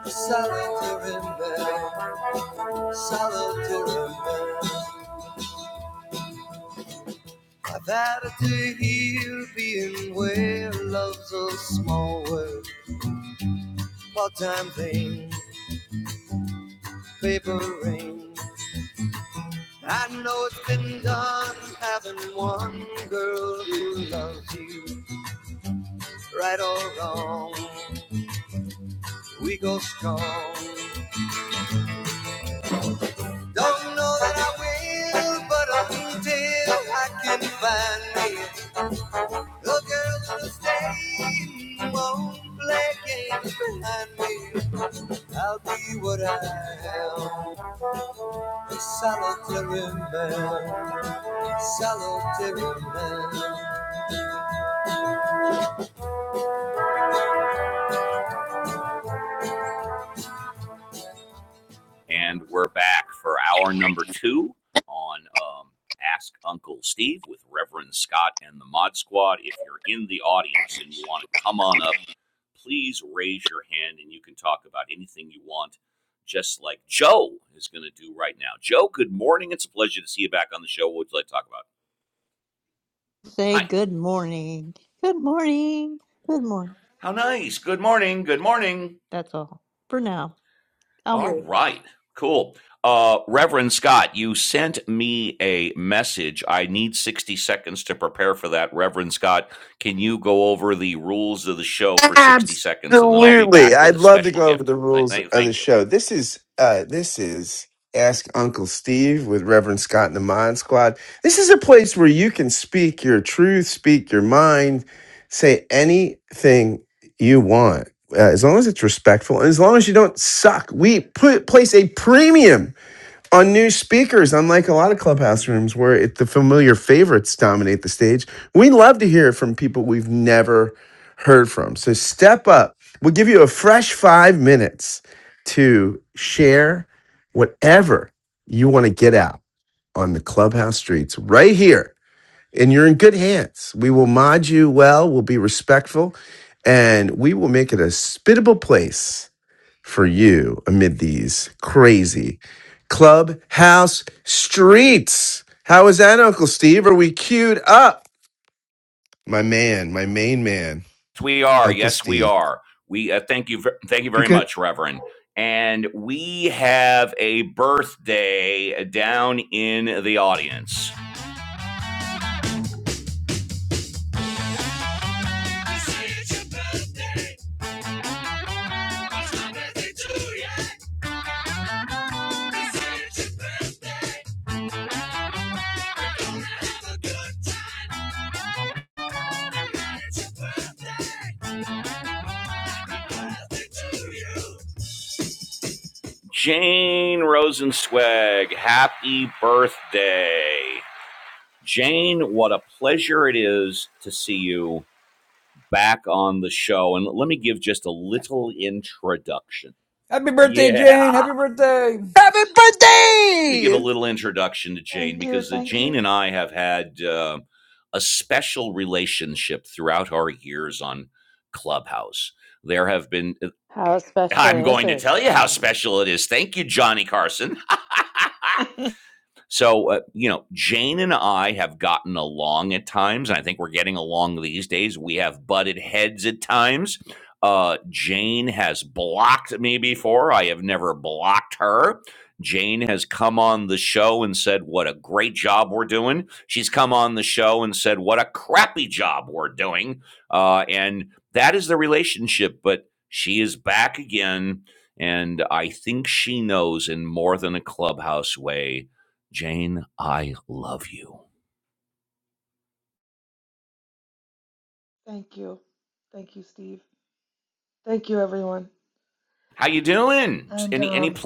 [SPEAKER 1] Solitary man, solitary man. I've had a day hear being where love's a small word, part-time thing, paper ring. I know it's been done having one girl who loves you, right or wrong. We go strong. Don't know that I will, but until I can find me A girl who'll stay won't play games behind me. I'll be what I am, a solitary man, solitary man. And we're back for hour number two on um, Ask Uncle Steve with Reverend Scott and the Mod Squad. If you're in the audience and you want to come on up, please raise your hand and you can talk about anything you want, just like Joe is going to do right now. Joe, good morning. It's a pleasure to see you back on the show. What would you like to talk about?
[SPEAKER 19] Say
[SPEAKER 1] Hi.
[SPEAKER 19] good morning. Good morning. Good morning.
[SPEAKER 1] How nice. Good morning. Good morning.
[SPEAKER 19] That's all for now. I'll wait.
[SPEAKER 1] All right. Cool. Uh, Reverend Scott, you sent me a message. I need 60 seconds to prepare for that. Reverend Scott, can you go over the rules of the show for 60 seconds and then I'll be
[SPEAKER 2] Absolutely.
[SPEAKER 1] back with
[SPEAKER 2] I'd
[SPEAKER 1] a
[SPEAKER 2] love to
[SPEAKER 1] special
[SPEAKER 2] go over
[SPEAKER 1] gift?
[SPEAKER 2] the
[SPEAKER 1] Thank,
[SPEAKER 2] rules
[SPEAKER 1] thank,
[SPEAKER 2] of the
[SPEAKER 1] thank you.
[SPEAKER 2] show. This is uh, this is Ask Uncle Steve with Reverend Scott and the Mod Squad. This is a place where you can speak your truth, speak your mind, say anything you want. Uh, as long as it's respectful and as long as you don't suck, we put place a premium on new speakers, unlike a lot of clubhouse rooms where it, the familiar favorites dominate the stage, we love to hear from people we've never heard from. So step up. We'll give you a fresh five minutes to share whatever you want to get out on the clubhouse streets right here. And you're in good hands. We will mod you well, we'll be respectful, and we will make it a spittable place for you amid these crazy clubhouse streets. How is that, Uncle Steve? Are we queued up? My man, my main man,
[SPEAKER 1] we are.
[SPEAKER 2] Uncle
[SPEAKER 1] Yes, we
[SPEAKER 2] Steve.
[SPEAKER 1] are. We uh, thank you. ver- Thank you very
[SPEAKER 2] Because
[SPEAKER 1] much, Reverend. And we have a birthday down in the audience. I say it's your birthday. It's my birthday too, yeah. I say it's your birthday. We're gonna have a good time. And it's your birthday. Happy birthday to you. Jane Rosenswag, happy birthday. Jane, what a pleasure it is to see you back on the show. And let me give just a little introduction.
[SPEAKER 4] Happy birthday, Jane!
[SPEAKER 1] Yeah.
[SPEAKER 4] Happy birthday!
[SPEAKER 2] happy
[SPEAKER 1] Let me give a
[SPEAKER 2] birthday!
[SPEAKER 1] little introduction to Jane
[SPEAKER 20] Thank you.
[SPEAKER 1] because uh,
[SPEAKER 20] Thank
[SPEAKER 1] Jane
[SPEAKER 20] you.
[SPEAKER 1] and I have had uh, a special relationship throughout our years on Clubhouse. There have been, uh,
[SPEAKER 8] How
[SPEAKER 1] I'm
[SPEAKER 8] special is
[SPEAKER 1] going to
[SPEAKER 8] it,
[SPEAKER 1] tell you how
[SPEAKER 8] Steve?
[SPEAKER 1] special it is. Thank you, Johnny Carson. So, uh, you know, Jane and I have gotten along at times, and I think we're getting along these days. We have butted heads at times. Uh, Jane has blocked me before. I have never blocked her. Jane has come on the show and said, What a great job we're doing. She's come on the show and said, What a crappy job we're doing. Uh, and that is the relationship, but she is back again. And I think she knows in more than a clubhouse way Jane, I love you.
[SPEAKER 20] Thank you. Thank you, Steve. Thank you, everyone.
[SPEAKER 1] How you doing?
[SPEAKER 20] And
[SPEAKER 1] Any any
[SPEAKER 20] um,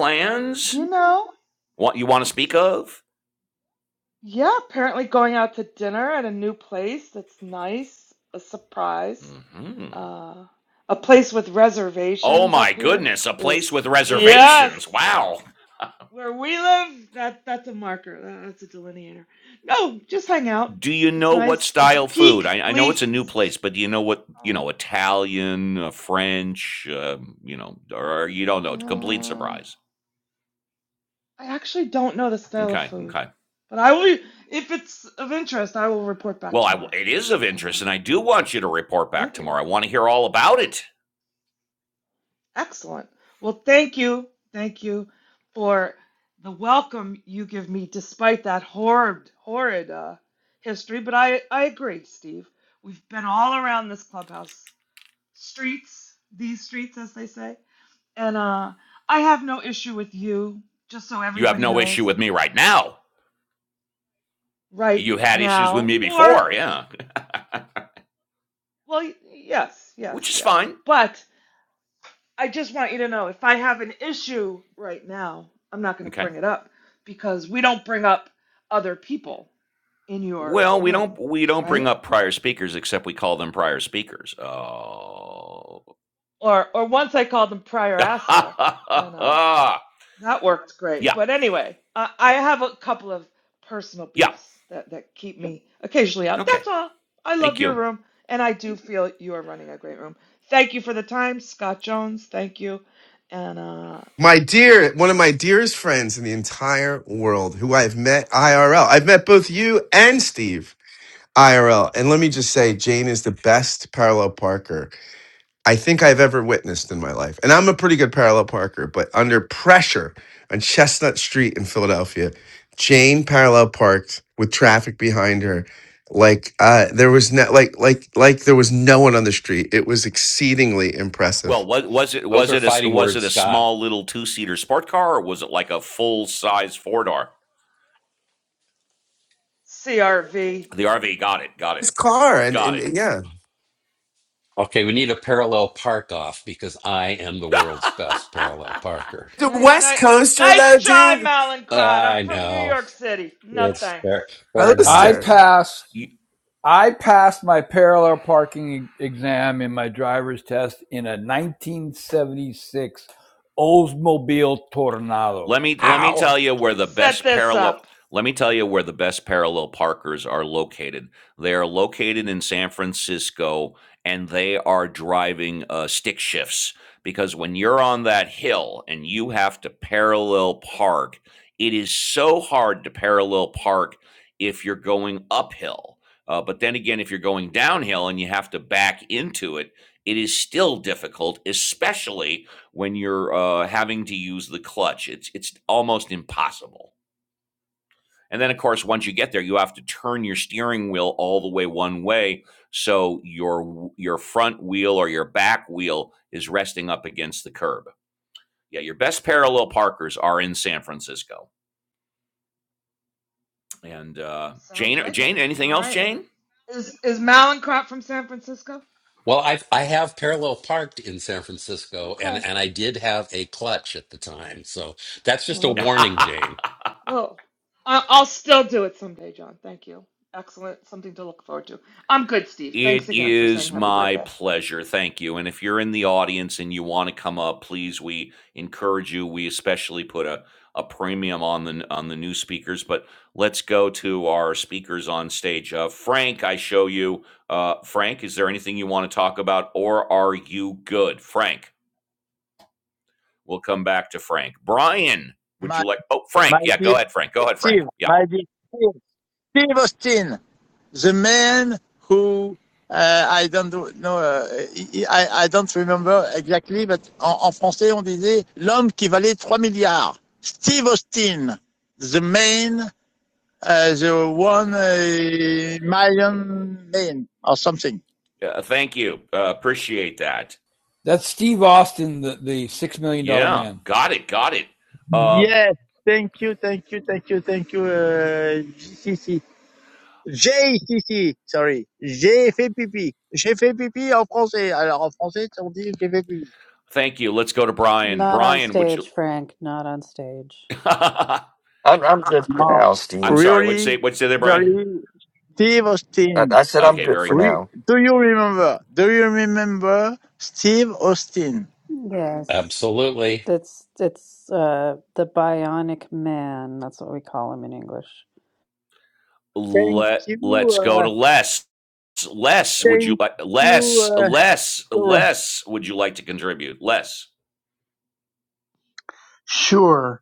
[SPEAKER 20] do you know?
[SPEAKER 1] What you want to speak of?
[SPEAKER 20] Yeah, apparently going out to dinner at a new place that's nice, a surprise.
[SPEAKER 1] hmm
[SPEAKER 20] Uh, a place with
[SPEAKER 1] Oh
[SPEAKER 20] reservations
[SPEAKER 1] my
[SPEAKER 20] up here
[SPEAKER 1] goodness, a place
[SPEAKER 20] is
[SPEAKER 1] with
[SPEAKER 20] yes,
[SPEAKER 1] reservations. Wow.
[SPEAKER 20] where we live. That that's a marker. That- That's a delineator. No, just hang out.
[SPEAKER 1] Do you
[SPEAKER 20] It's
[SPEAKER 1] know what
[SPEAKER 20] nice. It's
[SPEAKER 1] style food?
[SPEAKER 20] peak
[SPEAKER 1] I, I know
[SPEAKER 20] leaf.
[SPEAKER 1] it's a new place, but do you know what, you know, Italian, uh, French, uh, you know, or you don't know? Complete
[SPEAKER 20] Oh.
[SPEAKER 1] surprise.
[SPEAKER 20] I actually don't know the style of
[SPEAKER 1] Okay,
[SPEAKER 20] food,
[SPEAKER 1] okay.
[SPEAKER 20] but I will, if it's of interest, I will report back
[SPEAKER 1] Well, I, w-
[SPEAKER 20] tomorrow.
[SPEAKER 1] it is of
[SPEAKER 20] And uh,
[SPEAKER 1] interest, and I do want you to report back
[SPEAKER 20] thank you.
[SPEAKER 1] tomorrow. I want to hear all about it.
[SPEAKER 20] Excellent. Well, thank you. Thank you for the welcome you give me despite that horrid, horrid uh, history. But I, I agree, Steve. We've been all around this clubhouse streets, these streets, as they say. And uh, I have no issue with you, just so
[SPEAKER 1] You have
[SPEAKER 20] everybody
[SPEAKER 1] no issue
[SPEAKER 20] knows,
[SPEAKER 1] with me right now.
[SPEAKER 20] right
[SPEAKER 1] You had issues with
[SPEAKER 20] now
[SPEAKER 1] me
[SPEAKER 20] or
[SPEAKER 1] before, yeah,
[SPEAKER 20] Well, y- yes,
[SPEAKER 1] which
[SPEAKER 20] yes,
[SPEAKER 1] is
[SPEAKER 20] yes.
[SPEAKER 1] fine.
[SPEAKER 20] But I just want you to know if I have an issue right now, I'm not going to
[SPEAKER 1] Okay.
[SPEAKER 20] bring it up because we don't bring up other people in your
[SPEAKER 1] Well, we
[SPEAKER 20] room,
[SPEAKER 1] don't we don't bring
[SPEAKER 20] right?
[SPEAKER 1] up prior speakers except we call them prior speakers. Oh.
[SPEAKER 20] Or or once I called them prior asshole and uh
[SPEAKER 1] yeah.
[SPEAKER 20] that worked great. But
[SPEAKER 1] Yeah.
[SPEAKER 20] anyway, uh, I have a couple of personal beefs that that keep me occasionally out.
[SPEAKER 1] Okay.
[SPEAKER 20] That's all. I
[SPEAKER 1] Thank
[SPEAKER 20] love your
[SPEAKER 1] you.
[SPEAKER 20] room and I do feel you are running a great room. Thank you for the time, Scott Jones. Thank you. And uh
[SPEAKER 2] My dear, one of my dearest friends in the entire world who I've met IRL. I've met both you and Steve IRL. And let me just say, Jane is the best parallel parker I think I've ever witnessed in my life. And I'm a pretty good parallel parker, but under pressure on Chestnut Street in Philadelphia, Jane parallel parked with traffic behind her. Like uh, there was no, like like like there was no one on the street. It was exceedingly
[SPEAKER 1] Well,
[SPEAKER 2] impressive.
[SPEAKER 1] was, was it
[SPEAKER 14] Those
[SPEAKER 1] was
[SPEAKER 14] are
[SPEAKER 1] it a s-
[SPEAKER 14] fighting
[SPEAKER 1] was it
[SPEAKER 14] words,
[SPEAKER 1] a
[SPEAKER 14] Scott.
[SPEAKER 1] small little two seater sport car or was it like a full size four door?
[SPEAKER 20] CRV.
[SPEAKER 1] The RV got it, got it,
[SPEAKER 2] This car and,
[SPEAKER 1] got
[SPEAKER 2] and
[SPEAKER 1] it.
[SPEAKER 2] and yeah,
[SPEAKER 14] Okay, we need a parallel park off because I am the world's best parallel parker.
[SPEAKER 2] the
[SPEAKER 20] Nice,
[SPEAKER 2] West
[SPEAKER 20] nice,
[SPEAKER 2] Coaster
[SPEAKER 20] nice
[SPEAKER 2] though,
[SPEAKER 20] try,
[SPEAKER 2] dude.
[SPEAKER 20] Malincrod. I'm
[SPEAKER 14] I
[SPEAKER 20] from New
[SPEAKER 14] know.
[SPEAKER 20] York City. No
[SPEAKER 14] It's
[SPEAKER 20] thanks.
[SPEAKER 14] fair, fair
[SPEAKER 4] I
[SPEAKER 14] enough.
[SPEAKER 2] Coaster.
[SPEAKER 4] passed.
[SPEAKER 1] You-
[SPEAKER 4] I passed my parallel parking e- exam in my driver's test in a 1976 Oldsmobile Tornado.
[SPEAKER 1] Let me let me
[SPEAKER 2] Ow!
[SPEAKER 1] tell you where the
[SPEAKER 20] Set
[SPEAKER 1] best
[SPEAKER 20] this
[SPEAKER 1] parallel
[SPEAKER 20] up.
[SPEAKER 1] let me tell you where the best parallel parkers are located. They are located in San Francisco and they are driving uh, stick shifts because when you're on that hill and you have to parallel park, it is so hard to parallel park if you're going uphill. Uh, but then again, if you're going downhill and you have to back into it, it is still difficult, especially when you're uh, having to use the clutch. It's it's almost impossible. And then, of course, once you get there, you have to turn your steering wheel all the way one way, so your your front wheel or your back wheel is resting up against the curb. Yeah, your best parallel parkers are in San Francisco. And uh,
[SPEAKER 20] Sounds
[SPEAKER 1] Jane,
[SPEAKER 20] like it.
[SPEAKER 1] Jane, anything
[SPEAKER 20] All
[SPEAKER 1] else,
[SPEAKER 20] right.
[SPEAKER 1] Jane?
[SPEAKER 20] Is is Malincrot from San Francisco?
[SPEAKER 14] Well, I I have parallel parked in San Francisco,
[SPEAKER 20] Okay.
[SPEAKER 14] and and I did have a clutch at the time, so that's just a
[SPEAKER 20] Well,
[SPEAKER 14] warning, Jane.
[SPEAKER 20] well, I, I'll still do it someday, John. Thank you. Excellent. Something to look forward to. I'm good, Steve.
[SPEAKER 1] It
[SPEAKER 20] Thanks again for saying
[SPEAKER 1] is
[SPEAKER 20] happy
[SPEAKER 1] my
[SPEAKER 20] birthday.
[SPEAKER 1] pleasure. Thank you. And if you're in the audience and you want to come up, please, we encourage you. We especially put a, a premium on the on the new speakers. But let's go to our speakers on stage. Uh, Frank, I show you. Uh, Frank, is there anything you want to talk about, or are you good? Frank, we'll come back to Frank. Brian, would
[SPEAKER 15] My
[SPEAKER 1] you like? Oh,
[SPEAKER 15] my
[SPEAKER 1] Frank. Yeah,
[SPEAKER 15] dear
[SPEAKER 1] go ahead, Frank. Go ahead, Frank.
[SPEAKER 15] Steve,
[SPEAKER 1] Yeah.
[SPEAKER 15] my dear Steve, Steve Austin, the man who uh, I don't do- know, no, uh, I, I don't remember exactly, but en, en français on disait l'homme qui valait 3 milliards. Steve Austin, the man uh, they won a million name or something.
[SPEAKER 1] Uh, thank you. Uh, appreciate that.
[SPEAKER 4] That's Steve Austin, the, the $6 million dollars
[SPEAKER 1] Yeah,
[SPEAKER 4] man.
[SPEAKER 1] got it. Got it. Uh,
[SPEAKER 15] Yes, thank you, thank you, thank you, thank you, uh, JCC. sorry. J'ai fait pipi. J'ai fait pipi en français. Alors, en français, on dit j'ai fait pipi.
[SPEAKER 1] Thank you. Let's go to Brian.
[SPEAKER 8] Not on
[SPEAKER 1] Brian, would
[SPEAKER 8] stage,
[SPEAKER 1] you?
[SPEAKER 8] Frank, not on stage.
[SPEAKER 1] I'm
[SPEAKER 16] I'm, I'm good for
[SPEAKER 15] No,
[SPEAKER 16] now, Steve.
[SPEAKER 1] sorry. What'd you say?
[SPEAKER 15] really,
[SPEAKER 1] What'd you say there, Brian?
[SPEAKER 15] really, Steve
[SPEAKER 16] I,
[SPEAKER 15] Austin.
[SPEAKER 16] I said I'm
[SPEAKER 1] Okay,
[SPEAKER 16] good for
[SPEAKER 1] very.
[SPEAKER 15] Re-
[SPEAKER 16] now.
[SPEAKER 15] do you remember? Do you remember Steve Austin?
[SPEAKER 8] Yes.
[SPEAKER 14] Absolutely,
[SPEAKER 8] It's it's uh the bionic man, that's what we call him in English.
[SPEAKER 15] Thank
[SPEAKER 1] Let Let's
[SPEAKER 15] you, uh,
[SPEAKER 1] go to Les. Les, would you
[SPEAKER 15] thank
[SPEAKER 1] like? Les,
[SPEAKER 15] you,
[SPEAKER 1] Les,
[SPEAKER 15] uh,
[SPEAKER 1] Les, would you like to contribute? Les.
[SPEAKER 17] Sure.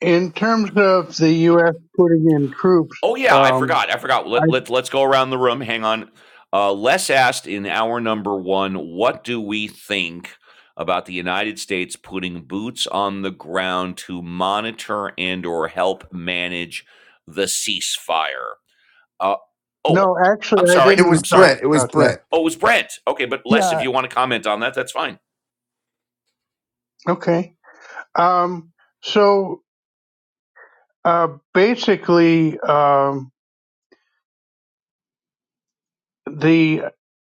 [SPEAKER 17] In terms of the U.S. putting in troops,
[SPEAKER 1] Oh yeah, I
[SPEAKER 17] um,
[SPEAKER 1] forgot. I forgot.
[SPEAKER 17] I
[SPEAKER 1] Let, let, let's go around the room. Hang on. Uh, Les asked in hour number one, what do we think about the United States putting boots on the ground to monitor and or help manage the ceasefire? Uh, oh,
[SPEAKER 17] no, actually,
[SPEAKER 1] I'm
[SPEAKER 17] I
[SPEAKER 2] It
[SPEAKER 1] sorry.
[SPEAKER 2] was
[SPEAKER 17] didn't
[SPEAKER 1] I'm
[SPEAKER 17] talk
[SPEAKER 1] sorry.
[SPEAKER 2] Brent. It was
[SPEAKER 17] about that.
[SPEAKER 2] Brent.
[SPEAKER 1] Oh, it was Brent. Okay, but Les, if
[SPEAKER 18] Yeah.
[SPEAKER 1] you want to comment on that, that's fine.
[SPEAKER 17] Okay. Um, so uh, basically, um, the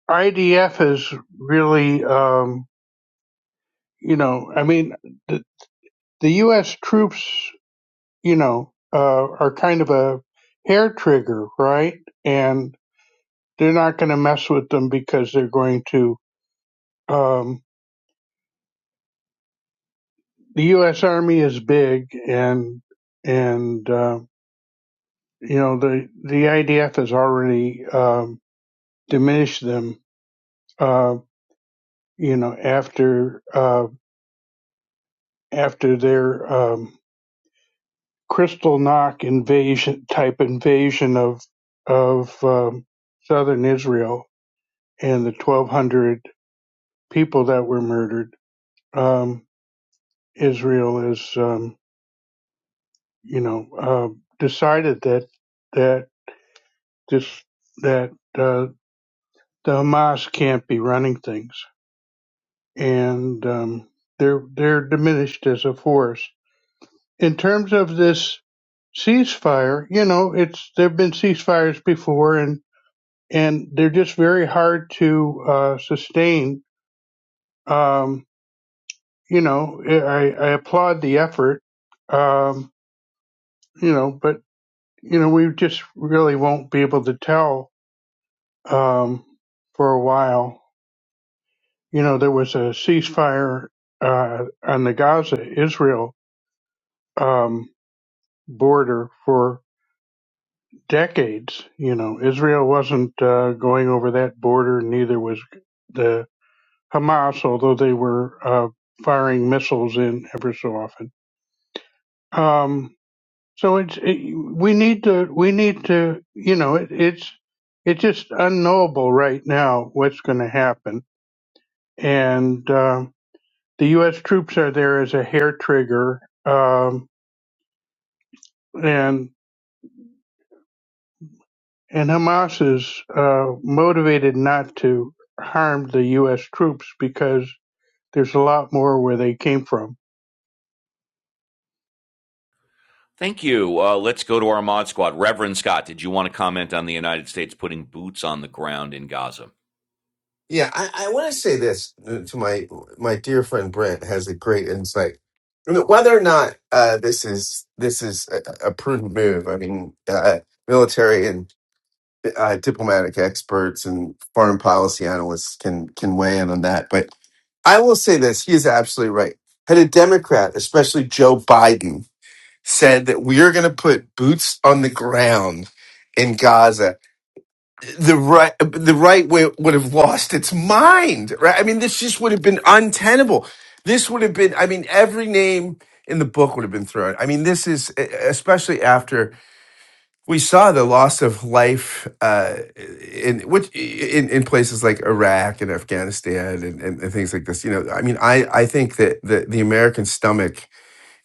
[SPEAKER 17] IDF is really, um, you know, I mean, the, the U.S. troops. you know, uh, are kind of a hair trigger, right? And they're not going to mess with them because they're going to. Um, the U.S. Army is big, and and uh, you know the the IDF has already um, diminished them. Uh, you know, after uh, after their um, Crystal Knock invasion type invasion of of um, southern Israel and the 1,200 people that were murdered, um, Israel has, um, you know, uh, decided that that this that uh, the Hamas can't be running things, and um, they're they're diminished as a force. In terms of this ceasefire, you know, it's there've been ceasefires before, and and they're just very hard to uh, sustain. Um, you know, I, I applaud the effort, um, you know, but you know, we just really won't be able to tell um, for a while. You know, there was a ceasefire uh, on the Gaza Israel um, border for decades. You know, Israel wasn't uh, going over that border, neither was the Hamas, although they were uh, firing missiles in ever so often. Um, So it's it, we need to we need to you know it, it's it's just unknowable right now what's going to happen, and um the U.S. troops are there as a hair trigger, um, and and Hamas is uh, motivated not to harm the U.S. troops because there's a lot more where they came from.
[SPEAKER 1] Thank you. Uh, let's go to our mod squad. Reverend Scott, did you want to comment on the United States putting boots on the ground in Gaza?
[SPEAKER 2] Yeah, I, I want to say this uh, to my my dear friend Brent has a great insight. You know, Whether or not uh, this is this is a, a prudent move, I mean, uh, military and uh, diplomatic experts and foreign policy analysts can can weigh in on that. But I will say this: he is absolutely right. Had a Democrat, especially Joe Biden, said that we are going to put boots on the ground in Gaza the right the right way would have lost its mind right i mean this just would have been untenable this would have been i mean every name in the book would have been thrown i mean this is e, especially after we saw the loss of life uh, in which in, in places like iraq and afghanistan and, and, and things like this you know i mean i i think that the, the american stomach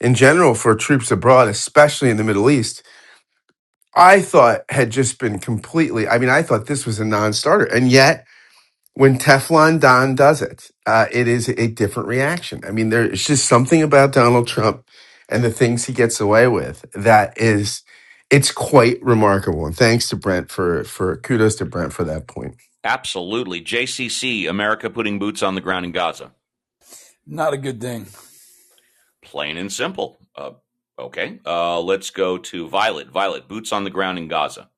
[SPEAKER 2] in general for troops abroad especially in the middle east I thought had just been completely. I mean, I thought this was a non-starter, and yet when Teflon Don does it, uh, it is a different reaction. I mean, there's just something about Donald Trump and the things he gets away with that is it's quite remarkable. And thanks to Brent for for kudos to Brent for that point.
[SPEAKER 1] Absolutely. JCC, America putting boots on the ground in Gaza.
[SPEAKER 4] Not a good thing.
[SPEAKER 1] Plain and simple. Uh, okay. Uh, let's go to Violet. Violet, boots on the ground in Gaza.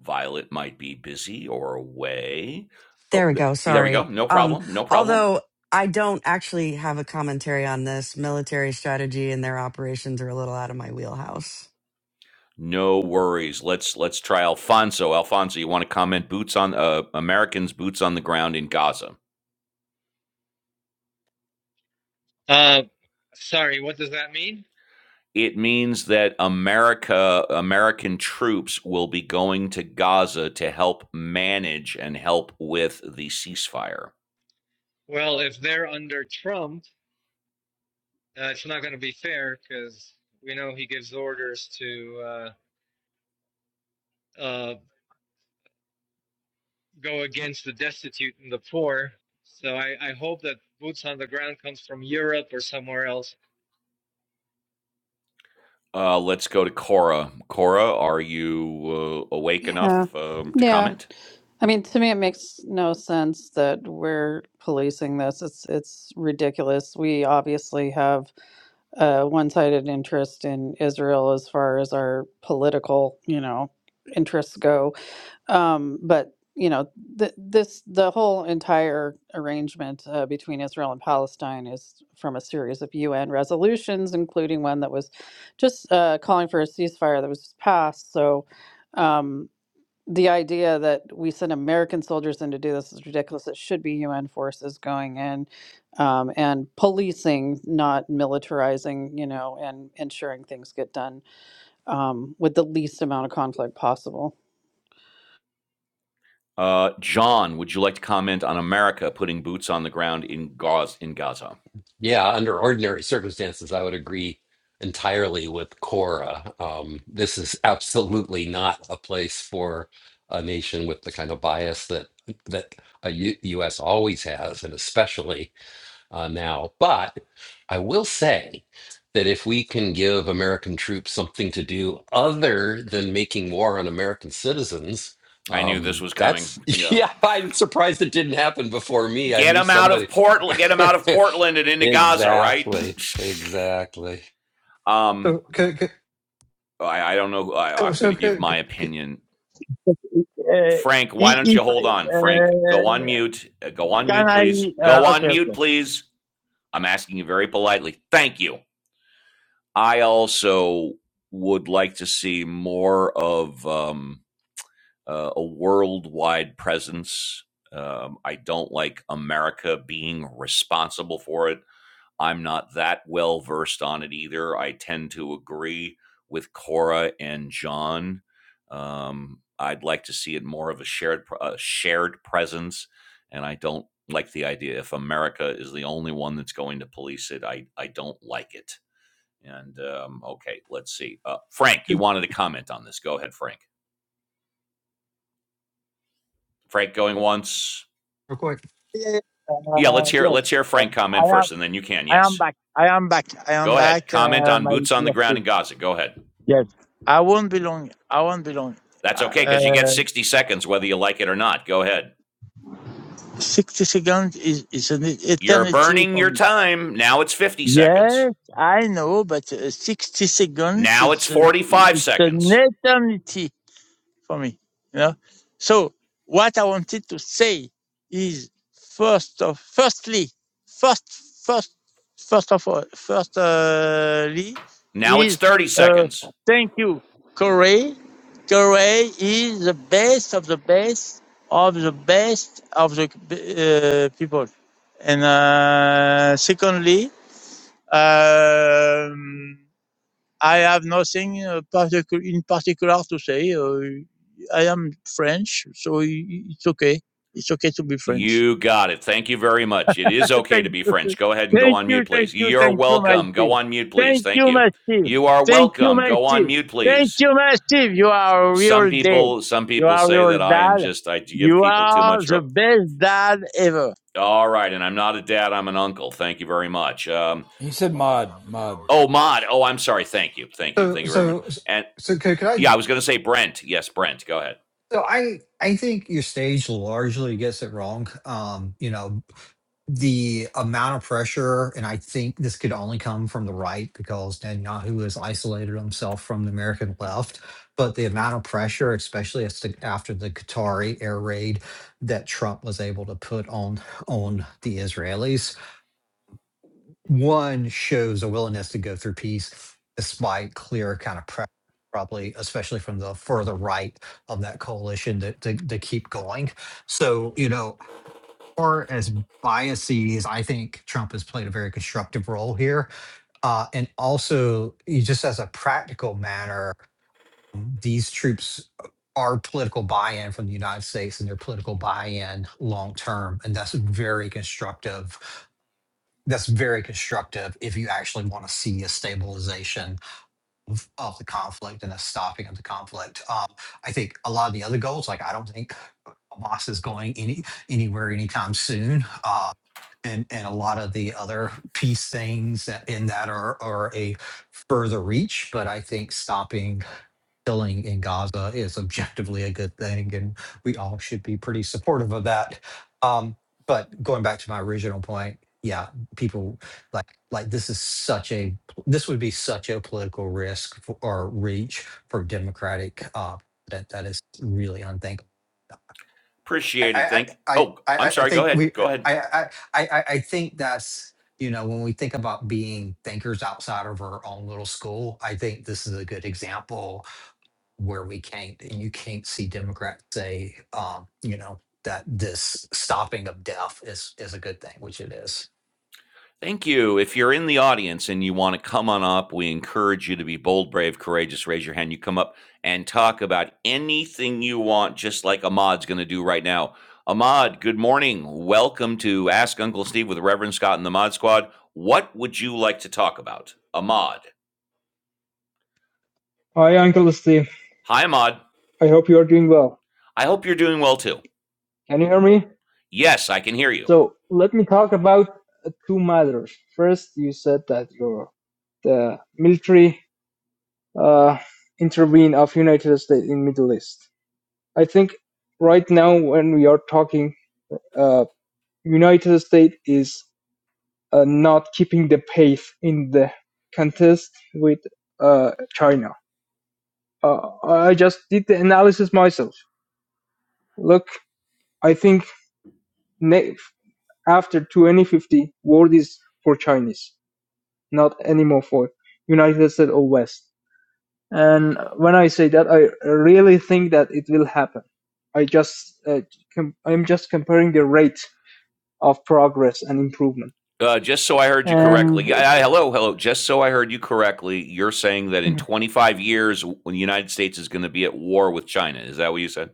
[SPEAKER 1] Violet might be busy or away.
[SPEAKER 5] There
[SPEAKER 1] Oh,
[SPEAKER 5] we go.
[SPEAKER 1] there we go.
[SPEAKER 5] Sorry.
[SPEAKER 1] No
[SPEAKER 5] Um,
[SPEAKER 1] problem. No problem.
[SPEAKER 5] although I don't actually have a commentary on this, military strategy and their operations are a little out of my wheelhouse.
[SPEAKER 1] No worries. Let's let's try Alfonso. Alfonso, you want to comment? Boots on uh, Americans, boots on the ground in Gaza.
[SPEAKER 7] Uh, sorry. What does that mean?
[SPEAKER 1] it means that America, American troops will be going to Gaza to help manage and help with the ceasefire.
[SPEAKER 7] Well, if they're under Trump, uh, it's not going to be fair because we know he gives orders to uh, uh, go against the destitute and the poor. So I, I hope that boots on the ground comes from Europe or somewhere else.
[SPEAKER 1] Uh, let's go to Cora. Cora, are you uh, awake enough
[SPEAKER 8] Yeah.
[SPEAKER 1] um, to
[SPEAKER 8] Yeah.
[SPEAKER 1] comment?
[SPEAKER 8] I mean, to me, it makes no sense that we're policing this. It's it's ridiculous. We obviously have a one-sided interest in Israel as far as our political, you know, interests go. Um, but you know, th this the whole entire arrangement uh, between Israel and Palestine is from a series of UN resolutions, including one that was just uh, calling for a ceasefire that was passed. So. Um, the idea that we send American soldiers in to do this is ridiculous. It should be UN forces going in um, and policing, not militarizing, you know, and ensuring things get done um, with the least amount of conflict possible.
[SPEAKER 1] Uh, John, would you like to comment on America putting boots on the ground in Gaza? In Gaza,
[SPEAKER 14] yeah. Under ordinary circumstances, I would agree entirely with Cora. Um, this is absolutely not a place for a nation with the kind of bias that that a U U.S. always has, and especially. uh, now. But I will say that if we can give American troops something to do other than making war on American citizens,
[SPEAKER 1] I knew this
[SPEAKER 14] um,
[SPEAKER 1] was coming.
[SPEAKER 14] that's
[SPEAKER 1] Yeah,
[SPEAKER 14] yeah. I'm surprised it didn't happen before me. I
[SPEAKER 1] get
[SPEAKER 14] knew
[SPEAKER 1] them out of
[SPEAKER 14] somebody.
[SPEAKER 1] Portland. Get them out of Portland and into Gaza, right?
[SPEAKER 14] exactly. Exactly.
[SPEAKER 1] um,
[SPEAKER 18] So, could, could,
[SPEAKER 1] I, I don't know. I,
[SPEAKER 18] so,
[SPEAKER 1] I'm going
[SPEAKER 18] so
[SPEAKER 1] to give
[SPEAKER 18] could,
[SPEAKER 1] my
[SPEAKER 18] could, could,
[SPEAKER 1] opinion.
[SPEAKER 15] Uh,
[SPEAKER 1] Frank, why
[SPEAKER 15] if,
[SPEAKER 1] don't you
[SPEAKER 15] if,
[SPEAKER 1] hold on? Frank, go on
[SPEAKER 15] uh,
[SPEAKER 1] mute. Uh, Go on
[SPEAKER 15] can
[SPEAKER 1] mute,
[SPEAKER 15] I?
[SPEAKER 1] please. Go
[SPEAKER 15] Uh,
[SPEAKER 1] on
[SPEAKER 15] okay, okay.
[SPEAKER 1] mute, please. I'm asking you very politely. Thank you. I also would like to see more of um, uh, a worldwide presence. Um, I don't like America being responsible for it. I'm not that well versed on it either. I tend to agree with Cora and John. Um, I'd like to see it more of a shared a shared presence, and I don't like the idea if America is the only one that's going to police it. I I don't like it. And um, okay, let's see. Uh, Frank, you
[SPEAKER 18] could-
[SPEAKER 1] wanted to comment on this. Go ahead, Frank. Frank going once.
[SPEAKER 18] real quick.
[SPEAKER 15] Uh,
[SPEAKER 1] Yeah, let's hear
[SPEAKER 15] yes,
[SPEAKER 1] let's hear
[SPEAKER 15] uh,
[SPEAKER 1] Frank
[SPEAKER 15] I
[SPEAKER 1] comment
[SPEAKER 15] am.
[SPEAKER 1] first, and then you can.
[SPEAKER 15] I am
[SPEAKER 1] Yes,
[SPEAKER 15] back. I am back. I am
[SPEAKER 1] go ahead.
[SPEAKER 15] back.
[SPEAKER 1] Comment
[SPEAKER 15] Uh,
[SPEAKER 1] on
[SPEAKER 15] my
[SPEAKER 1] boots on the
[SPEAKER 15] dear
[SPEAKER 1] ground
[SPEAKER 15] friend.
[SPEAKER 1] in Gaza. Go ahead.
[SPEAKER 15] Yes, I won't be long. I won't be long.
[SPEAKER 1] That's okay because you get
[SPEAKER 15] Uh,
[SPEAKER 1] 60 seconds whether you like it or not. Go ahead.
[SPEAKER 15] Sixty seconds is is an
[SPEAKER 1] You're
[SPEAKER 15] eternity
[SPEAKER 1] burning
[SPEAKER 15] for
[SPEAKER 1] your
[SPEAKER 15] me.
[SPEAKER 1] time. Now it's 50 seconds.
[SPEAKER 15] Yes, I know, but uh, sixty seconds
[SPEAKER 1] Now it's
[SPEAKER 15] is uh,
[SPEAKER 1] 45
[SPEAKER 15] an
[SPEAKER 1] seconds.
[SPEAKER 15] eternity. for me. You know. So what I wanted to say is first of firstly, first first first of all, firstly
[SPEAKER 1] Now it's
[SPEAKER 15] is
[SPEAKER 1] 30
[SPEAKER 15] uh,
[SPEAKER 1] seconds.
[SPEAKER 15] thank you, Corey. Corey is the best of the best of the best of the uh, people. And uh, secondly, um, I have nothing uh, particu- in particular to say. Uh, I am French, so it's okay. It's okay to be French.
[SPEAKER 1] You got it. Thank you very much. It is okay to
[SPEAKER 15] Thank
[SPEAKER 1] be
[SPEAKER 15] you.
[SPEAKER 1] French. Go ahead and go
[SPEAKER 15] Thank
[SPEAKER 1] on
[SPEAKER 15] you,
[SPEAKER 1] mute,
[SPEAKER 15] thank
[SPEAKER 1] please.
[SPEAKER 15] you,
[SPEAKER 1] You're
[SPEAKER 15] thank you, my
[SPEAKER 1] welcome. Go
[SPEAKER 15] Steve.
[SPEAKER 1] on mute, please.
[SPEAKER 15] Thank
[SPEAKER 1] Thank
[SPEAKER 15] you,
[SPEAKER 1] you.
[SPEAKER 15] my Steve.
[SPEAKER 1] You are
[SPEAKER 15] Thank you,
[SPEAKER 1] welcome.
[SPEAKER 15] my
[SPEAKER 1] Go on
[SPEAKER 15] Steve.
[SPEAKER 1] mute,
[SPEAKER 15] Thank
[SPEAKER 1] please.
[SPEAKER 15] you, my Steve. You are a
[SPEAKER 1] Some
[SPEAKER 15] real dad.
[SPEAKER 1] people, some
[SPEAKER 15] You
[SPEAKER 1] people
[SPEAKER 15] are a
[SPEAKER 1] say
[SPEAKER 15] real
[SPEAKER 1] that I am
[SPEAKER 15] dad.
[SPEAKER 1] just I give
[SPEAKER 15] You
[SPEAKER 1] people too
[SPEAKER 15] are
[SPEAKER 1] much rope.
[SPEAKER 15] the best dad ever.
[SPEAKER 1] All right, and I'm not a dad, I'm an uncle. Thank you very much. Um,
[SPEAKER 4] He said, Mod, Mod.
[SPEAKER 1] oh, Mod. Oh, I'm sorry. Thank you. Thank you.
[SPEAKER 18] So,
[SPEAKER 1] Thank you very much.
[SPEAKER 18] so,
[SPEAKER 1] And
[SPEAKER 18] so could, could
[SPEAKER 1] yeah,
[SPEAKER 18] I?
[SPEAKER 1] I was going to say Brent. Yes, Brent. Go ahead.
[SPEAKER 18] So, I, I think your stage largely gets it wrong. Um, you know, the amount of pressure, and I think this could only come from the right because Netanyahu has isolated himself from the American left. But the amount of pressure, especially as to, after the Qatari air raid that Trump was able to put on on the Israelis, one shows a willingness to go through peace despite clear kind of pressure. Probably, especially from the further right of that coalition, to, to, to keep going. So, you know, far as biases, I think Trump has played a very constructive role here. Uh, and also, you- just as a practical matter, these troops are political buy in from the United States and their political buy in long term. And that's very constructive. That's very constructive if you actually want to see a stabilization of the conflict and a stopping of the conflict. Um, I think a lot of the other goals, like I don't think Hamas is going any anywhere anytime soon. Uh, and and a lot of the other peace things that in that are are a further reach but i think stopping killing in gaza is objectively a good thing and we all should be pretty supportive of that um but going back to my original point yeah people like like this is such a this would be such a political risk for, or reach for democratic uh that that is really unthinkable I,
[SPEAKER 1] Appreciate it.
[SPEAKER 18] I,
[SPEAKER 1] Thank.
[SPEAKER 18] I,
[SPEAKER 1] Oh, I'm
[SPEAKER 18] I I
[SPEAKER 1] sorry. Go
[SPEAKER 18] think
[SPEAKER 1] ahead.
[SPEAKER 18] we,
[SPEAKER 1] Go ahead.
[SPEAKER 18] I, I, I, I I think that's, you know, when we think about being thinkers outside of our own little school, I think this is a good example where we can't, you can't see Democrats say, um, you know, that this stopping of death is, is a good thing, which it is.
[SPEAKER 1] Thank you. If you're in the audience and you want to come on up, we encourage you to be bold, brave, courageous. Raise your hand. You come up and talk about anything you want, just like Ahmad's going to do right now. Ahmad, good morning. Welcome to Ask Uncle Steve with Reverend Scott and the Mod Squad. What would you like to talk about? Ahmad.
[SPEAKER 21] Hi, Uncle Steve.
[SPEAKER 1] Hi, Ahmad.
[SPEAKER 21] I hope you are doing well.
[SPEAKER 1] I hope you're doing well too.
[SPEAKER 21] Can you hear me?
[SPEAKER 1] Yes, I can hear you.
[SPEAKER 21] So let me talk about uh, two matters. First, you said that your the military uh, intervene of United States in Middle East. I think right now when we are talking, uh, United States is uh, not keeping the pace in the contest with uh, China. Uh, I just did the analysis myself. Look, I think ne- After twenty-fifty, word is for Chinese, not anymore for United States or West. And when I say that, I really think that it will happen. I just, uh, com- I'm just comparing the rate of progress and improvement.
[SPEAKER 1] Uh, just so I heard you correctly.
[SPEAKER 21] And
[SPEAKER 1] Yeah, I- hello, hello. Just so I heard you correctly, you're saying that in
[SPEAKER 21] Mhm.
[SPEAKER 1] 25 years, when the United States is going to be at war with China. Is that what you said?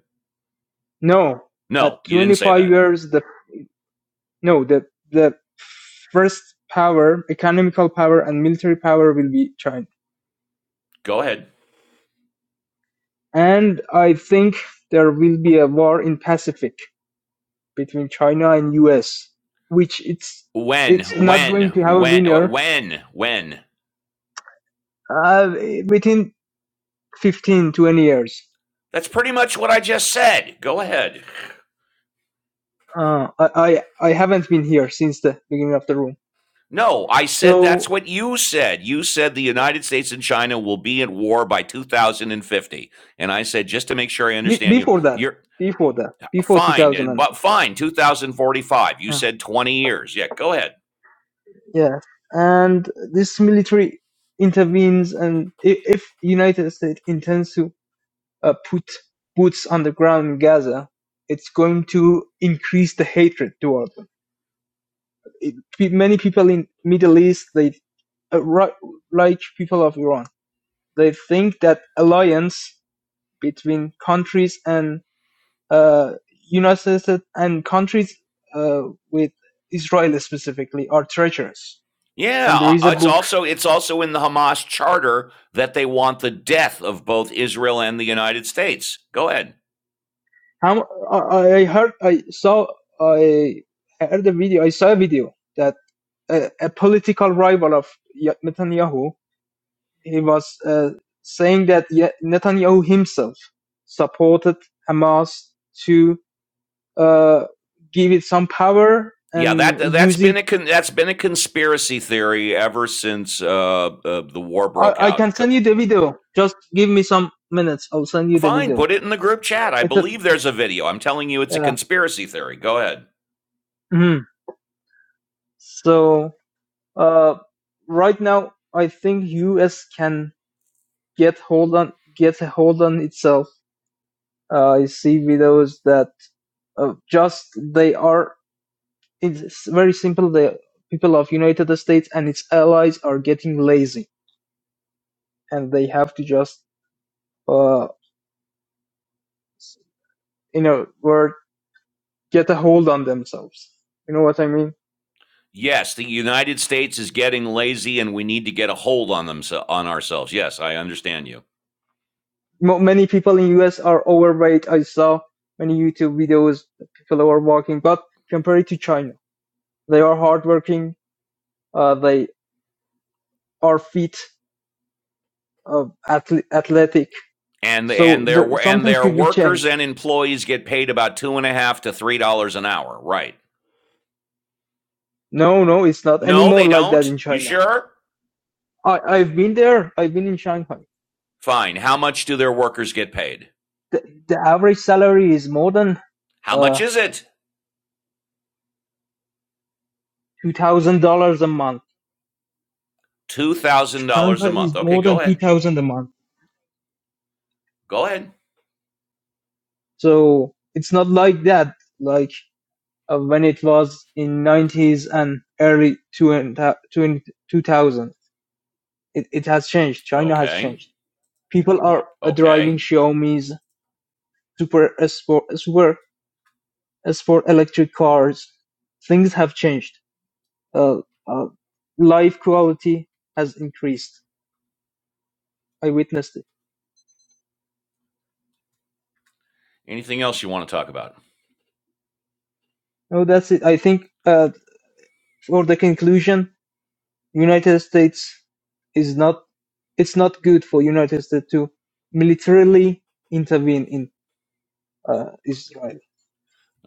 [SPEAKER 21] no,
[SPEAKER 1] No,
[SPEAKER 21] at
[SPEAKER 1] you didn't say
[SPEAKER 21] 25
[SPEAKER 1] that.
[SPEAKER 21] years, the no, the the first power, economical power, and military power will be China.
[SPEAKER 1] Go ahead.
[SPEAKER 21] And I think there will be a war in Pacific between China and US, which it's
[SPEAKER 1] When,
[SPEAKER 21] it's not
[SPEAKER 1] when,
[SPEAKER 21] going to have a
[SPEAKER 1] when, uh,
[SPEAKER 21] winner
[SPEAKER 1] when, when?
[SPEAKER 21] uh, within 15 20 years.
[SPEAKER 1] That's pretty much what I just said. Go ahead.
[SPEAKER 21] Uh, I, I I haven't been here since the beginning of the room.
[SPEAKER 1] No, I said that's
[SPEAKER 21] So
[SPEAKER 1] what you said. You said the United States and China will be at war by 2050. And I said, just to make sure I
[SPEAKER 21] be,
[SPEAKER 1] understand you,
[SPEAKER 21] before that,
[SPEAKER 1] you're
[SPEAKER 21] before that,
[SPEAKER 1] A
[SPEAKER 21] before
[SPEAKER 1] fine, uh, but
[SPEAKER 21] 2015.
[SPEAKER 1] fine, 2045. You
[SPEAKER 21] Uh,
[SPEAKER 1] said 20 years. Yeah, go ahead.
[SPEAKER 21] yeah, and this military intervenes, and if, if United States intends to uh, put boots on the ground in Gaza, it's going to increase the hatred toward them it, many people in Middle East, they uh, ri- like people of Iran, they think that alliance between countries and uh, United States and countries uh, with Israel specifically are treacherous.
[SPEAKER 1] Yeah,
[SPEAKER 21] And there is
[SPEAKER 1] uh,
[SPEAKER 21] a
[SPEAKER 1] it's
[SPEAKER 21] book.
[SPEAKER 1] also it's also in the Hamas charter that they want the death of both Israel and the United States. Go ahead.
[SPEAKER 21] How I, heard, I saw, I heard a video. I saw a video that a, a political rival of Netanyahu he was uh, saying that Netanyahu himself supported Hamas to uh, give it some power
[SPEAKER 1] Yeah, that
[SPEAKER 21] and
[SPEAKER 1] that's
[SPEAKER 21] use
[SPEAKER 1] been
[SPEAKER 21] it.
[SPEAKER 1] a con- that's been a conspiracy theory ever since uh, uh, the war
[SPEAKER 21] I,
[SPEAKER 1] broke
[SPEAKER 21] I
[SPEAKER 1] out.
[SPEAKER 21] can send you the video. Just give me some minutes. I'll send you the
[SPEAKER 1] Fine,
[SPEAKER 21] video.
[SPEAKER 1] put it in the group chat. I
[SPEAKER 21] It's a,
[SPEAKER 1] believe there's a video. I'm telling you, it's a
[SPEAKER 21] yeah.
[SPEAKER 1] conspiracy theory. Go ahead.
[SPEAKER 21] Mhm. So uh, right now, I think US can get hold on get a hold on itself. Uh, I see videos that uh, just they are It's very simple. The people of United States and its allies are getting lazy, and they have to just, uh, you know, word get a hold on themselves. You know what I mean?
[SPEAKER 1] Yes, the United States is getting lazy and we need to get a hold on them so, on ourselves. Yes, I understand you.
[SPEAKER 21] Mo many people in US are overweight. I saw many YouTube videos. that People are walking, but compared to China, they are hardworking. Uh, they are fit, uh, athle- athletic.
[SPEAKER 1] And
[SPEAKER 21] So
[SPEAKER 1] and their
[SPEAKER 21] there,
[SPEAKER 1] wo- and
[SPEAKER 21] something
[SPEAKER 1] their
[SPEAKER 21] should be changed.
[SPEAKER 1] workers and employees get paid about two and a half to three dollars an hour, right?
[SPEAKER 21] No, no, it's not
[SPEAKER 1] No,
[SPEAKER 21] anymore
[SPEAKER 1] they
[SPEAKER 21] like that
[SPEAKER 1] don't.
[SPEAKER 21] in
[SPEAKER 1] You
[SPEAKER 21] China.
[SPEAKER 1] sure?
[SPEAKER 21] I, I've been there. I've been in Shanghai.
[SPEAKER 1] Fine. How much do their workers get paid?
[SPEAKER 21] the, the average salary is more than
[SPEAKER 1] How much
[SPEAKER 21] uh
[SPEAKER 1] is it?
[SPEAKER 21] two thousand dollars a month.
[SPEAKER 1] Two thousand dollars
[SPEAKER 21] Shanghai
[SPEAKER 1] a month.
[SPEAKER 21] is
[SPEAKER 1] Okay,
[SPEAKER 21] more
[SPEAKER 1] go
[SPEAKER 21] than two
[SPEAKER 1] ahead.
[SPEAKER 21] thousand a month.
[SPEAKER 1] Go ahead.
[SPEAKER 21] So it's not like that. Like uh, when it was in nineties and early two and uh, two thousand, it it has changed. China has
[SPEAKER 1] Okay.
[SPEAKER 21] changed. People are uh, driving
[SPEAKER 1] Okay.
[SPEAKER 21] Xiaomi's super sport super sport electric cars. Things have changed. Uh, uh, life quality has increased. I witnessed it.
[SPEAKER 1] Anything else you want to talk about?
[SPEAKER 21] No, that's it. I think uh, for the conclusion, United States is not. It's not good for United States to militarily intervene in uh, Israel.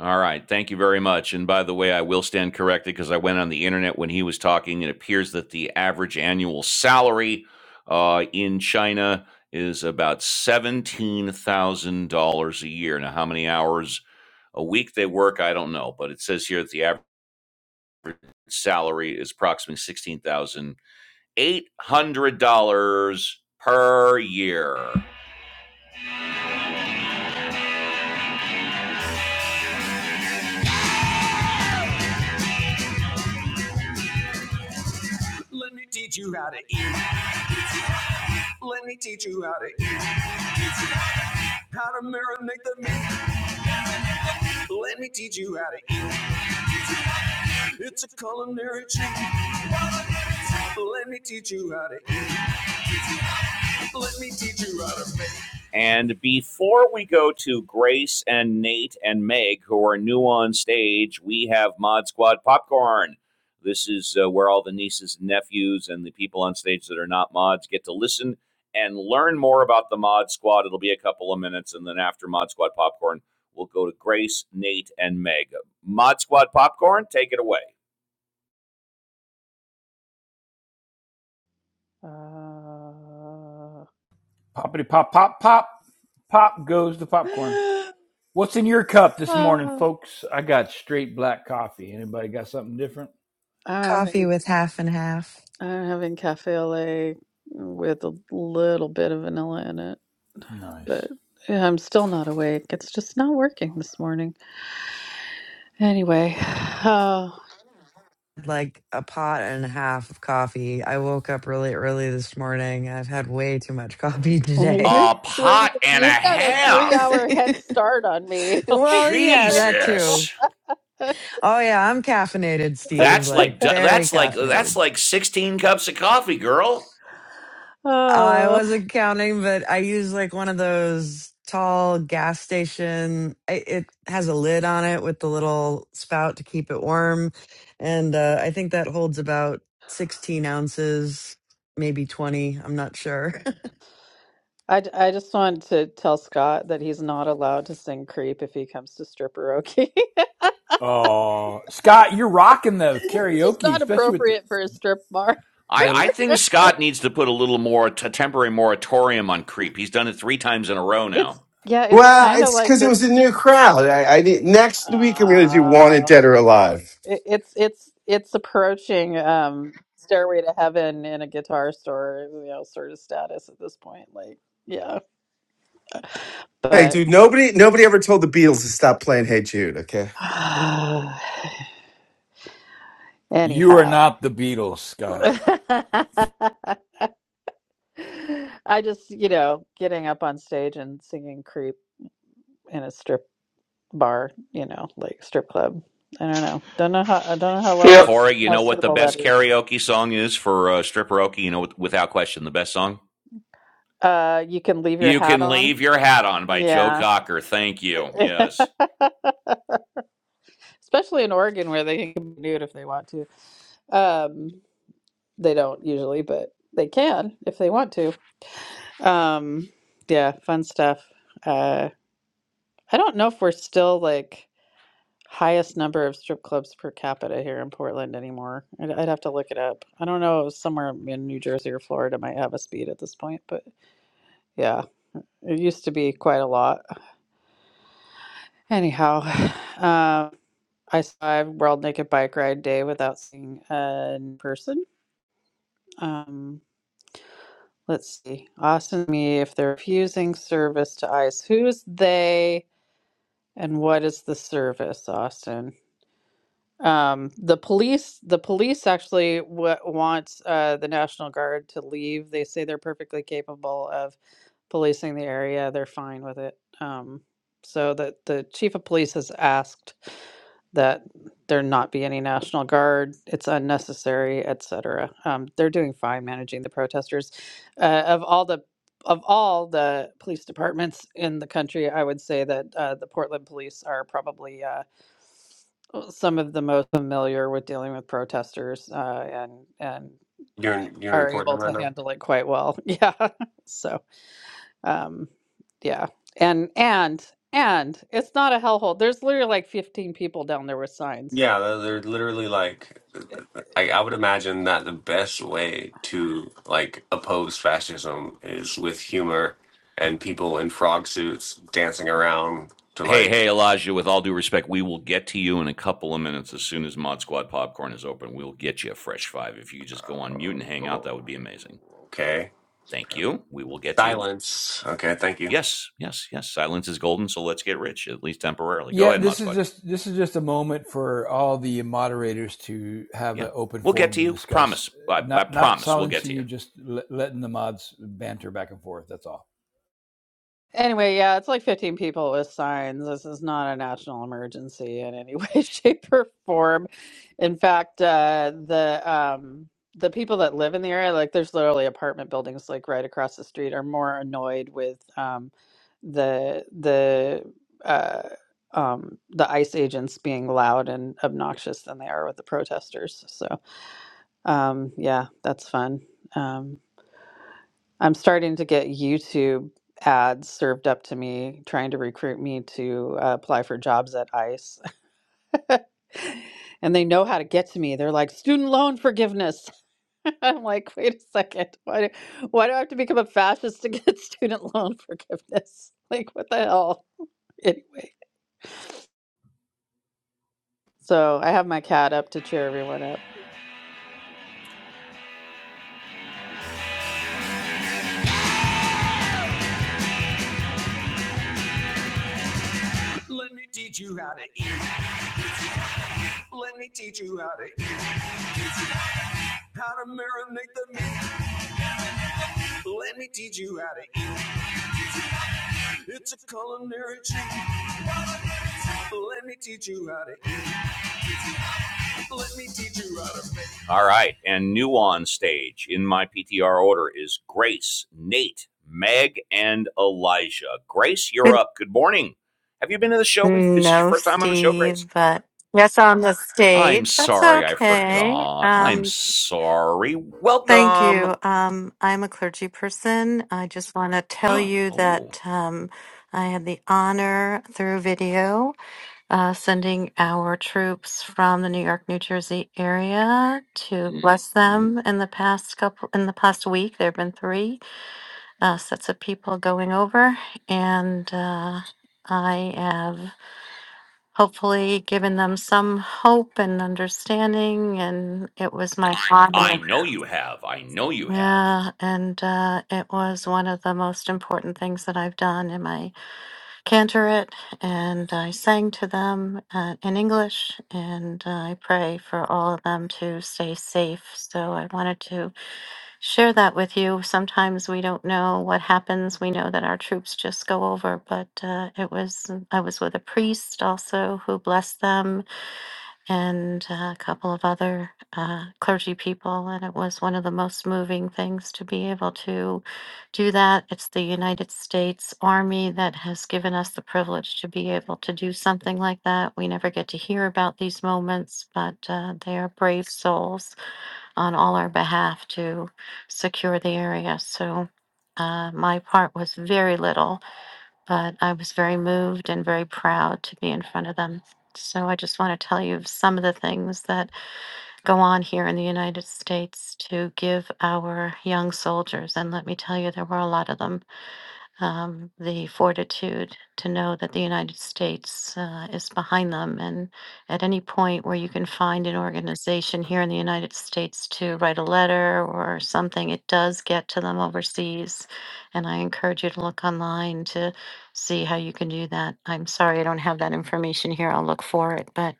[SPEAKER 1] All right. Thank you very much. And by the way, I will stand corrected because I went on the internet when he was talking. It appears that the average annual salary uh, in China is about $17,000 a year. Now, how many hours a week they work, I don't know. But it says here that the average salary is approximately $16,800 per year. Let me teach you how to eat. Let me teach you how to eat. How to marinate the meat. Let me teach you how to eat. It's a culinary treat. Let me teach you how to eat. Let me teach you how to make. And before we go to Grace and Nate and Meg, who are new on stage, we have Mod Squad Popcorn. This is uh, where all the nieces and nephews and the people on stage that are not mods get to listen and learn more about the Mod Squad. It'll be a couple of minutes, and then after Mod Squad Popcorn, we'll go to Grace, Nate, and Meg. Mod Squad Popcorn, take it away.
[SPEAKER 8] Uh,
[SPEAKER 4] Poppity pop, pop, pop, pop goes the popcorn. What's in your cup this morning,
[SPEAKER 8] uh,
[SPEAKER 4] folks? I got straight black coffee. Anybody got something different?
[SPEAKER 8] I'm
[SPEAKER 5] Coffee
[SPEAKER 8] having
[SPEAKER 5] with half and half.
[SPEAKER 8] I'm having cafe au lait with a little bit of vanilla in it, but
[SPEAKER 4] Nice.
[SPEAKER 8] I'm still not awake. It's just not working this morning. Anyway, uh,
[SPEAKER 5] Like a pot and a half of coffee. I woke up really early this morning. I've had way too much coffee
[SPEAKER 8] Well,
[SPEAKER 5] today.
[SPEAKER 8] you're
[SPEAKER 1] A
[SPEAKER 8] three.
[SPEAKER 1] pot and a
[SPEAKER 8] You've got a
[SPEAKER 1] half.
[SPEAKER 8] three-hour head start on me. Like,
[SPEAKER 5] well, yeah,
[SPEAKER 8] it
[SPEAKER 5] that too.
[SPEAKER 1] Jesus.
[SPEAKER 8] was-
[SPEAKER 5] Oh, yeah, I'm caffeinated, Steve,
[SPEAKER 1] That's like
[SPEAKER 5] like very
[SPEAKER 1] that's like
[SPEAKER 5] caffeinated.
[SPEAKER 1] that's like 16 cups of coffee, girl.
[SPEAKER 5] I
[SPEAKER 8] oh,
[SPEAKER 5] wasn't counting, but I use like one of those tall gas station. It, it has a lid on it with the little spout to keep it warm, and uh, I think that holds about sixteen ounces, maybe twenty. I'm not sure.
[SPEAKER 8] I, j- I just want to tell Scott that he's not allowed to sing "Creep" if he comes to stripperoke.
[SPEAKER 4] Oh, uh, Scott, you're rocking the
[SPEAKER 8] it's just
[SPEAKER 4] karaoke,
[SPEAKER 8] not
[SPEAKER 4] especially with the,
[SPEAKER 8] appropriate for a strip bar.
[SPEAKER 1] I,
[SPEAKER 4] the
[SPEAKER 1] I think Scott needs to put a little more t- temporary moratorium on creep. He's done it three times in a row
[SPEAKER 8] It's
[SPEAKER 1] now.
[SPEAKER 8] yeah, it's
[SPEAKER 2] Well,
[SPEAKER 8] kind of
[SPEAKER 2] it's
[SPEAKER 8] like
[SPEAKER 2] because it
[SPEAKER 8] the.
[SPEAKER 2] was a new crowd. I, I did, next week I'm going to do Wanted
[SPEAKER 8] Uh,
[SPEAKER 2] Dead or Alive.
[SPEAKER 8] it, it's it's it's approaching um Stairway to Heaven in a guitar store, you know, sort of status at this point. Like, yeah,
[SPEAKER 2] Hey,
[SPEAKER 8] but.
[SPEAKER 2] dude, nobody nobody ever told the Beatles to stop playing Hey Jude. Okay,
[SPEAKER 4] You are
[SPEAKER 8] Anyhow,
[SPEAKER 4] not the Beatles, Scott.
[SPEAKER 8] I just, you know, getting up on stage and singing "Creep" in a strip bar, you know, like strip club. I don't know. Don't know how. I don't know how well
[SPEAKER 22] feel
[SPEAKER 8] that's
[SPEAKER 1] Corey, you
[SPEAKER 8] how
[SPEAKER 1] know what the
[SPEAKER 8] suitable that
[SPEAKER 1] best
[SPEAKER 8] is.
[SPEAKER 1] karaoke song is for uh, stripperoke? You know, without question, the best song.
[SPEAKER 8] Uh, you can leave your
[SPEAKER 1] You
[SPEAKER 8] hat
[SPEAKER 1] can
[SPEAKER 8] on.
[SPEAKER 1] leave your hat on by Joe
[SPEAKER 8] Yeah.
[SPEAKER 1] Cocker. Thank you. Yes.
[SPEAKER 8] Especially in Oregon, where they can be nude if they want to. Um, they don't usually, but they can if they want to. Um, yeah, fun stuff. Uh, I don't know if we're still like highest number of strip clubs per capita here in Portland anymore. I'd, I'd have to look it up. I don't know, It was somewhere in New Jersey or Florida might have us beat at this point, but yeah, it used to be quite a lot. Anyhow, um, I saw a World Naked Bike Ride Day without seeing a person. Um, let's see. Austin, me, if they're refusing service to ICE, who's they and what is the service, Austin? Um, the police, the police actually w- wants uh, the National Guard to leave. They say they're perfectly capable of policing the area. They're fine with it. Um, so the the chief of police has asked that there not be any National Guard. It's unnecessary, etc. Um, they're doing fine managing the protesters. Uh, of all the of all the police departments in the country, I would say that uh, the Portland police are probably uh, some of the most familiar with dealing with protesters uh, and and
[SPEAKER 23] You're in, you're in
[SPEAKER 8] are able
[SPEAKER 23] Portland right
[SPEAKER 8] to
[SPEAKER 23] now?
[SPEAKER 8] handle it quite well. Yeah. So, um, yeah, and and and it's not a hellhole. There's literally like 15 people down there with signs.
[SPEAKER 23] Yeah, they're, they're literally like,
[SPEAKER 8] It-
[SPEAKER 23] I,
[SPEAKER 8] it-
[SPEAKER 23] I would imagine that the best way to like oppose fascism is with humor and people in frog suits dancing around to
[SPEAKER 1] Hey,
[SPEAKER 23] like,
[SPEAKER 1] hey, Elijah. With all due respect, we will get to you in a couple of minutes as soon as Mod Squad popcorn is open. We'll get you a fresh five. If you could just go on mute and hang out, that would be amazing.
[SPEAKER 23] okay,
[SPEAKER 1] Thank you. We will get to you.
[SPEAKER 23] silence. Okay, thank you.
[SPEAKER 1] Yes, yes, yes. Silence is golden, so let's get rich, at least temporarily. Go
[SPEAKER 4] Yeah,
[SPEAKER 1] ahead, Mod
[SPEAKER 4] this is
[SPEAKER 1] Squad.
[SPEAKER 4] just this is just a moment for all the moderators to have
[SPEAKER 1] Yeah,
[SPEAKER 4] an open
[SPEAKER 1] we'll get
[SPEAKER 4] forum
[SPEAKER 1] to
[SPEAKER 4] to
[SPEAKER 1] you.
[SPEAKER 4] discuss.
[SPEAKER 1] Promise. I, I
[SPEAKER 4] Not not
[SPEAKER 1] promise we'll get
[SPEAKER 4] silencing
[SPEAKER 1] to you.
[SPEAKER 4] you, just le- letting the mods banter back and forth. That's all.
[SPEAKER 8] Anyway, yeah, it's like 15 people with signs. This is not a national emergency in any way, shape, or form. In fact, uh, the um, the people that live in the area, like there's literally apartment buildings like right across the street, are more annoyed with um, the the uh, um, the ICE agents being loud and obnoxious than they are with the protesters. So um, yeah, that's fun. Um, I'm starting to get YouTube ads served up to me trying to recruit me to uh, apply for jobs at ICE. and they know how to get to me. They're like, student loan forgiveness. I'm like, wait a second. Why do, why do I have to become a fascist to get student loan forgiveness? Like, what the hell? Anyway, so I have my cat up to cheer everyone up.
[SPEAKER 1] Let me teach you how to eat. Let me teach you how to eat. How to marinate the meat. Let me teach you how to eat. It's a culinary treat. Let me teach you how to eat. Let me teach you how to make. All right. And new on stage in my PTR order is Grace, Nate, Meg, and Elijah. Grace, you're
[SPEAKER 24] Good-
[SPEAKER 1] up. Good morning. Have you been to the show before? Is this your
[SPEAKER 24] No,
[SPEAKER 1] first time on the show, Grace?
[SPEAKER 24] Steve, but yes, on the
[SPEAKER 1] I'm
[SPEAKER 24] stage. That's
[SPEAKER 1] sorry, I
[SPEAKER 24] okay.
[SPEAKER 1] forgot. I'm
[SPEAKER 24] Um,
[SPEAKER 1] sorry.
[SPEAKER 24] thank
[SPEAKER 1] Welcome.
[SPEAKER 24] you. Um, I'm a clergy person. I just want to tell you
[SPEAKER 1] oh,
[SPEAKER 24] that um, I had the honor through video uh, sending our troops from the New York, New Jersey area to Mm. bless
[SPEAKER 1] hmm.
[SPEAKER 24] them in the past couple in the past week. There have been three uh, sets of people going over, and uh, I have. hopefully given them some hope and understanding. And it was my
[SPEAKER 1] I
[SPEAKER 24] honor.
[SPEAKER 1] know you have. I know you have.
[SPEAKER 24] Yeah, and uh, it was one of the most important things that I've done in my cantorate. And I sang to them uh, in English, and uh, I pray for all of them to stay safe. So I wanted to share that with you. Sometimes we don't know what happens. We know that our troops just go over, but uh, it was I was with a priest also who blessed them and uh, a couple of other uh, clergy people. And it was one of the most moving things to be able to do that. It's the United States Army that has given us the privilege to be able to do something like that. We never get to hear about these moments, but uh, they are brave souls on all our behalf to secure the area. So uh, my part was very little but I was very moved and very proud to be in front of them. So I just want to tell you of some of the things that go on here in the United States to give our young soldiers. And let me tell you, there were a lot of them um, the fortitude to know that the United States uh, is behind them. And at any point where you can find an organization here in the United States to write a letter or something, it does get to them overseas. And I encourage you to look online to see how you can do that. I'm sorry I don't have that information here. I'll look for it, but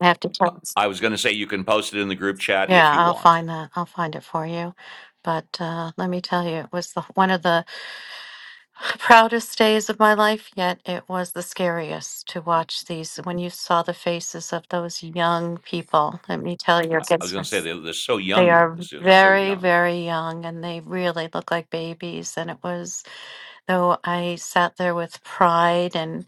[SPEAKER 24] I have to tell.
[SPEAKER 1] I was going to say you can post it in the group chat
[SPEAKER 24] Yeah,
[SPEAKER 1] if you
[SPEAKER 24] I'll
[SPEAKER 1] want.
[SPEAKER 24] find that. I'll find it for you. But uh, let me tell you, it was the, one of the the proudest days of my life, yet it was the scariest to watch these. When you saw the faces of those young people, let me tell you,
[SPEAKER 1] I
[SPEAKER 24] it
[SPEAKER 1] was
[SPEAKER 24] gets-
[SPEAKER 1] going to say they're, they're so
[SPEAKER 24] they
[SPEAKER 1] young.
[SPEAKER 24] are
[SPEAKER 1] This is so
[SPEAKER 24] very,
[SPEAKER 1] young.
[SPEAKER 24] very young and they really look like babies. And it was, though I sat there with pride and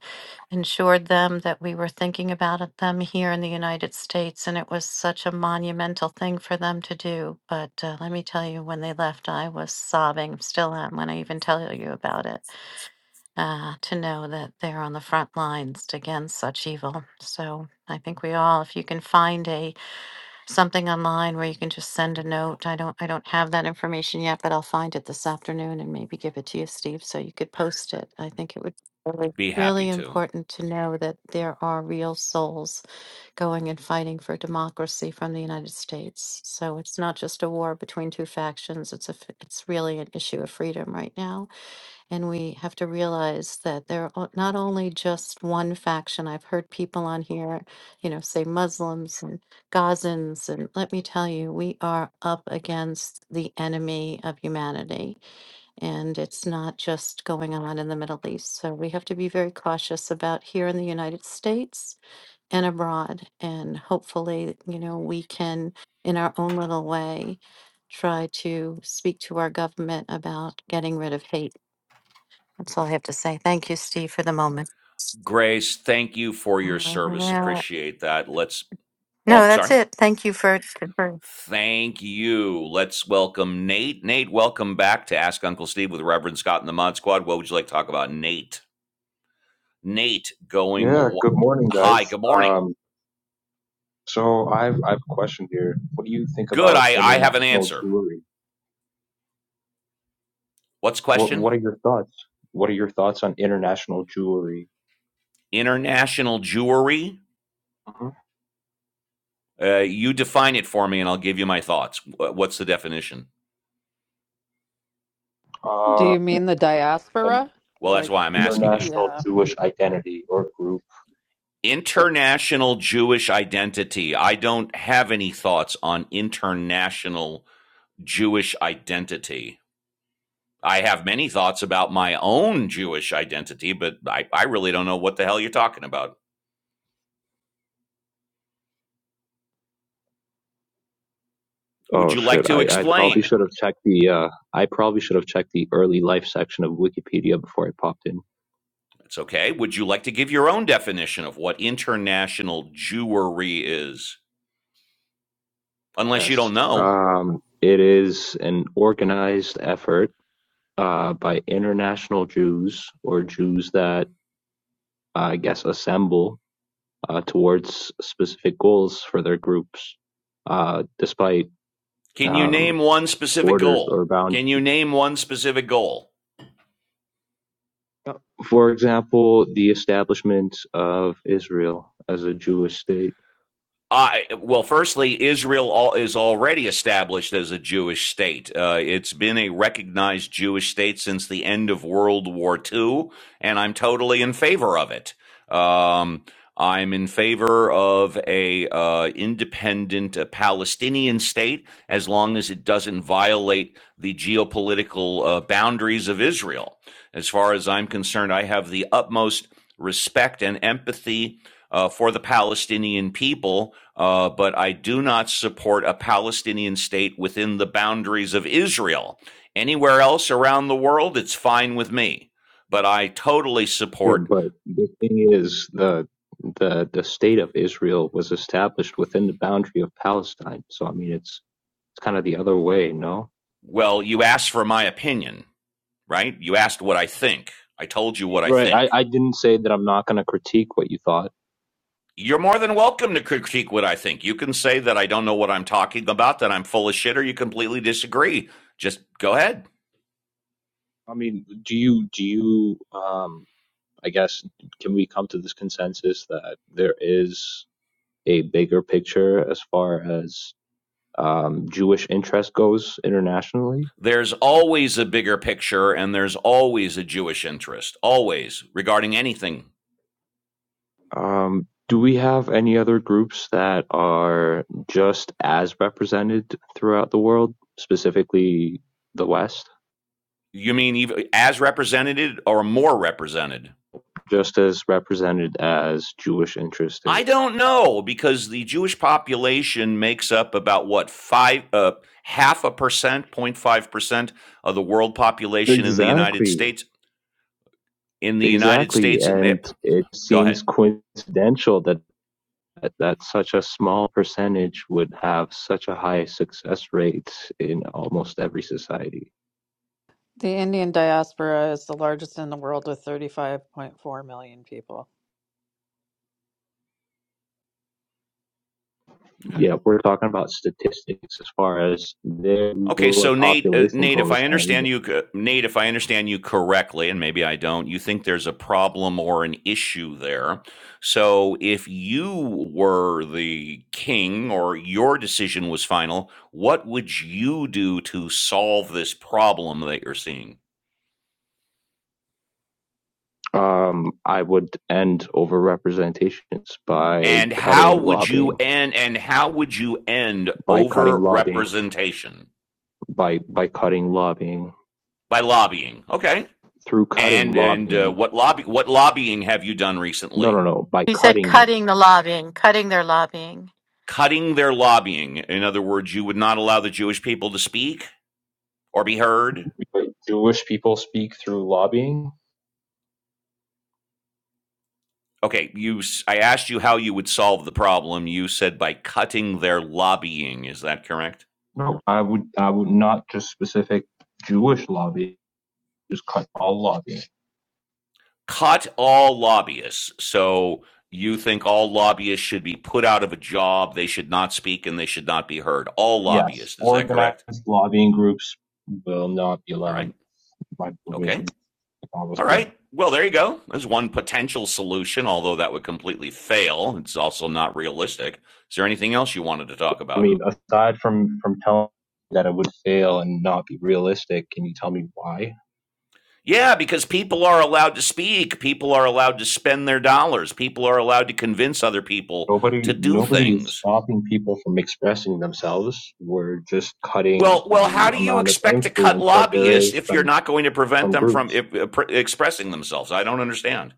[SPEAKER 24] ensured them that we were thinking about it- them here in the United States. And it was such a monumental thing for them to do. But uh, let me tell you, when they left, I was sobbing, still am when I even tell you about it uh, to know that they're on the front lines against such evil. So I think we all, if you can find a something online where you can just send a note. I don't, I don't have that information yet, but I'll find it this afternoon and maybe give it to you, Steve, so you could post it. I think it would be really,
[SPEAKER 1] Be happy
[SPEAKER 24] really
[SPEAKER 1] to.
[SPEAKER 24] important to know that there are real souls going and fighting for democracy from the United States. So it's not just a war between two factions. It's a, f- it's really an issue of freedom right now. And we have to realize that they're o- not only just one faction. I've heard people on here, you know, say Muslims and Gazans. And let me tell you, we are up against the enemy of humanity. And it's not just going on in the Middle East. So we have to be very cautious about here in the United States and abroad. And hopefully, you know, we can, in our own little way, try to speak to our government about getting rid of hate that's all I have to say. Thank you, Steve, for the moment.
[SPEAKER 1] Grace, thank you for your service.
[SPEAKER 24] Uh,
[SPEAKER 1] Appreciate that. Let's. Oh,
[SPEAKER 24] No,
[SPEAKER 1] I'm
[SPEAKER 24] that's
[SPEAKER 1] sorry.
[SPEAKER 24] it. Thank you for, for.
[SPEAKER 1] Thank you. Let's welcome Nate. Nate, welcome back to Ask Uncle Steve with Reverend Scott and the Mod Squad. What would you like to talk about, Nate? Nate, going.
[SPEAKER 25] Yeah,
[SPEAKER 1] Wh-
[SPEAKER 25] good morning,
[SPEAKER 1] Hi.
[SPEAKER 25] guys.
[SPEAKER 1] Good morning.
[SPEAKER 25] Um, so I've I have a question here. What do you think
[SPEAKER 1] Good.
[SPEAKER 25] about
[SPEAKER 1] I I have an
[SPEAKER 25] international
[SPEAKER 1] answer.
[SPEAKER 25] jewelry?
[SPEAKER 1] What's the
[SPEAKER 25] What
[SPEAKER 1] question?
[SPEAKER 25] What are your thoughts? What are your thoughts on international jewelry?
[SPEAKER 1] International jewelry.
[SPEAKER 25] hmm
[SPEAKER 1] Uh, you define it for me, and I'll give you my thoughts. Wh- What's the definition?
[SPEAKER 8] Do
[SPEAKER 25] Uh,
[SPEAKER 8] you mean the
[SPEAKER 25] and
[SPEAKER 8] diaspora?
[SPEAKER 1] Well, that's
[SPEAKER 8] Like,
[SPEAKER 1] why I'm
[SPEAKER 8] w-
[SPEAKER 1] asking him.
[SPEAKER 25] international
[SPEAKER 8] yeah.
[SPEAKER 25] Jewish identity or group?
[SPEAKER 1] International Jewish identity. I don't have any thoughts on international Jewish identity. I have many thoughts about my own Jewish identity, but I, I really don't know what the hell you're talking about. Would
[SPEAKER 25] Oh
[SPEAKER 1] you like
[SPEAKER 25] shit!
[SPEAKER 1] to
[SPEAKER 25] I, I probably
[SPEAKER 1] explain?
[SPEAKER 25] should have checked the uh I probably should have checked the early life section of Wikipedia before I popped in.
[SPEAKER 1] That's okay. Would you like to give your own definition of what international Jewry is? Unless you
[SPEAKER 25] Yes.
[SPEAKER 1] don't know.
[SPEAKER 25] Um, it is an organized effort uh by international Jews or Jews that uh, I guess, assemble uh, towards specific goals for their groups, uh, despite
[SPEAKER 1] Can you name
[SPEAKER 25] um,
[SPEAKER 1] one specific
[SPEAKER 25] borders
[SPEAKER 1] goal?
[SPEAKER 25] or
[SPEAKER 1] Can
[SPEAKER 25] boundaries.
[SPEAKER 1] you name one specific goal?
[SPEAKER 25] Uh, For example, the establishment of Israel as a Jewish state.
[SPEAKER 1] I well, firstly, Israel al- is already established as a Jewish state. Uh, it's been a recognized Jewish state since the end of World War II, and I'm totally in favor of it. Um, I'm in favor of a uh, independent uh, Palestinian state as long as it doesn't violate the geopolitical uh, boundaries of Israel. As far as I'm concerned, I have the utmost respect and empathy uh, for the Palestinian people uh, but I do not support a Palestinian state within the boundaries of Israel. Anywhere else around the world, it's fine with me. But I totally
[SPEAKER 25] Yeah,
[SPEAKER 1] support,
[SPEAKER 25] but the thing is, the the the state of Israel was established within the boundary of Palestine. So I mean, it's it's kind of the other way, no?
[SPEAKER 1] well, you asked for my opinion, right? You asked what I think. I told you what I
[SPEAKER 25] Right. I,
[SPEAKER 1] think.
[SPEAKER 25] I didn't say that I'm not going to critique what you thought.
[SPEAKER 1] You're more than welcome to critique what I think. You can say that I don't know what I'm talking about, that I'm full of shit, or you completely disagree. Just go ahead.
[SPEAKER 25] I mean, do you do you um I guess, can we come to this consensus that there is a bigger picture as far as um, Jewish interest goes internationally?
[SPEAKER 1] There's always a bigger picture and there's always a Jewish interest, always regarding anything
[SPEAKER 25] Um, do we have any other groups that are just as represented throughout the world, specifically the West,
[SPEAKER 1] You mean even as represented or more represented?
[SPEAKER 25] just as represented as Jewish interest is?
[SPEAKER 1] I don't know because the Jewish population makes up about what five uh, half a percent, zero point 0.5 percent of the world population in the United
[SPEAKER 25] Exactly.
[SPEAKER 1] States. In the United
[SPEAKER 25] Exactly.
[SPEAKER 1] States, it may,
[SPEAKER 25] And it
[SPEAKER 1] go ahead.
[SPEAKER 25] seems coincidental that that, that such a small percentage would have such a high success rate in almost every society.
[SPEAKER 8] The Indian diaspora is the largest in the world with 35.4 million people.
[SPEAKER 25] Yeah, we're talking about statistics as far as their
[SPEAKER 1] Okay,
[SPEAKER 25] lower
[SPEAKER 1] so Nate, uh,
[SPEAKER 25] population
[SPEAKER 1] Nate, if I
[SPEAKER 25] goes, and
[SPEAKER 1] understand you, co- Nate, if I understand you correctly, and maybe I don't, you think there's a problem or an issue there. So if you were the king or your decision was final, what would you do to solve this problem that you're seeing?
[SPEAKER 25] um, I would end overrepresentations by
[SPEAKER 1] And how
[SPEAKER 25] cutting
[SPEAKER 1] would you
[SPEAKER 25] lobbying,
[SPEAKER 1] end and how would you end
[SPEAKER 25] by cutting
[SPEAKER 1] over
[SPEAKER 25] lobbying,
[SPEAKER 1] representation
[SPEAKER 25] by by cutting lobbying,
[SPEAKER 1] by lobbying? Okay.
[SPEAKER 25] through cutting
[SPEAKER 1] And and uh,
[SPEAKER 25] lobbying.
[SPEAKER 1] what lobby what lobbying have you done
[SPEAKER 25] No,
[SPEAKER 1] recently?
[SPEAKER 25] no, no, by
[SPEAKER 24] You said
[SPEAKER 25] cutting
[SPEAKER 24] cutting the
[SPEAKER 25] it.
[SPEAKER 24] lobbying, cutting their lobbying.
[SPEAKER 1] cutting their lobbying. In other words, you would not allow the Jewish people to speak or be heard.
[SPEAKER 25] Wait, Jewish people speak through lobbying?
[SPEAKER 1] Okay, you. I asked you how you would solve the problem. You said by cutting their lobbying. Is that correct?
[SPEAKER 25] No, I would I would not just specific Jewish lobbying, just cut all lobbying.
[SPEAKER 1] Cut all lobbyists. So you think all lobbyists should be put out of a job? They should not speak and they should not be heard. All
[SPEAKER 25] Yes,
[SPEAKER 1] lobbyists. Is that correct?
[SPEAKER 25] organized lobbying groups will not be
[SPEAKER 1] All
[SPEAKER 25] allowed
[SPEAKER 1] right.
[SPEAKER 25] by
[SPEAKER 1] Okay.
[SPEAKER 25] provision. I was
[SPEAKER 1] All
[SPEAKER 25] kidding.
[SPEAKER 1] right. Well, there you go. There's one potential solution, although that would completely fail. It's also not realistic. Is there anything else you wanted to talk
[SPEAKER 25] I
[SPEAKER 1] about?
[SPEAKER 25] mean, aside from from telling me that it would fail and not be realistic, can you tell me why?
[SPEAKER 1] Yeah, because people are allowed to speak, people are allowed to spend their dollars, people are allowed to convince other people to
[SPEAKER 25] Nobody
[SPEAKER 1] do
[SPEAKER 25] nobody is
[SPEAKER 1] things.
[SPEAKER 25] stopping people from expressing themselves. We're just
[SPEAKER 1] Well,
[SPEAKER 25] cutting
[SPEAKER 1] well, how
[SPEAKER 25] the
[SPEAKER 1] do you
[SPEAKER 25] amount of
[SPEAKER 1] expect to cut
[SPEAKER 25] influence that there
[SPEAKER 1] lobbyists
[SPEAKER 25] is
[SPEAKER 1] if you're
[SPEAKER 25] from
[SPEAKER 1] not going to prevent
[SPEAKER 25] from
[SPEAKER 1] them from
[SPEAKER 25] groups.
[SPEAKER 1] if, uh, pr- expressing themselves? I don't understand.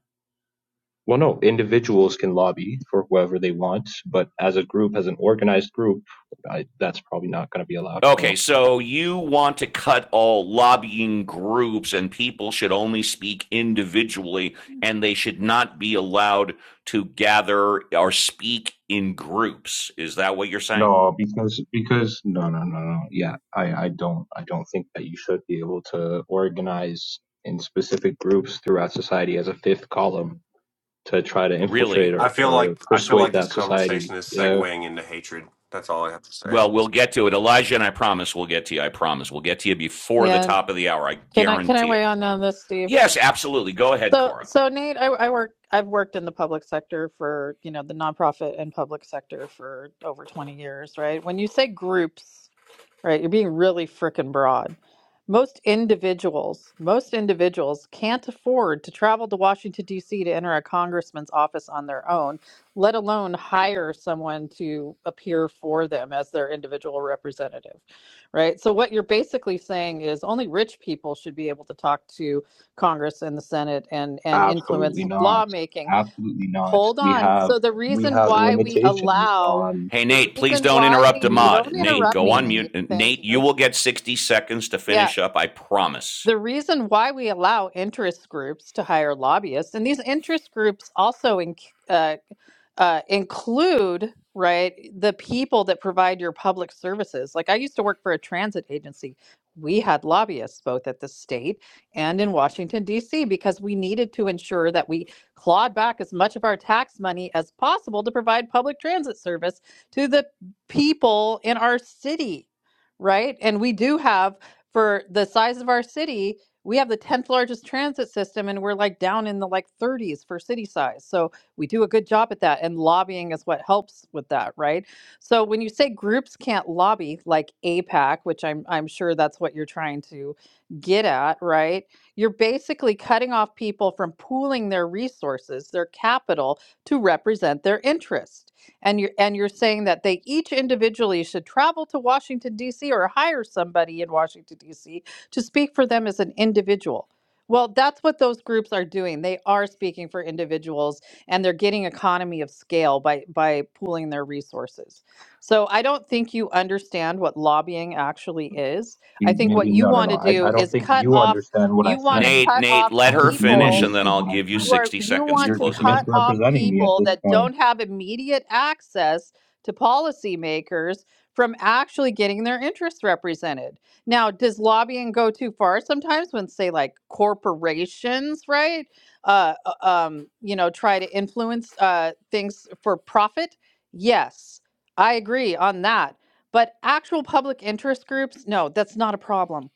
[SPEAKER 25] Well, no, individuals can lobby for whoever they want, but as a group, as an organized group, I, that's probably not going to be allowed.
[SPEAKER 1] Okay,
[SPEAKER 25] No.
[SPEAKER 1] so you want to cut all lobbying groups and people should only speak individually and they should not be allowed to gather or speak in groups. Is that what you're saying?
[SPEAKER 25] No, because because no, no, no, no. Yeah, I I don't I don't think that you should be able to organize in specific groups throughout society as a fifth column to try to
[SPEAKER 1] Really?
[SPEAKER 25] infiltrate
[SPEAKER 23] I
[SPEAKER 25] or,
[SPEAKER 23] feel
[SPEAKER 25] or
[SPEAKER 23] like I feel like
[SPEAKER 25] persuade
[SPEAKER 23] this
[SPEAKER 25] that society.
[SPEAKER 23] conversation is
[SPEAKER 25] Yeah,
[SPEAKER 23] segueing into hatred. That's all I have to say.
[SPEAKER 1] Well, we'll get to it. Elijah and I promise we'll get to you. I promise we'll get to you before the
[SPEAKER 8] Yeah.
[SPEAKER 1] top of the hour. I
[SPEAKER 8] Can I can I
[SPEAKER 1] guarantee it.
[SPEAKER 8] weigh on on this, Steve?
[SPEAKER 1] Yes, absolutely. Go ahead,
[SPEAKER 8] So
[SPEAKER 1] Cora.
[SPEAKER 8] so Nate, I, I work I've worked in the public sector for, you know, the nonprofit and public sector for over 20 years, right? When you say groups, right? You're being really freaking broad. Most individuals, most individuals can't afford to travel to Washington D.C. to enter a congressman's office on their own, let alone hire someone to appear for them as their individual representative, right? So what you're basically saying is only rich people should be able to talk to Congress and the Senate and and
[SPEAKER 25] absolutely
[SPEAKER 8] influence
[SPEAKER 25] not.
[SPEAKER 8] lawmaking
[SPEAKER 25] Absolutely not.
[SPEAKER 8] Hold
[SPEAKER 25] We
[SPEAKER 8] on.
[SPEAKER 25] have
[SPEAKER 8] So the
[SPEAKER 25] we
[SPEAKER 8] reason
[SPEAKER 25] have
[SPEAKER 8] why we
[SPEAKER 25] limitations
[SPEAKER 8] allow,
[SPEAKER 25] on
[SPEAKER 1] Hey,
[SPEAKER 8] the
[SPEAKER 1] Nate, please
[SPEAKER 8] reason
[SPEAKER 1] don't
[SPEAKER 8] why
[SPEAKER 1] interrupt
[SPEAKER 8] we,
[SPEAKER 1] a
[SPEAKER 25] mere
[SPEAKER 1] mod.
[SPEAKER 8] don't
[SPEAKER 1] Nate,
[SPEAKER 8] interrupt
[SPEAKER 1] go
[SPEAKER 8] me,
[SPEAKER 1] on
[SPEAKER 8] Nate.
[SPEAKER 1] mute.
[SPEAKER 8] Thank
[SPEAKER 1] Nate, you
[SPEAKER 8] you.
[SPEAKER 1] will get 60 seconds to
[SPEAKER 8] Yeah.
[SPEAKER 1] finish up. I promise.
[SPEAKER 8] The reason why we allow interest groups to hire lobbyists, and these interest groups also in, uh, uh, include, right, the people that provide your public services. Like I used to work for a transit agency. We had lobbyists both at the state and in Washington, D.C., because we needed to ensure that we clawed back as much of our tax money as possible to provide public transit service to the people in our city, right? And we do have for the size of our city, we have the 10th largest transit system and we're like down in the like 30s for city size. So we do a good job at that and lobbying is what helps with that, right? So when you say groups can't lobby like APAC, which I'm I'm sure that's what you're trying to get at, right? You're basically cutting off people from pooling their resources, their capital to represent their interest. And you're and you're saying that they each individually should travel to Washington D.C. or hire somebody in Washington D.C. to speak for them as an individual. Well, that's what those groups are doing. They are speaking for individuals, and they're getting economy of scale by by pooling their resources. So I don't think you understand what lobbying actually is. I
[SPEAKER 25] Maybe,
[SPEAKER 8] think what you
[SPEAKER 25] no, no,
[SPEAKER 8] want
[SPEAKER 25] no.
[SPEAKER 8] to
[SPEAKER 25] I, I
[SPEAKER 8] do
[SPEAKER 25] don't
[SPEAKER 8] is
[SPEAKER 25] think
[SPEAKER 8] cut
[SPEAKER 25] you
[SPEAKER 8] off.
[SPEAKER 25] understand what I
[SPEAKER 8] You want
[SPEAKER 25] said.
[SPEAKER 8] to
[SPEAKER 1] Nate,
[SPEAKER 8] cut
[SPEAKER 1] Nate,
[SPEAKER 8] off
[SPEAKER 25] I
[SPEAKER 1] let
[SPEAKER 25] don't
[SPEAKER 1] her
[SPEAKER 25] think you
[SPEAKER 1] finish
[SPEAKER 8] people
[SPEAKER 1] and then
[SPEAKER 25] understood
[SPEAKER 1] I'll
[SPEAKER 25] what I
[SPEAKER 1] give you
[SPEAKER 8] you
[SPEAKER 25] said.
[SPEAKER 8] are
[SPEAKER 1] 60
[SPEAKER 8] you
[SPEAKER 1] seconds to
[SPEAKER 8] want
[SPEAKER 25] You're
[SPEAKER 8] to
[SPEAKER 25] just
[SPEAKER 1] close it
[SPEAKER 8] cut
[SPEAKER 1] up.
[SPEAKER 8] off
[SPEAKER 25] misrepresenting me at
[SPEAKER 8] people
[SPEAKER 25] this
[SPEAKER 8] that
[SPEAKER 25] point.
[SPEAKER 8] don't have immediate access to policymakers from actually getting their interests represented. Now, does lobbying go too far sometimes when say like corporations, right? Uh uh, um, you know, try to influence uh things for profit? Yes. I agree on that. But actual public interest groups, no, that's not a problem.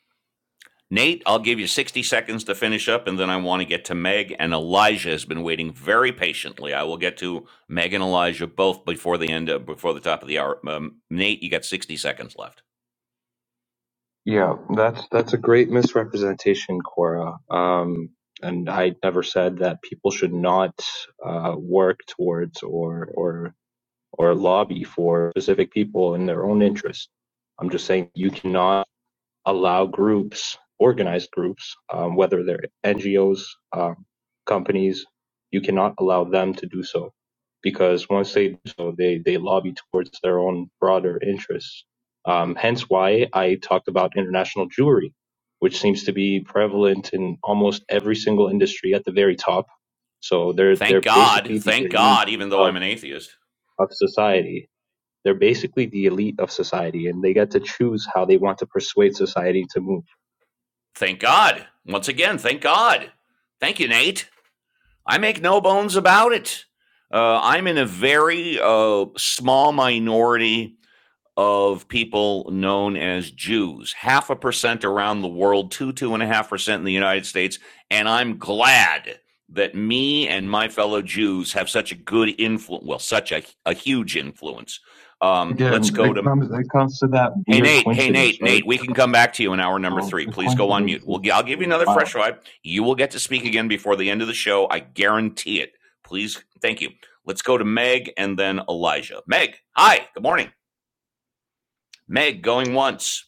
[SPEAKER 1] Nate, I'll give you 60 seconds to finish up and then I want to get to Meg and Elijah has been waiting very patiently. I will get to Meg and Elijah both before the end of, before the top of the hour. Um, Nate, you got 60 seconds left.
[SPEAKER 25] Yeah, that's that's a great misrepresentation, Cora. Um, and I never said that people should not uh, work towards or or or lobby for specific people in their own interest. I'm just saying you cannot. allow groups, organized groups, um, whether they're NGOs, um, companies, you cannot allow them to do so because once they do so, they, they lobby towards their own broader interests. Um, hence why I talked about international Jewry, which seems to be prevalent in almost every single industry at the very top. So they're
[SPEAKER 1] Thank
[SPEAKER 25] they're
[SPEAKER 1] God.
[SPEAKER 25] basically the
[SPEAKER 1] Thank
[SPEAKER 25] elite
[SPEAKER 1] God even though
[SPEAKER 25] of,
[SPEAKER 1] I'm an atheist.
[SPEAKER 25] of society. They're basically the elite of society, and they get to choose how they want to persuade society to move
[SPEAKER 1] Thank God. Once again, thank God. Thank you, Nate. I make no bones about it. Uh, I'm in a very uh, small minority of people known as Jews, half a percent around the world, two, two and a half percent in the United States. And I'm glad that me and my fellow Jews have such a good influence, well, such a, a huge influence. Um, let's
[SPEAKER 25] Again,
[SPEAKER 1] go
[SPEAKER 25] it
[SPEAKER 1] to
[SPEAKER 25] comes it comes to that
[SPEAKER 1] Hey
[SPEAKER 25] weird
[SPEAKER 1] Nate, hey
[SPEAKER 25] coincidence,
[SPEAKER 1] Nate, Nate,
[SPEAKER 25] right?
[SPEAKER 1] we can come back to you in hour number
[SPEAKER 25] So
[SPEAKER 1] three.
[SPEAKER 25] the
[SPEAKER 1] Please go on
[SPEAKER 25] coincidence
[SPEAKER 1] mute. We'll I'll
[SPEAKER 25] is,
[SPEAKER 1] give you
[SPEAKER 25] is
[SPEAKER 1] another
[SPEAKER 25] wild.
[SPEAKER 1] fresh vibe. You will get to speak again before the end of the show. I guarantee it. Please, thank you. Let's go to Meg and then Elijah. Meg, hi, good morning. Meg, going once.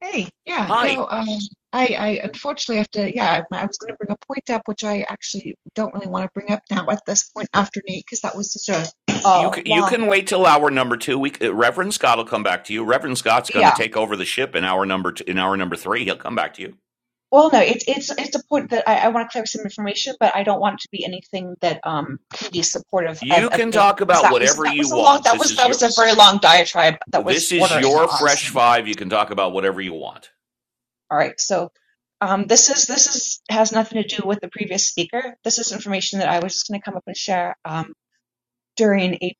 [SPEAKER 26] Hey, yeah,
[SPEAKER 1] Hi.
[SPEAKER 26] no, um, I, I unfortunately have to, yeah, I I was going to bring a point up, which I actually don't really want to bring up now at this point after Nate, because that was such a
[SPEAKER 1] You
[SPEAKER 26] uh,
[SPEAKER 1] you
[SPEAKER 26] long,
[SPEAKER 1] can wait till hour number two. We, Reverend Scott will come back to you. Reverend Scott's going to
[SPEAKER 26] yeah.
[SPEAKER 1] take over the ship in hour number two, in hour number three. He'll come back to you.
[SPEAKER 26] Well, no, it's it's it's a point that I, I want to clear up some information, but I don't want it to be anything that um can be supportive of,
[SPEAKER 1] You
[SPEAKER 26] of
[SPEAKER 1] can
[SPEAKER 26] Nate,
[SPEAKER 1] talk
[SPEAKER 26] because
[SPEAKER 1] about
[SPEAKER 26] that was
[SPEAKER 1] whatever
[SPEAKER 26] that
[SPEAKER 1] you
[SPEAKER 26] was a long
[SPEAKER 1] want.
[SPEAKER 26] that
[SPEAKER 1] This
[SPEAKER 26] was
[SPEAKER 1] is
[SPEAKER 26] that
[SPEAKER 1] your
[SPEAKER 26] was a very long diatribe that
[SPEAKER 1] This
[SPEAKER 26] was
[SPEAKER 1] is
[SPEAKER 26] bordering
[SPEAKER 1] your
[SPEAKER 26] on
[SPEAKER 1] fresh
[SPEAKER 26] something.
[SPEAKER 1] five. You can talk about whatever you want.
[SPEAKER 26] All right, so. Um, this is this is has nothing to do with the previous speaker. This is information that I was just going to come up and share. Um, during a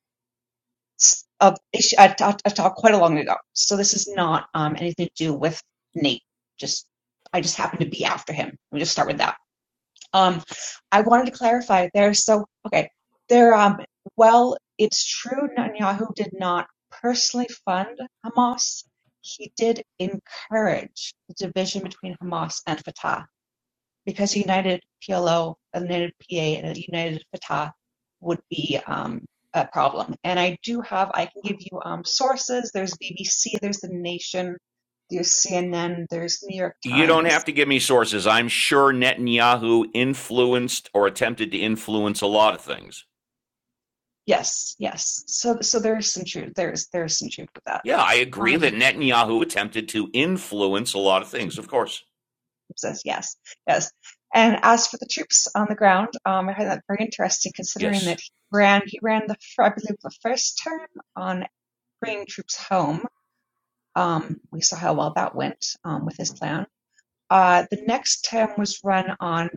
[SPEAKER 26] s- of a, a talk quite a long ago. So this is not um, anything to do with Nate. Just I just happened to be after him. We just start with that. Um, I wanted to clarify there. So okay, there. Um, well, it's true. Netanyahu did not personally fund Hamas. He did encourage the division between Hamas and Fatah because united PLO, united PA, and united Fatah would be um, a problem. And I do have, I can give you um, sources. There's BBC, there's The Nation, there's CNN, there's New York
[SPEAKER 1] You don't have
[SPEAKER 26] Times.
[SPEAKER 1] to give me sources. I'm sure Netanyahu influenced or attempted to influence a lot of things.
[SPEAKER 26] Yes, yes. So, so there's some truth. There's there's some truth with that.
[SPEAKER 1] Yeah, I agree that
[SPEAKER 26] Um,
[SPEAKER 1] Netanyahu attempted to influence a lot of things, of course.
[SPEAKER 26] says yes, yes. And as for the troops on the ground, um, I find that very interesting, considering
[SPEAKER 1] Yes.
[SPEAKER 26] that he ran he ran the I believe the first term on bringing troops home Um, we saw how well that went um, with his plan. Uh, the next term was run on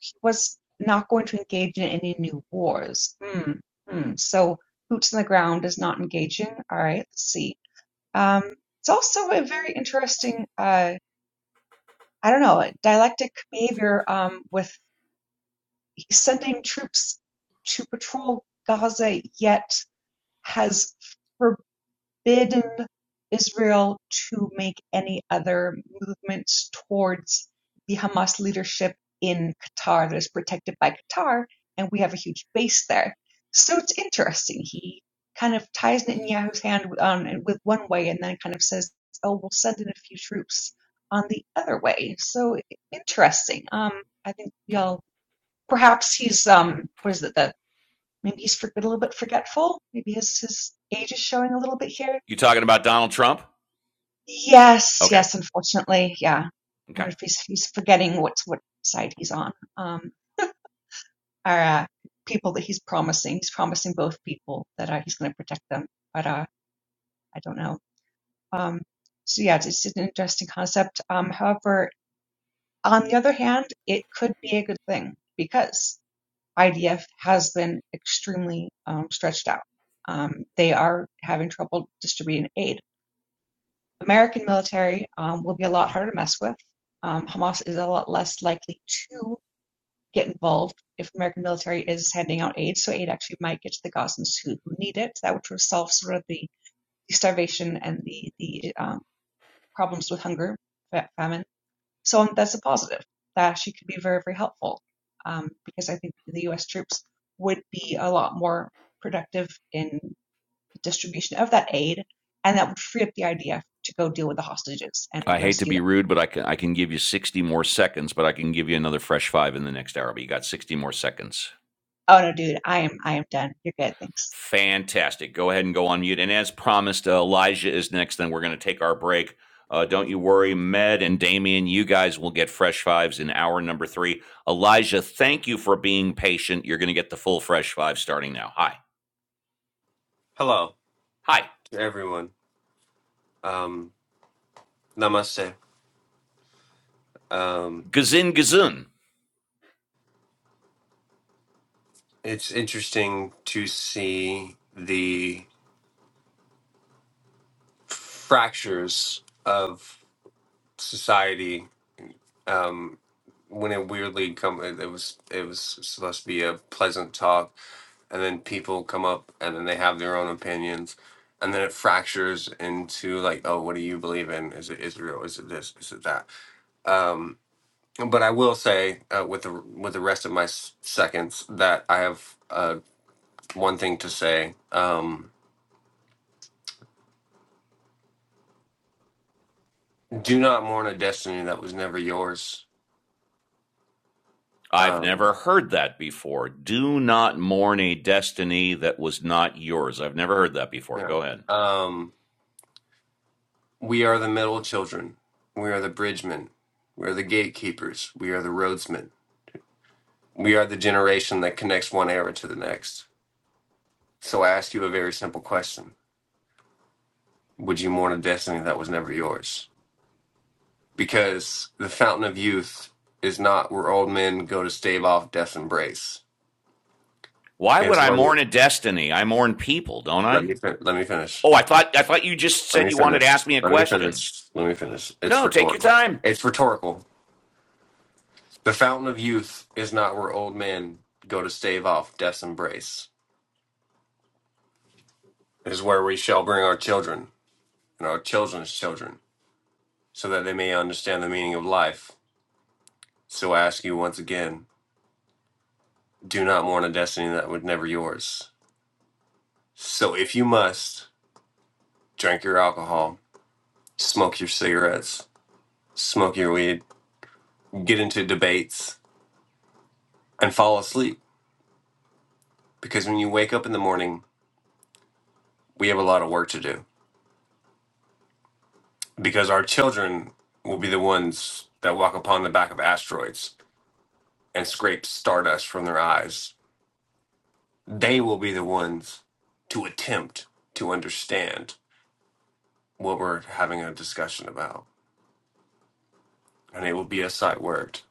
[SPEAKER 26] he was not going to engage in any new wars. Hmm. Hmm. So boots on the ground is not engaging. All right. Let's see. Um, it's also a very interesting. Uh, I don't know dialectic behavior. Um, with he's sending troops to patrol Gaza, yet has for forbidden Israel to make any other movements towards the Hamas leadership in Qatar that is protected by Qatar, and we have a huge base there. So it's interesting. He kind of ties Netanyahu's hand on with one way, and then kind of says, "Oh, we'll send in a few troops on the other way." So interesting. Um, I think y'all perhaps he's um, what is it? The maybe he's a little bit forgetful. Maybe his his age is showing a little bit here
[SPEAKER 1] You talking about Donald Trump?
[SPEAKER 26] Yes,
[SPEAKER 1] Okay.
[SPEAKER 26] yes, unfortunately, yeah. I
[SPEAKER 1] Okay.
[SPEAKER 26] wonder if he's he's forgetting what's what side he's on. Um, are uh, people that he's promising? He's promising both people that uh, he's going to protect them, but uh, I don't know. Um, so yeah, it's, it's an interesting concept. Um, however, on the other hand, it could be a good thing because IDF has been extremely um, stretched out. Um, they are having trouble distributing aid American military um, will be a lot harder to mess with. Um, Hamas is a lot less likely to get involved if the American military is handing out aid, so aid actually might get to the Gazans who, who need it. That would resolve sort of the, the starvation and the the um, problems with hunger, famine. So um, that's a positive. That actually could be very very helpful um, because I think the U.S. troops would be a lot more productive in the distribution of that aid, and that would free up the IDF to go deal with the hostages and
[SPEAKER 1] I hate to
[SPEAKER 26] rescue
[SPEAKER 1] be rude, but I can I can give you 60 more seconds, but I can give you another fresh five in the next hour. But you got 60 more seconds.
[SPEAKER 26] Oh no, dude, I am I am done. You're good, thanks.
[SPEAKER 1] Fantastic. Go ahead and go on mute. And as promised, uh, Elijah is next. Then we're going to take our break. Uh, don't you worry, Med and Damien, you guys will get fresh fives in hour number three. Elijah, thank you for being patient. You're going to get the full fresh five starting now. Hi.
[SPEAKER 23] Hello
[SPEAKER 1] Hi.
[SPEAKER 23] to everyone. Um, namaste. Um,
[SPEAKER 1] Gazin Gazun.
[SPEAKER 23] it's interesting to see the fractures of society um when it weirdly come it it was it was supposed to be a pleasant talk and then people come up and then they have their own opinions and then it fractures into like oh what do you believe in is it israel is it this is it that um but i will say uh, with the with the rest of my s- seconds that i have uh one thing to say um do not mourn a destiny that was never yours
[SPEAKER 1] I've
[SPEAKER 23] Um,
[SPEAKER 1] never heard that before. Do not mourn a destiny that was not yours. I've never heard that before.
[SPEAKER 23] Yeah.
[SPEAKER 1] Go ahead.
[SPEAKER 23] Um, we are the middle children. We are the bridgemen. We are the gatekeepers. We are the roadsmen. We are the generation that connects one era to the next. So I ask you a very simple question Would you mourn a destiny that was never yours? Because the fountain of youth is not where old men go to stave off death's embrace.
[SPEAKER 1] Why would
[SPEAKER 23] It's
[SPEAKER 1] I
[SPEAKER 23] where we.
[SPEAKER 1] mourn a destiny? I mourn people, don't
[SPEAKER 23] Let
[SPEAKER 1] I?
[SPEAKER 23] me, fin- let me finish.
[SPEAKER 1] Oh, I thought I thought you just
[SPEAKER 23] Let
[SPEAKER 1] said
[SPEAKER 23] me
[SPEAKER 1] you wanted to ask
[SPEAKER 23] finish.
[SPEAKER 1] me a
[SPEAKER 23] Let me
[SPEAKER 1] question.
[SPEAKER 23] finish. Let me finish. It's
[SPEAKER 1] No, take your
[SPEAKER 23] rhetorical.
[SPEAKER 1] time.
[SPEAKER 23] It's rhetorical The fountain of youth is not where old men go to stave off death's embrace. It is where we shall bring our children and our children's children, so that they may understand the meaning of life. So I ask you once again, do not mourn a destiny that was never yours. So if you must, drink your alcohol, smoke your cigarettes, smoke your weed, get into debates, and fall asleep. Because when you wake up in the morning, we have a lot of work to do. because our children will be the ones that walk upon the back of asteroids and scrape stardust from their eyes. They will be the ones to attempt to understand what we're having a discussion about. And it will be a sight word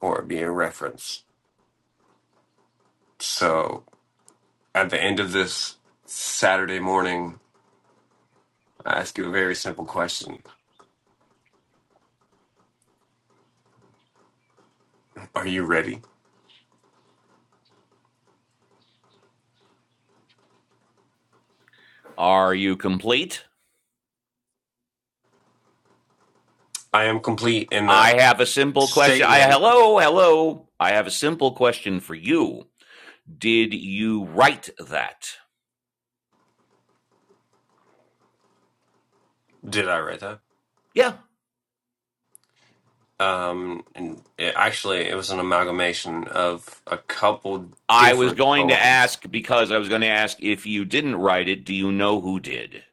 [SPEAKER 23] or be a reference. So at the end of this Saturday morning, I ask you a very simple question Are you ready?
[SPEAKER 1] Are you complete?
[SPEAKER 23] I am complete in that
[SPEAKER 1] I have a simple question. I
[SPEAKER 23] statement.
[SPEAKER 1] hello, hello. I have a simple question for you. Did you write that?
[SPEAKER 23] Did I read that?
[SPEAKER 1] Yeah.
[SPEAKER 23] Um, and it, actually, it was an amalgamation of a couple
[SPEAKER 1] I was
[SPEAKER 23] different
[SPEAKER 1] going to
[SPEAKER 23] poems.
[SPEAKER 1] ask because I was going to ask if you didn't write it, do you know who did?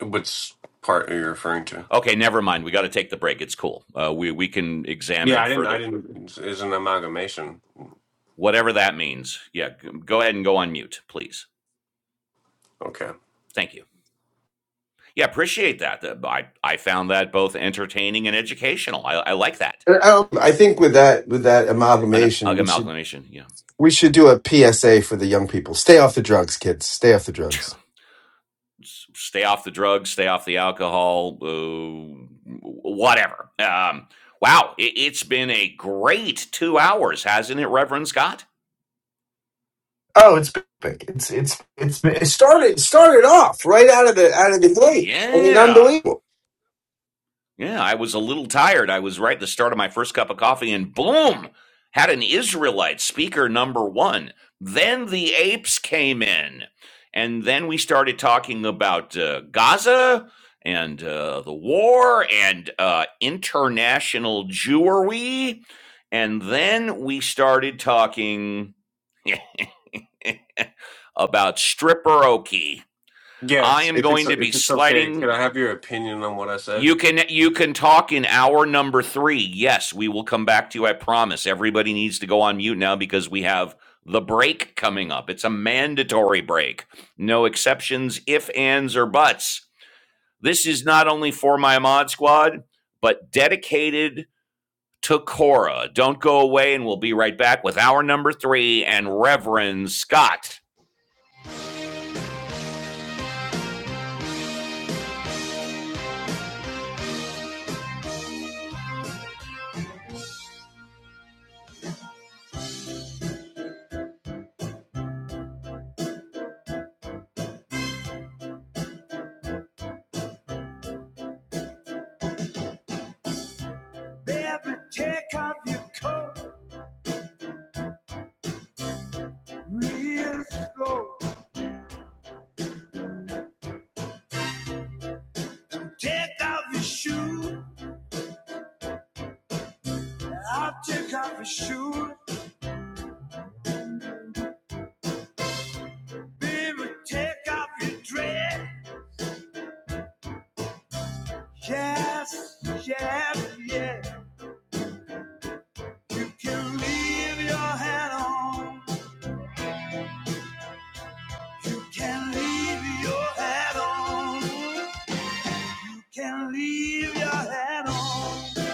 [SPEAKER 23] Which part are you referring to?
[SPEAKER 1] Okay, never mind. We got to take the break. It's cool. Uh, we we can examine
[SPEAKER 23] Yeah,
[SPEAKER 1] it
[SPEAKER 23] I didn't. I
[SPEAKER 1] further.
[SPEAKER 23] didn't. Is an amalgamation.
[SPEAKER 1] Whatever that means. Yeah, go ahead and go on mute, please.
[SPEAKER 23] Okay.
[SPEAKER 1] Thank you. Yeah, appreciate that. The- I, I found that both entertaining and educational. I, I like that.
[SPEAKER 2] And, um, I think with that with that
[SPEAKER 1] An
[SPEAKER 2] amalgamation, we should
[SPEAKER 1] amalgamation, Yeah.
[SPEAKER 2] We should do a PSA for the young people. Stay off the drugs, kids. Stay off the drugs.
[SPEAKER 1] Stay off the drugs, stay off the alcohol, uh, whatever. Um, wow, it, it's been a great two hours, hasn't it, Reverend Scott?
[SPEAKER 2] Oh, it's big. It's it's it's it started started off right out of the out of the gate. I mean,
[SPEAKER 1] Yeah.
[SPEAKER 2] unbelievable.
[SPEAKER 1] Yeah, I was a little tired. I was right at the start of my first cup of coffee, and boom, had an Israelite speaker number one. Then the apes came in, and then we started talking about uh, Gaza and uh, the war and uh, international Jewery, and then we started talking about stripperoki.
[SPEAKER 23] Yeah,
[SPEAKER 1] I
[SPEAKER 23] if,
[SPEAKER 1] am
[SPEAKER 23] if it's
[SPEAKER 1] going to be
[SPEAKER 23] if it's okay,
[SPEAKER 1] sliding
[SPEAKER 23] could I have your opinion on what I said?
[SPEAKER 1] you can you can talk in hour number three. Yes, we will come back to you. I promise. Everybody needs to go on mute now because we have the break coming up. It's a mandatory break. No exceptions, if ands or buts. This is not only for my mod squad, but dedicated to Cora. Don't go away, and we'll be right back with hour number three and Reverend Scott. Baby, take off your coat real slow. Take off your shoes. I'll take off your shoes, baby, take off your dress. Yes, yes, yes. You can leave your hat on. You can leave your hat on. You can leave your hat on.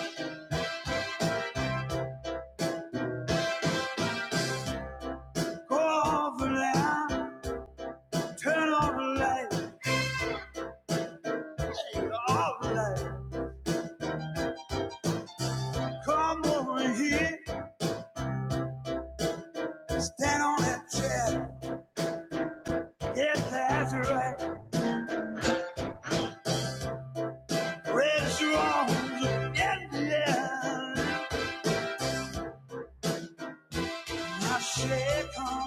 [SPEAKER 1] Go over the turn on the light, turn off the light. Come over here, stand on that chair. Yes, that's right. Raise your arms in the air. I shake on.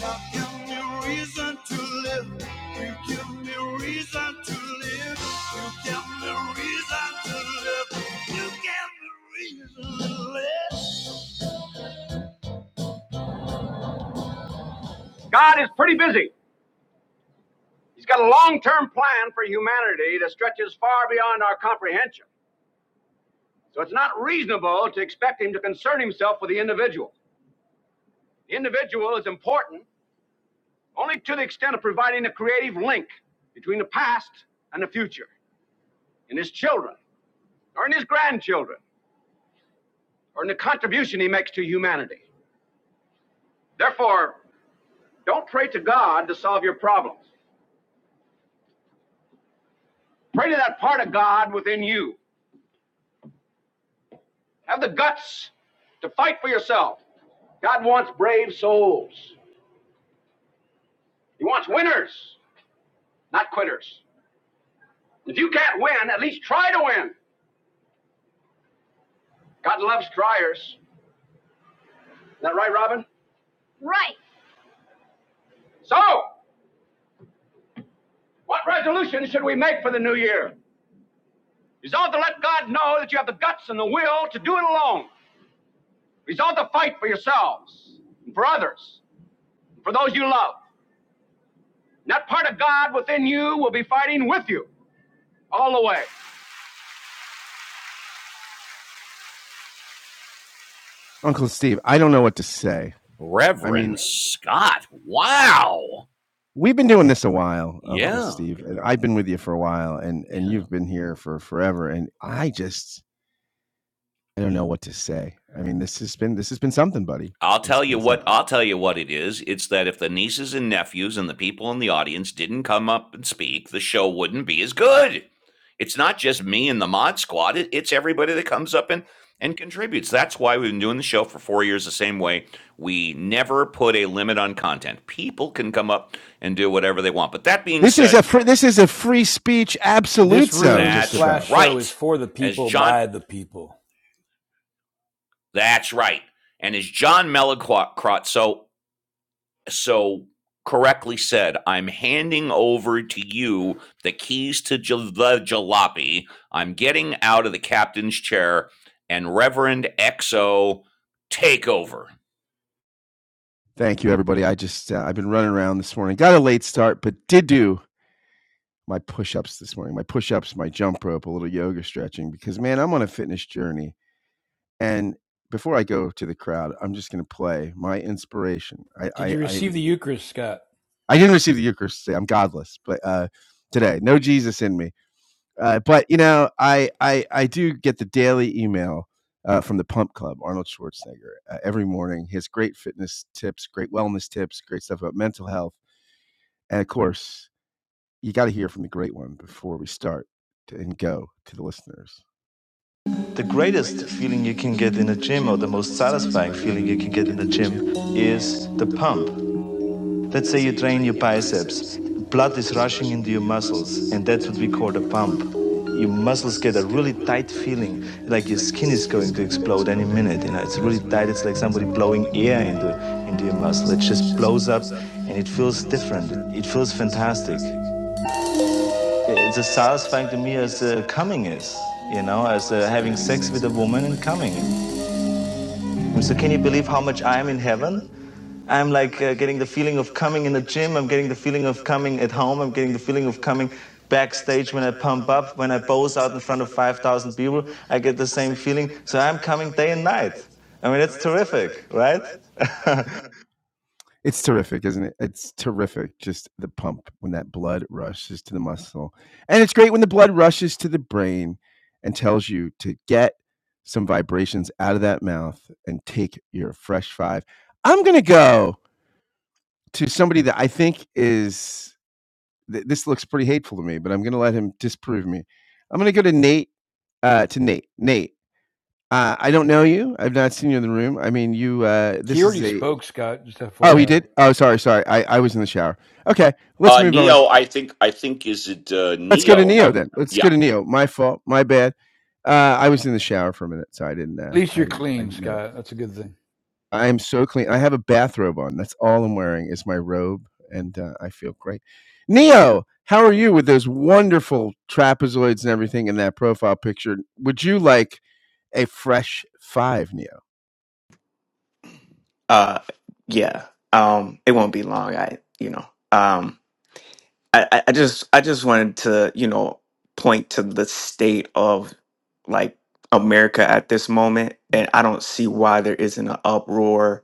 [SPEAKER 1] Now give me reason to live. You give me reason to live. You give me reason to live. You give me reason to live. God is pretty busy. He's got a long term plan for humanity that stretches far beyond our comprehension. So it's not reasonable to expect him to concern himself with the individual. The individual is important only to the extent of providing a creative link between the past and the future and his children. or in his grandchildren, or in the contribution he makes to humanity. Therefore, don't pray to God to solve your problems. Pray to that part of God within you. Have the guts to fight for yourself. God wants brave souls. He wants winners, not quitters. If you can't win, at least try to win. God loves triers. Is that right, Robin? So, what resolution should we make for the new year? Resolve to let God know that you have the guts and the will to do it alone. Resolve to fight for yourselves, and for others, and for those you love. And that part of God within you will be fighting with you all the way.
[SPEAKER 2] Uncle Steve, I don't know what to say. I
[SPEAKER 1] Reverend
[SPEAKER 2] mean,
[SPEAKER 1] Scott. Wow.
[SPEAKER 2] we've been doing this a while, Uncle
[SPEAKER 1] Yeah.
[SPEAKER 2] Steve, and I've been with you for a while, and and
[SPEAKER 1] Yeah.
[SPEAKER 2] you've been here for forever, and I just I don't know what to say. I mean, this has been this has been something, buddy.
[SPEAKER 1] I'll
[SPEAKER 2] It's
[SPEAKER 1] tell you
[SPEAKER 2] been
[SPEAKER 1] what
[SPEAKER 2] something.
[SPEAKER 1] I'll tell you what it is. It's that if the nieces and nephews and the people in the audience didn't come up and speak, the show wouldn't be as good. It's not just me and the mod squad. It, it's everybody that comes up and and contributes. That's why we've been doing the show for 4 years the same way. We never put a limit on content. People can come up and do whatever they want. But that being
[SPEAKER 2] This is a
[SPEAKER 1] said,
[SPEAKER 2] free, this is a free speech absolute
[SPEAKER 4] This
[SPEAKER 2] zone,
[SPEAKER 4] room
[SPEAKER 2] just
[SPEAKER 1] that's
[SPEAKER 2] about.
[SPEAKER 4] slash show is
[SPEAKER 1] right.
[SPEAKER 4] for the
[SPEAKER 1] As
[SPEAKER 4] people
[SPEAKER 1] John
[SPEAKER 4] by the people.
[SPEAKER 1] that's right. And as John Mellencrot so so correctly said, I'm handing over to you the keys to j- the jalopy. I'm getting out of the captain's chair, and Reverend XO, take over.
[SPEAKER 2] Thank you, everybody. I just uh, I've been running around this morning. Got a late start, but did do my push-ups this morning. My push-ups, my jump rope, a little yoga stretching because man, I'm on a fitness journey. And before I go to the crowd, I'm just going to play my inspiration. I
[SPEAKER 4] Did
[SPEAKER 2] I
[SPEAKER 4] you
[SPEAKER 2] I,
[SPEAKER 4] receive the Eucharist, Scott?
[SPEAKER 2] I didn't receive the Eucharist today. I'm godless, but uh, today, no Jesus in me. Uh, but you know, I, I I do get the daily email uh, from the Pump Club, Arnold Schwarzenegger, uh, every morning. His great fitness tips, great wellness tips, great stuff about mental health, and of course, you got to hear from the great one before we start to, and go to the listeners. The greatest feeling you can get in a gym, or the most satisfying feeling you can get in a gym, is the pump. Let's say you train your biceps. Blood is rushing into your muscles, and that's what we call a pump. Your muscles get a really tight feeling, like your skin is going to explode any minute. You know, it's really tight. It's like somebody blowing air into into your muscle. It just blows up, and it feels different. It feels fantastic. It's as satisfying to me as uh, coming is. You know, as uh, having sex with a woman and coming. So can you believe how much I am in heaven? I'm like uh, getting the feeling of coming in the gym. I'm getting the feeling of coming at home. I'm getting the feeling of coming backstage when I pump up, when I pose out in front of 5,000 people. I get the same feeling. So I'm coming day and night. I mean, it's terrific, right? It's terrific, isn't it? It's terrific. Just the pump when that blood rushes to the muscle. And it's great when the blood rushes to the brain and tells you to get some vibrations out of that mouth and take your fresh five. I'm going to go to somebody that I think is, th- this looks pretty hateful to me, but I'm going to let him disprove me. I'm going to go to Nate, uh, to Nate. Nate, uh, I don't know you. I've not seen you in the room. I mean, you, uh,
[SPEAKER 4] He
[SPEAKER 2] this
[SPEAKER 4] already
[SPEAKER 2] is a,
[SPEAKER 4] spoke, Scott. Just
[SPEAKER 2] Oh, he
[SPEAKER 4] FYI. At
[SPEAKER 2] did. Oh, sorry, sorry. I, I was in the shower. Okay, let's
[SPEAKER 1] Uh,
[SPEAKER 2] move
[SPEAKER 1] Neo,
[SPEAKER 2] on.
[SPEAKER 1] I think, I think is it uh,
[SPEAKER 2] Let's go to
[SPEAKER 1] Neo?
[SPEAKER 2] Neo
[SPEAKER 1] Has,
[SPEAKER 2] then. Let's
[SPEAKER 1] yeah,
[SPEAKER 2] go to Neo. My fault. My bad. Uh, I was in the shower for a minute, so I didn't. Uh,
[SPEAKER 4] least
[SPEAKER 2] I
[SPEAKER 4] you're
[SPEAKER 2] didn't. I
[SPEAKER 4] clean,
[SPEAKER 2] didn't know that.
[SPEAKER 4] Scott. That's a good thing.
[SPEAKER 2] I am so clean. I have a bathrobe on. That's all I'm wearing is my robe, and uh, I feel great. Neo, how are you with those wonderful trapezoids and everything in that profile picture? Would you like a fresh five, Neo?
[SPEAKER 27] uh yeah um it won't be long i you know um i i I just i just wanted to you know point to the state of like america at this moment and i don't see why there isn't an uproar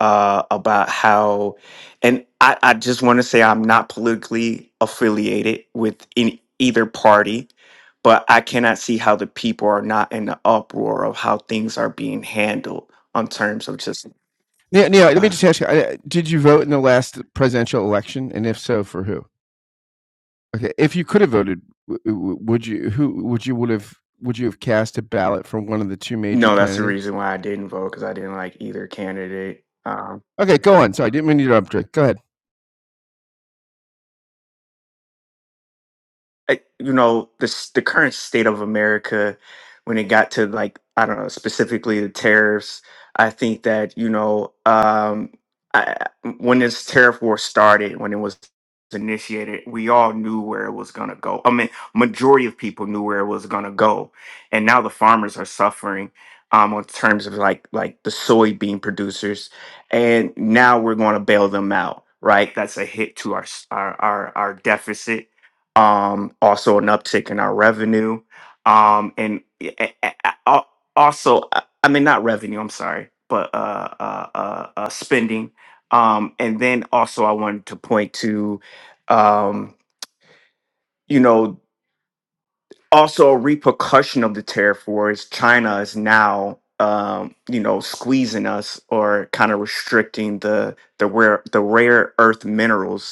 [SPEAKER 27] uh about how and i i just want to say i'm not politically affiliated with any either party but i cannot see how the people are not in the uproar of how things are being handled on terms of just
[SPEAKER 2] Neo, Neo let
[SPEAKER 27] uh,
[SPEAKER 2] me just ask you: uh, Did you vote in the last presidential election, and if so, for who? Okay, if you could have voted, w- w- would you? Who would you would have? Would you have cast a ballot for one of the two major
[SPEAKER 27] No, that's the
[SPEAKER 2] candidates?
[SPEAKER 27] reason why I didn't vote, vote because I didn't like either candidate. Um,
[SPEAKER 2] Okay, go on. Sorry, I didn't mean to interrupt. Drake. Go ahead.
[SPEAKER 27] I, you know this the current state of america when it got to like i don't know specifically the tariffs i think that you know um I, when this tariff war started when it was initiated we all knew where it was going to go i mean majority of people knew where it was going to go and now the farmers are suffering um in terms of like like the soybean producers and now we're going to bail them out right that's a hit to our s- our our, our deficit um, also an uptick in our revenue, um, and a- a- a- al- also, I I mean, not revenue. I'm sorry, but uh, uh, uh, uh, spending. Um, and then also, I wanted to point to, um, you know, also a repercussion of the tariff war is China is now. Um, you know, squeezing us or kind of restricting the the rare the rare earth minerals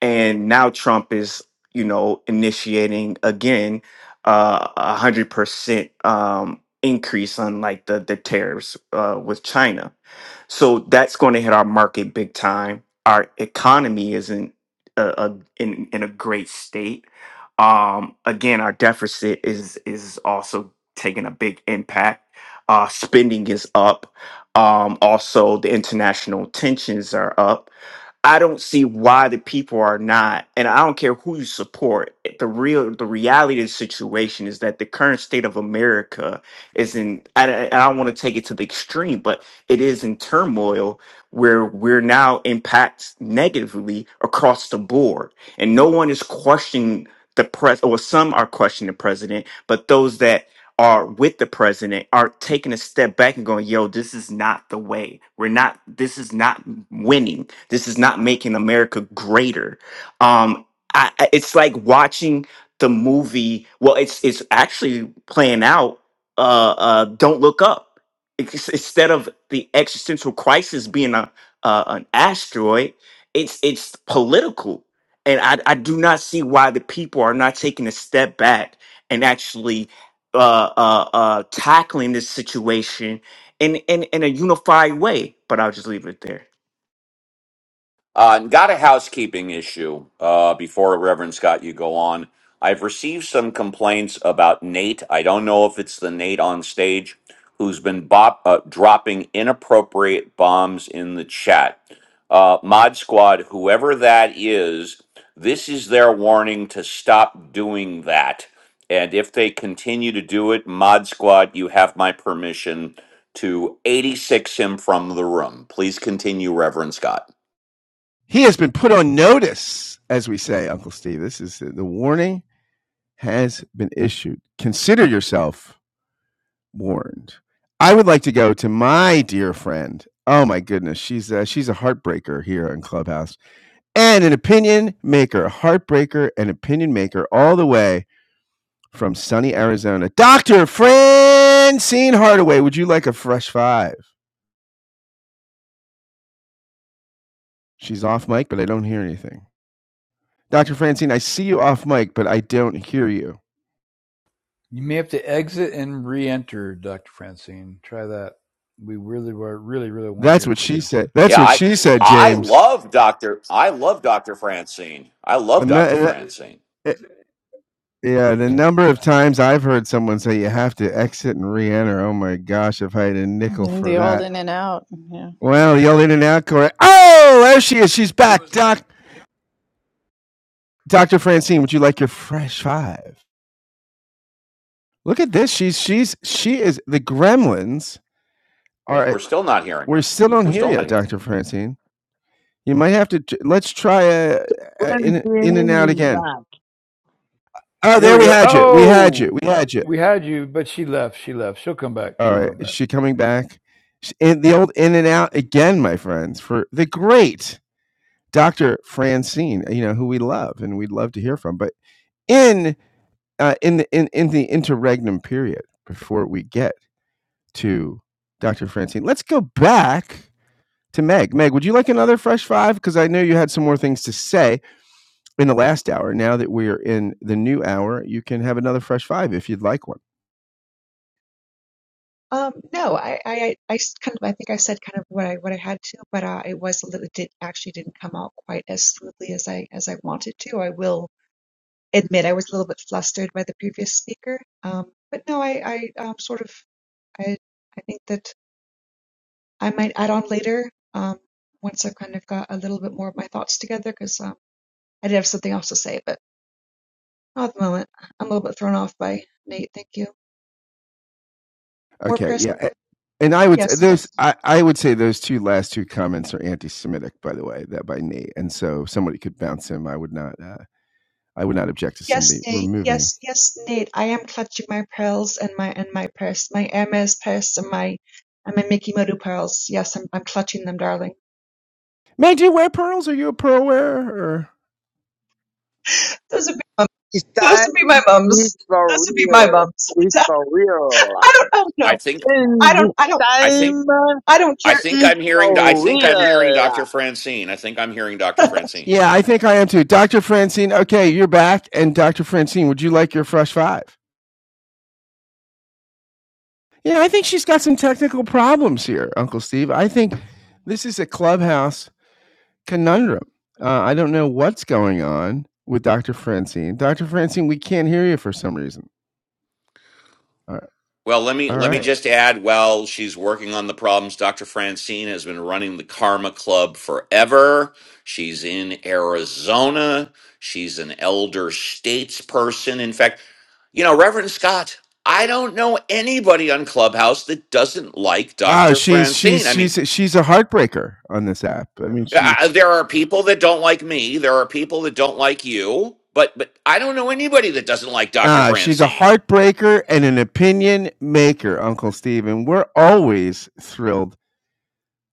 [SPEAKER 27] and now Trump is, you know, initiating again uh, a hundred percent um, increase on like the the tariffs uh, with China. So that's going to hit our market big time. Our economy isn't a, a, in in a great state. Um, again, our deficit is is also taking a big impact. Uh, spending is up. Um, also, the international tensions are up I don't see why the people are not, and I don't care who you support. The real, the reality of the situation is that the current state of America is in. I, I I don't want to take it to the extreme, but it is in turmoil where we're now impacts negatively across the board, and no one is questioning the press. Or some are questioning the president, but those that are with the president are taking a step back and going, "Yo, this is not the way. We're not. This is not winning." This is not making America greater. Um, I, I- it's like watching the movie. Well, it's it's actually playing out. Uh, uh, Don't look up. It's, instead of the existential crisis being a uh, an asteroid, it's it's political, and I, I do not see why the people are not taking a step back and actually uh, uh, uh, tackling this situation in, in in a unified way. But I'll just leave it there.
[SPEAKER 1] Uh, and got a housekeeping issue uh, before Reverend Scott, you go on. I've received some complaints about Nate. I don't know if it's the Nate on stage who's been bop, uh, dropping inappropriate bombs in the chat. Uh, Mod Squad, whoever that is, this is their warning to stop doing that. And if they continue to do it, Mod Squad, you have my permission to 86 him from the room. Please continue, Reverend Scott.
[SPEAKER 2] He has been put on notice, as we say, Uncle Steve. This is uh, the warning has been issued. Consider yourself warned. I would like to go to my dear friend. Oh my goodness, she's a, she's a heartbreaker here in Clubhouse and an opinion maker, a heartbreaker, and opinion maker all the way. from sunny Arizona. Dr. Francine Hardaway, would you like a fresh five? She's off mic, but I don't hear anything. Dr. Francine, I see you off mic, but I don't hear you.
[SPEAKER 4] You may have to exit and re-enter, Doctor Francine. Try that. We really, really, really want to
[SPEAKER 2] That's
[SPEAKER 4] hear
[SPEAKER 2] what
[SPEAKER 4] from
[SPEAKER 2] she
[SPEAKER 4] you.
[SPEAKER 2] said. That's
[SPEAKER 1] Yeah,
[SPEAKER 2] what
[SPEAKER 1] I
[SPEAKER 2] she said,
[SPEAKER 1] I
[SPEAKER 2] James.
[SPEAKER 1] love Dr. I love Dr. Francine. I love Dr. Francine.
[SPEAKER 2] yeah, the number of times I've heard someone say you have to exit and re enter. Oh my gosh, if I had a nickel
[SPEAKER 8] Yeah,
[SPEAKER 2] for
[SPEAKER 8] The old
[SPEAKER 2] that.
[SPEAKER 8] in and out. Yeah.
[SPEAKER 2] Well, yell in and out, correct. Oh, there she is. She's back. Doc, Dr. Francine, would you like your fresh five? Look at this. She's she's she is the gremlins All
[SPEAKER 1] We're
[SPEAKER 2] right,
[SPEAKER 1] still not hearing
[SPEAKER 2] we're
[SPEAKER 1] her.
[SPEAKER 2] still on
[SPEAKER 1] We're
[SPEAKER 2] here
[SPEAKER 1] still not
[SPEAKER 2] yet,
[SPEAKER 1] hearing.
[SPEAKER 2] Dr. Francine. You might have to let's try a uh
[SPEAKER 15] When
[SPEAKER 2] in in and out
[SPEAKER 15] feeling is
[SPEAKER 2] again.
[SPEAKER 15] back.
[SPEAKER 2] Oh,
[SPEAKER 4] There
[SPEAKER 2] there
[SPEAKER 4] we
[SPEAKER 2] we
[SPEAKER 4] go.
[SPEAKER 2] had you. We had you.
[SPEAKER 4] Oh,
[SPEAKER 2] We had you.
[SPEAKER 4] we had you, but she left. She left. She'll come back.
[SPEAKER 2] All
[SPEAKER 4] She'll
[SPEAKER 2] right.
[SPEAKER 4] come
[SPEAKER 2] Is
[SPEAKER 4] back.
[SPEAKER 2] she coming back? In the old in and out again, my friends, for the great Dr. Francine, you know, who we love and we'd love to hear from, but in uh, in the in, in the interregnum period before we get to Dr. Francine, let's go back to Meg. Meg, would you like another fresh five? Because I know you had some more things to say in the last hour. Now that we're in the new hour, you can have another fresh five if you'd like one.
[SPEAKER 26] Um, no, I I I I s- kind of I think I said kind of what I what I had to, but uh, it was a little it did actually didn't come out quite as smoothly as I as I wanted to. I will admit I was a little bit flustered by the previous speaker. Um, but no, I I um, sort of I I think that I might add on later um once I've kind of got a little bit more of my thoughts together because um I did have something else to say, but not at the moment. I'm a little bit thrown off by Nate. Thank you. More
[SPEAKER 2] Okay,
[SPEAKER 26] press.
[SPEAKER 2] yeah. And I would
[SPEAKER 26] Yes.
[SPEAKER 2] those I, I would say those two last two comments are anti-Semitic, by the way, that by Nate. And so somebody could bounce him. I would not uh, I would not object to
[SPEAKER 26] Yes,
[SPEAKER 2] somebody
[SPEAKER 26] Nate.
[SPEAKER 2] removing him.
[SPEAKER 26] Yes, yes, Nate. I am clutching my pearls and my and my purse, my Hermes purse and my and my Mickey Moto pearls. Yes, I'm I'm clutching them, darling.
[SPEAKER 2] Meg, do you wear pearls? Are you a pearl wearer? Or?
[SPEAKER 26] Those would be my,
[SPEAKER 15] It's
[SPEAKER 26] those
[SPEAKER 15] time.
[SPEAKER 26] would be my mums.
[SPEAKER 15] It's
[SPEAKER 26] Those
[SPEAKER 15] for
[SPEAKER 26] would be my
[SPEAKER 15] real.
[SPEAKER 26] mums.
[SPEAKER 15] It's for real.
[SPEAKER 26] I don't oh
[SPEAKER 1] I
[SPEAKER 26] no.
[SPEAKER 1] think
[SPEAKER 15] In
[SPEAKER 26] I
[SPEAKER 15] the
[SPEAKER 26] don't I don't
[SPEAKER 1] I think
[SPEAKER 15] time
[SPEAKER 26] I don't
[SPEAKER 1] I
[SPEAKER 26] care.
[SPEAKER 1] think
[SPEAKER 15] is
[SPEAKER 1] I'm hearing I
[SPEAKER 15] for
[SPEAKER 1] think I'm hearing
[SPEAKER 15] real.
[SPEAKER 1] Dr. Francine. I think I'm hearing Dr. Francine.
[SPEAKER 2] Yeah, I think I am too. Dr. Francine, okay, you're back. And Dr. Francine, would you like your fresh five? Yeah, I think she's got some technical problems here, Uncle Steve. I think this is a clubhouse conundrum. Uh, I don't know what's going on with Dr. Francine. Dr. Francine, we can't hear you for some reason. All right.
[SPEAKER 1] Well, let me
[SPEAKER 2] all
[SPEAKER 1] let me
[SPEAKER 2] right.
[SPEAKER 1] just add. While she's working on the problems, Dr. Francine has been running the Karma Club forever. She's in Arizona. She's an elder states person. In fact, you know, Reverend Scott, I don't know anybody on Clubhouse that doesn't like
[SPEAKER 2] Oh,
[SPEAKER 1] Dr.
[SPEAKER 2] she's she's
[SPEAKER 1] Francine. I
[SPEAKER 2] she's
[SPEAKER 1] mean,
[SPEAKER 2] she's a heartbreaker on this app. I mean,
[SPEAKER 1] I,
[SPEAKER 2] she
[SPEAKER 1] I- there are people that don't like me. There are people that don't like you. But but I don't know anybody that doesn't like Dr.
[SPEAKER 2] uh, she's a
[SPEAKER 1] Francine.
[SPEAKER 2] heartbreaker and an opinion maker, Uncle Steve, and we're always thrilled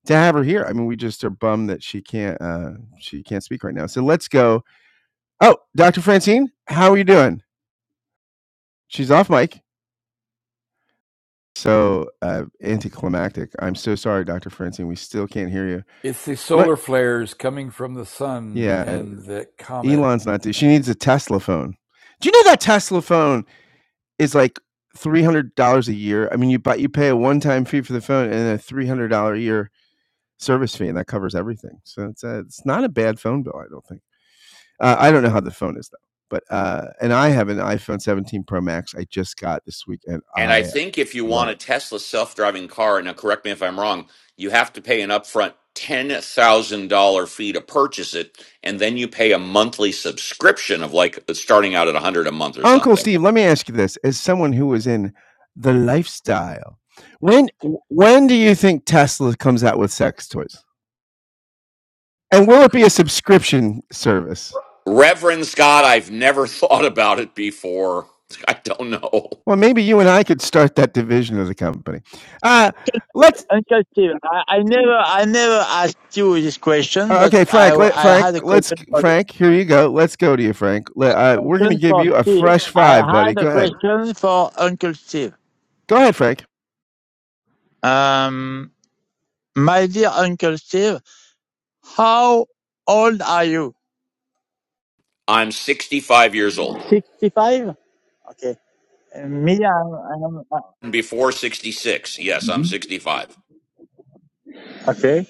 [SPEAKER 2] to have her here. I mean, we just are bummed that she can't uh she can't speak right now. So let's go. Oh, Dr. Francine, how are you doing? She's off mic. So uh anticlimactic. I'm so sorry, Dr. Francine. We still can't hear you.
[SPEAKER 4] It's the
[SPEAKER 2] What
[SPEAKER 4] solar flares coming from the sun
[SPEAKER 2] yeah,
[SPEAKER 4] and the comet.
[SPEAKER 2] Elon's not she needs a Tesla phone. Do you know that Tesla phone is like three hundred dollars a year? I mean you buy you pay a one time fee for the phone and a three hundred dollar a year service fee and that covers everything. So it's a, it's not a bad phone bill, I don't think. Uh, I don't know how the phone is though, but uh, and I have an iPhone 17 Pro Max. I just got this week, and
[SPEAKER 1] And I
[SPEAKER 2] I
[SPEAKER 1] think if you
[SPEAKER 2] love
[SPEAKER 1] want a
[SPEAKER 2] it.
[SPEAKER 1] Tesla self driving car, and now correct me if I'm wrong, you have to pay an upfront $10,000 fee to purchase it. And then you pay a monthly subscription of like starting out at 100 a month or
[SPEAKER 2] Uncle
[SPEAKER 1] something.
[SPEAKER 2] Steve, let me ask you this: as someone who is in the lifestyle, when when do you think Tesla comes out with sex toys, and will it be a subscription service?
[SPEAKER 1] Reverend Scott, I've never thought about it before. I don't know.
[SPEAKER 2] Well, maybe you and I could start that division of the company. Uh, let's
[SPEAKER 15] Uncle Steve, I, I never, I never asked you this question,
[SPEAKER 2] Uh,
[SPEAKER 15] but
[SPEAKER 2] okay,
[SPEAKER 15] I,
[SPEAKER 2] Frank. Let,
[SPEAKER 15] I
[SPEAKER 2] Frank,
[SPEAKER 15] had a
[SPEAKER 2] let's
[SPEAKER 15] question for you.
[SPEAKER 2] Frank. Here you go. Let's go to you, Frank. Let, uh, we're gonna
[SPEAKER 15] Question
[SPEAKER 2] give
[SPEAKER 15] for
[SPEAKER 2] you a
[SPEAKER 15] Steve.
[SPEAKER 2] fresh
[SPEAKER 15] I
[SPEAKER 2] five, buddy.
[SPEAKER 15] had a
[SPEAKER 2] Go ahead.
[SPEAKER 15] question for Uncle Steve.
[SPEAKER 2] Go ahead, Frank.
[SPEAKER 15] Um, my dear Uncle Steve, how old are you?
[SPEAKER 1] I'm 65 years old.
[SPEAKER 15] Sixty-five. Okay. Uh, me, I, I am. uh,
[SPEAKER 1] Before 66. Yes, I'm 65.
[SPEAKER 15] Okay.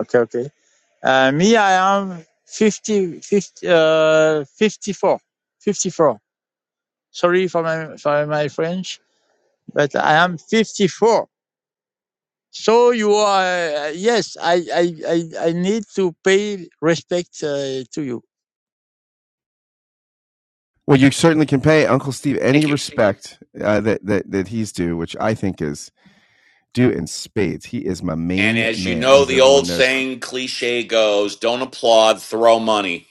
[SPEAKER 15] Okay. Okay. Uh, me, I am 50, fifty, uh, 54. 54. Sorry for my for my French, but I am 54. So you are uh, yes, I I I, I need to pay respect uh, to you.
[SPEAKER 2] Well, you certainly can pay Uncle Steve any
[SPEAKER 1] Thank you.
[SPEAKER 2] respect uh, that that that he's due, which I think is due in spades. He is my
[SPEAKER 1] And
[SPEAKER 2] main
[SPEAKER 1] as you
[SPEAKER 2] man,
[SPEAKER 1] know,
[SPEAKER 2] as
[SPEAKER 1] the old
[SPEAKER 2] everyone knows.
[SPEAKER 1] saying cliche goes don't applaud, throw money.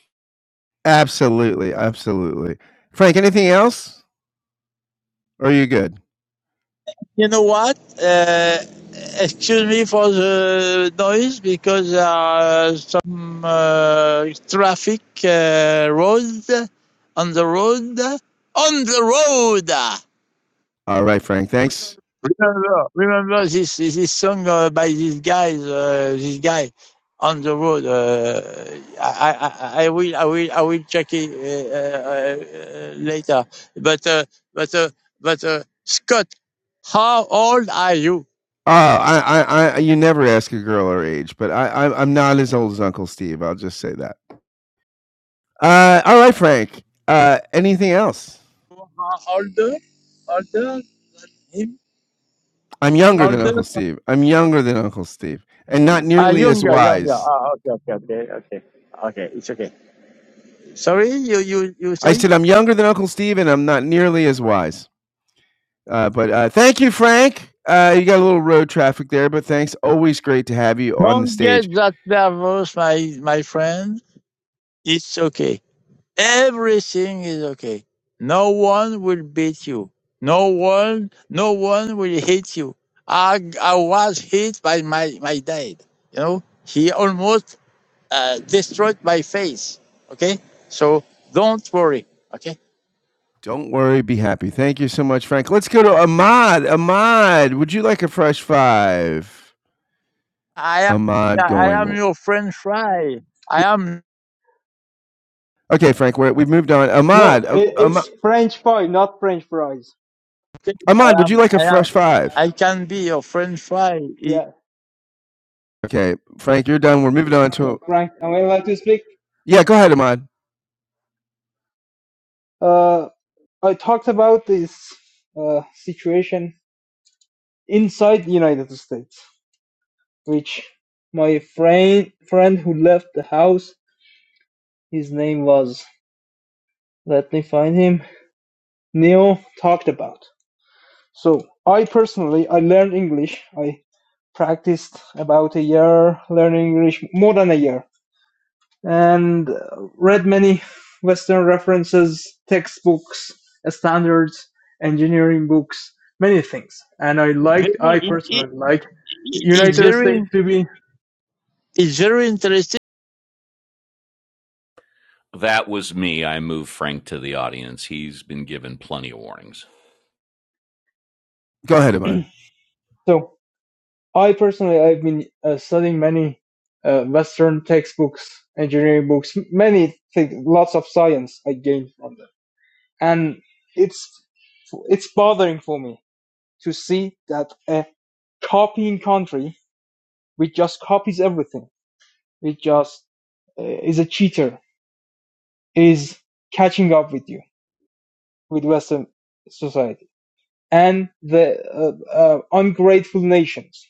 [SPEAKER 2] Absolutely, absolutely. Frank, anything else? Or are you good?
[SPEAKER 15] You know what? Uh, excuse me for the noise because there are some uh, traffic uh, road on the road on the road.
[SPEAKER 2] All right, Frank. Thanks.
[SPEAKER 15] Remember, remember this this song uh, by these guys, uh, this guy on the road. Uh, I, I I will I will I will check it uh, uh, uh, later. But uh, but uh, but uh, Scott, how old are you?
[SPEAKER 2] Oh, I, I, I, you never ask a girl her age, but I, I, I'm not as old as Uncle Steve. I'll just say that. Uh, all right, Frank. Uh, anything else?
[SPEAKER 15] How Older, older, him,
[SPEAKER 2] I'm younger than
[SPEAKER 15] older.
[SPEAKER 2] Uncle Steve. I'm younger than Uncle Steve, and not
[SPEAKER 15] Ah,
[SPEAKER 2] nearly as
[SPEAKER 15] younger, younger.
[SPEAKER 2] wise.
[SPEAKER 15] Ah, okay, okay, okay, okay, okay. It's okay. Sorry, you you you
[SPEAKER 2] I
[SPEAKER 15] said.
[SPEAKER 2] said I'm younger than Uncle Steve, and I'm not nearly as wise. Uh, but uh, thank you, Frank. Uh, you got a little road traffic there, but thanks. Always great to have you on the
[SPEAKER 15] Don't
[SPEAKER 2] stage.
[SPEAKER 15] get that nervous, my my friend. It's okay. Everything is okay. No one will beat you. No one, no one will hit you. I, I was hit by my, my dad. You know, he almost uh, destroyed my face. Okay. So don't worry. Okay.
[SPEAKER 2] Don't worry, be happy. Thank you so much, Frank. Let's go to Ahmad. Ahmad, would you like a fresh five?
[SPEAKER 15] I am, yeah,
[SPEAKER 2] Ahmad
[SPEAKER 15] I
[SPEAKER 2] going
[SPEAKER 15] am your French fry. I am,
[SPEAKER 2] Okay, Frank, we're, we've moved on. Ahmad,
[SPEAKER 21] No,
[SPEAKER 2] um,
[SPEAKER 21] it,
[SPEAKER 2] Ahmad,
[SPEAKER 21] it's French pie, not French fries.
[SPEAKER 15] okay,
[SPEAKER 2] Ahmad,
[SPEAKER 15] I
[SPEAKER 2] would you
[SPEAKER 15] am,
[SPEAKER 2] like a
[SPEAKER 15] I am,
[SPEAKER 2] fresh five?
[SPEAKER 15] I can be your French fry. It's
[SPEAKER 21] Yeah.
[SPEAKER 2] Okay, Frank, you're done.
[SPEAKER 21] uh
[SPEAKER 2] We're moving on to.
[SPEAKER 21] So, Frank, am I allowed to speak?
[SPEAKER 2] Yeah, go ahead, Ahmad.
[SPEAKER 21] Uh, I talked about this uh, situation inside the United States, which my friend friend who left the house, his name was. Let me find him. Neil talked about. So I personally, I learned English. I practiced about a year learning English, more than a year, and uh, read many Western references, textbooks, standards, engineering books, many things. And I
[SPEAKER 15] very,
[SPEAKER 21] liked, I
[SPEAKER 15] it, it,
[SPEAKER 21] personally liked
[SPEAKER 15] it's
[SPEAKER 21] United
[SPEAKER 15] very,
[SPEAKER 21] States to be.
[SPEAKER 15] it's very interesting
[SPEAKER 1] That was me. I moved Frank to the audience. He's been given plenty of warnings.
[SPEAKER 2] Go ahead, Ahmad.
[SPEAKER 21] So I personally, I've been uh, studying many uh, Western textbooks, engineering books, many things, lots of science I gained from them and it's it's bothering for me to see that a copying country which just copies everything which just uh, is a cheater is catching up with you with western society and the uh, uh, ungrateful nations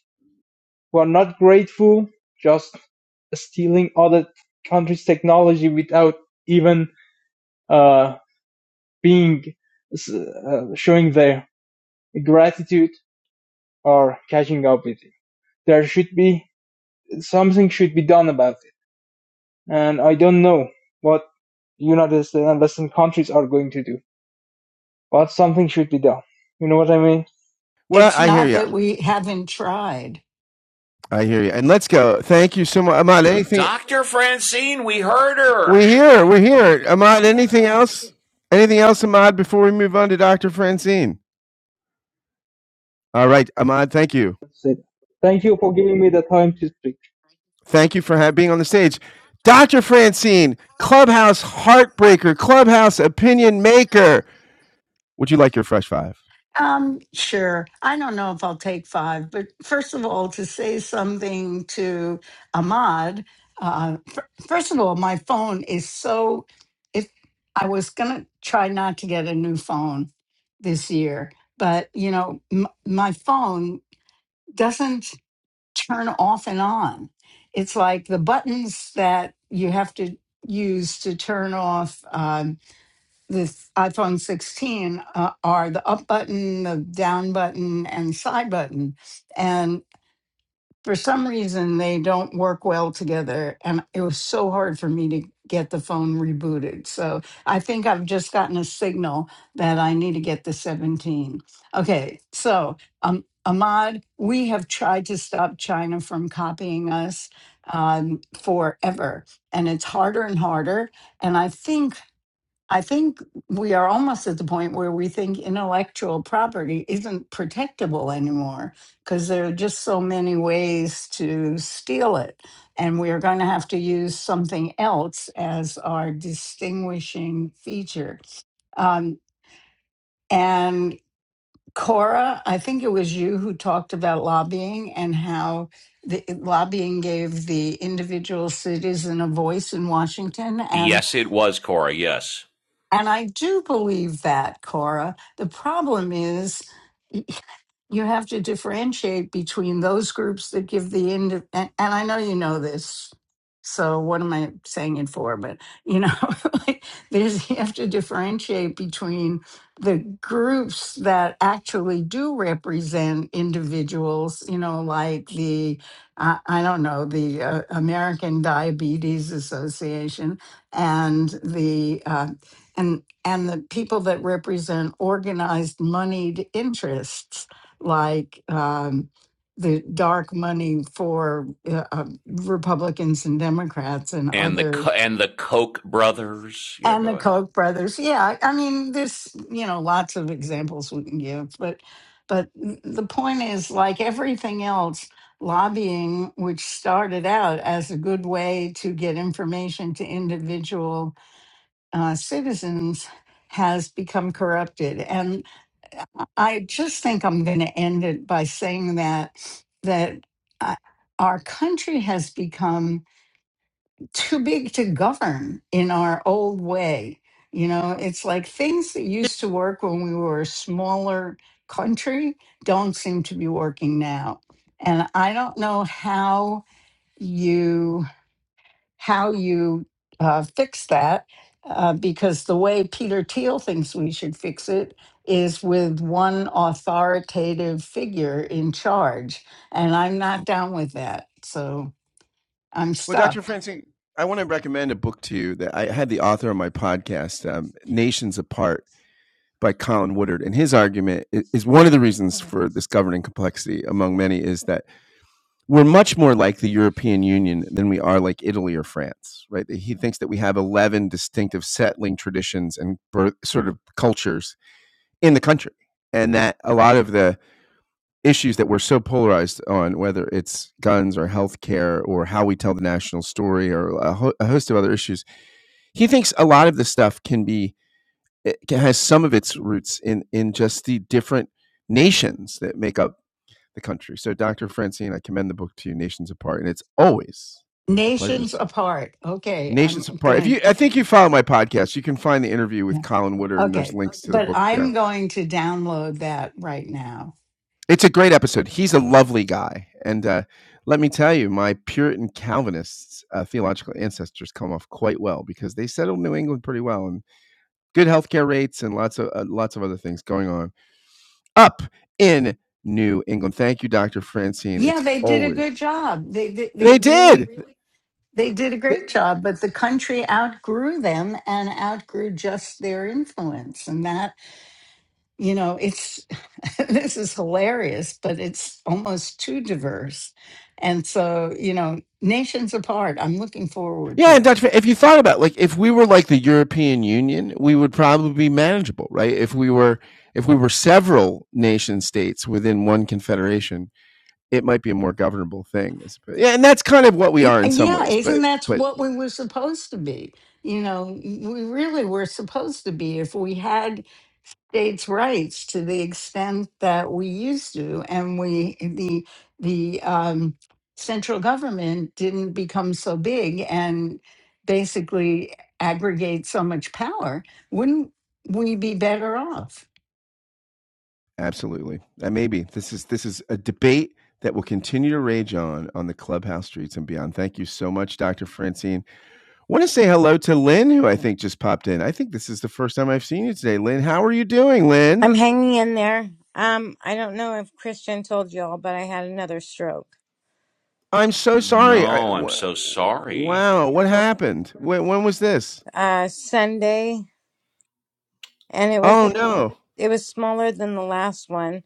[SPEAKER 21] who are not grateful just stealing other countries technology without even uh, being uh, showing their gratitude or catching up with it there should be something should be done about it. And I don't know what United States and Western countries are going to do, but something should be done. You know what I mean?
[SPEAKER 2] Well,
[SPEAKER 28] It's
[SPEAKER 2] I hear
[SPEAKER 28] not
[SPEAKER 2] you.
[SPEAKER 28] that we haven't tried.
[SPEAKER 2] I hear you. And let's go. Thank you so much, Ahmad. Anything?
[SPEAKER 1] Dr. Francine, we heard her.
[SPEAKER 2] We're here. We're here, Ahmad. Anything else? Anything else, Ahmad? Before we move on to Dr. Francine. All right, Ahmad. Thank you.
[SPEAKER 21] Thank you for giving me the time to speak.
[SPEAKER 2] Thank you for ha- being on the stage. Dr. Francine, Clubhouse Heartbreaker, Clubhouse Opinion Maker. Would you like your fresh five?
[SPEAKER 28] Um, sure. I don't know if I'll take five, but first of all, to say something to Ahmad, uh, fir- first of all, my phone is so. If I was going to try not to get a new phone this year, but you know, m- my phone doesn't turn off and on. It's like the buttons that you have to use to turn off. um, this iPhone 16 uh, are the up button, the down button, and side button. And for some reason, they don't work well together. And it was so hard for me to get the phone rebooted. So I think I've just gotten a signal that I need to get the 17. Okay, so um, Ahmad, we have tried to stop China from copying us um, forever, and it's harder and harder. And I think I think we are almost at the point where we think intellectual property isn't protectable anymore because there are just so many ways to steal it. And we are going to have to use something else as our distinguishing feature. Um, and Cora, I think it was you who talked about lobbying and how the lobbying gave the individual citizen a voice in Washington. and.
[SPEAKER 1] Yes, it was Cora. Yes.
[SPEAKER 28] And I do believe that, Cora. The problem is you have to differentiate between those groups that give the ind- and, and I know you know this so what am I saying it for but you know like there's you have to differentiate between the groups that actually do represent individuals you know like the uh, I don't know the uh, American Diabetes Association and the uh, and and the people that represent organized moneyed interests like um, the dark money for uh, uh, Republicans and Democrats and
[SPEAKER 1] And the
[SPEAKER 28] other
[SPEAKER 1] and the Koch brothers. Yeah,
[SPEAKER 28] and
[SPEAKER 1] go
[SPEAKER 28] the
[SPEAKER 1] ahead.
[SPEAKER 28] Koch brothers. Yeah, I mean, there's you know lots of examples we can give, but but the point is, like everything else, lobbying, which started out as a good way to get information to individual uh, citizens has become corrupted. And I just think I'm going to end it by saying that that uh, our country has become too big to govern in our old way. You know, it's like things that used to work when we were a smaller country don't seem to be working now. And I don't know how you how you uh, fix that uh, because the way Peter Thiel thinks we should fix it is with one authoritative figure in charge. And I'm not down with that. So I'm
[SPEAKER 2] Well,
[SPEAKER 28] stuck.
[SPEAKER 2] Dr. Francine, I want to recommend a book to you that I had the author on my podcast, um, Nations Apart by Colin Woodard. And his argument is one of the reasons for this governing complexity, among many, is that we're much more like the European Union than we are like Italy or France, right? He thinks that we have 11 distinctive settling traditions and sort of cultures in the country. And that a lot of the issues that we're so polarized on, whether it's guns or healthcare or how we tell the national story or a, ho- a host of other issues, he thinks a lot of this stuff can be it can, has some of its roots in in just the different nations that make up the country. So, Dr. Francine, I commend the book to you, Nations Apart, and it's always a pleasure.
[SPEAKER 28] Nations apart. Okay. I'm
[SPEAKER 2] Nations Apart. If
[SPEAKER 28] going
[SPEAKER 2] you,
[SPEAKER 28] to,
[SPEAKER 2] I think you follow my podcast, you can find the interview
[SPEAKER 28] yeah.
[SPEAKER 2] with Colin Woodard, and there's
[SPEAKER 28] okay.
[SPEAKER 2] links to the
[SPEAKER 28] But
[SPEAKER 2] book there.
[SPEAKER 28] I'm going to download that right now.
[SPEAKER 2] It's a great episode. He's a lovely guy. And uh, let me tell you, my Puritan Calvinists uh, theological ancestors come off quite well because they settled New England pretty well and good healthcare rates and lots of uh, lots of other things going on up in New England. Thank you, Dr. Francine.
[SPEAKER 28] Yeah,
[SPEAKER 2] It's
[SPEAKER 28] they did a
[SPEAKER 2] always
[SPEAKER 28] good job. They they, they
[SPEAKER 2] they
[SPEAKER 28] really
[SPEAKER 2] did.
[SPEAKER 28] They did a
[SPEAKER 2] They-
[SPEAKER 28] great job, but the country outgrew them and outgrew just their influence. And that, you know, it's this is hilarious, but it's almost too diverse. And so, you know, nations apart, I'm looking forward
[SPEAKER 2] yeah,
[SPEAKER 28] to
[SPEAKER 2] and
[SPEAKER 28] it.
[SPEAKER 2] Dr. If you thought about it, like if we were like the European Union, we would probably be manageable, right? If we were if we were several nation states within one confederation, it might be a more governable thing. Yeah, and that's kind of what we
[SPEAKER 28] Y-
[SPEAKER 2] are in some
[SPEAKER 28] Yeah,
[SPEAKER 2] ways, but
[SPEAKER 28] isn't that's
[SPEAKER 2] but
[SPEAKER 28] what we were supposed to be? You know, we really were supposed to be if we had states' rights to the extent that we used to, and we the the um, central government didn't become so big and basically aggregate so much power. Wouldn't we be better off?
[SPEAKER 2] absolutely. That maybe This is this is a debate that will continue to rage on on the clubhouse streets and beyond. Thank you so much, Dr. Francine. I want to say hello to Lynn, who I think just popped in. I think this is the first time I've seen you today. Lynn, how are you doing, Lynn?
[SPEAKER 29] I'm hanging in there. Um, I don't know if Christian told y'all, but I had another stroke
[SPEAKER 2] I'm so sorry. I,
[SPEAKER 1] No, I'm
[SPEAKER 2] w-
[SPEAKER 1] so sorry.
[SPEAKER 2] wow, what happened? When, when was this?
[SPEAKER 29] uh, Sunday, and it was
[SPEAKER 2] Oh no.
[SPEAKER 29] it was smaller than the last one,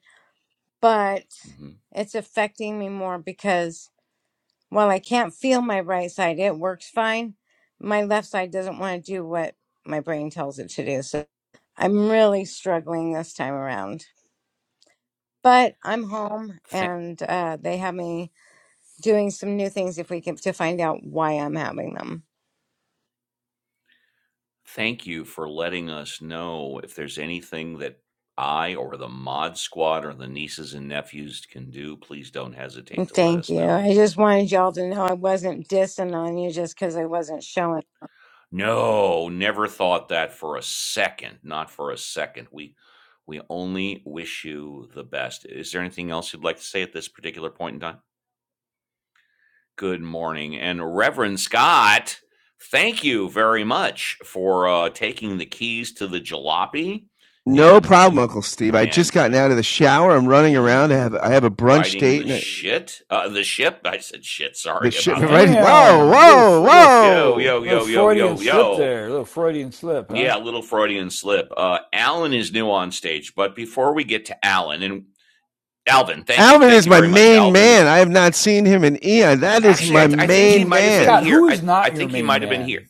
[SPEAKER 29] but
[SPEAKER 1] hmm
[SPEAKER 29] it's affecting me more because while I can't feel my right side, it works fine. My left side doesn't want to do what my brain tells it to do, so I'm really struggling this time around. But I'm home,
[SPEAKER 1] Th-
[SPEAKER 29] and uh, they have me doing some new things if we can to find out why I'm having them.
[SPEAKER 1] thank you for letting us know if there's anything that I or the mod squad or the nieces and nephews can do. Please don't
[SPEAKER 29] Well,
[SPEAKER 1] hesitate to let
[SPEAKER 29] Thank
[SPEAKER 1] us
[SPEAKER 29] you.
[SPEAKER 1] know.
[SPEAKER 29] I just wanted y'all to know I wasn't dissing on you just because I wasn't showing.
[SPEAKER 1] No, never thought that for a second. Not for a second. We we only wish you the best. Is there anything else you'd like to say at this particular point in time? Good morning. And Reverend Scott, thank you very much for uh, taking the keys to the jalopy
[SPEAKER 2] No
[SPEAKER 1] and
[SPEAKER 2] problem, Uncle Steve. I
[SPEAKER 1] and
[SPEAKER 2] just
[SPEAKER 1] eh,
[SPEAKER 2] gotten out of the shower. I'm running
[SPEAKER 1] yeah,
[SPEAKER 2] around. I have I have a brunch
[SPEAKER 1] riding
[SPEAKER 2] date.
[SPEAKER 1] the
[SPEAKER 2] and. I,
[SPEAKER 1] shit. Uh, the ship. I said shit.
[SPEAKER 2] The
[SPEAKER 1] Sorry
[SPEAKER 2] shit
[SPEAKER 1] about that.
[SPEAKER 2] right. here. Whoa,
[SPEAKER 4] Damn, little
[SPEAKER 2] whoa,
[SPEAKER 4] little
[SPEAKER 1] Yo,
[SPEAKER 2] whoa.
[SPEAKER 1] yo,
[SPEAKER 4] little
[SPEAKER 1] yo, yo,
[SPEAKER 4] Freudian
[SPEAKER 1] yo,
[SPEAKER 4] slip
[SPEAKER 1] yo.
[SPEAKER 4] there. Little Freudian slip, huh?
[SPEAKER 1] Yeah, a little Freudian slip. Uh, Alan is new on stage, but before we get to Alan and Alvin, thank you,
[SPEAKER 2] Alvin
[SPEAKER 1] thank
[SPEAKER 2] is
[SPEAKER 1] you
[SPEAKER 2] my
[SPEAKER 1] very much.
[SPEAKER 2] main
[SPEAKER 1] Alvin is
[SPEAKER 2] man. I have not seen him in eon. That is
[SPEAKER 1] actually, I,
[SPEAKER 2] my
[SPEAKER 1] th- I think he
[SPEAKER 2] main
[SPEAKER 1] might have been
[SPEAKER 2] man.
[SPEAKER 4] Scott,
[SPEAKER 1] here.
[SPEAKER 4] who
[SPEAKER 1] I,
[SPEAKER 4] is
[SPEAKER 1] I
[SPEAKER 4] not your
[SPEAKER 1] think he
[SPEAKER 4] main
[SPEAKER 1] might have been
[SPEAKER 4] man?
[SPEAKER 1] here.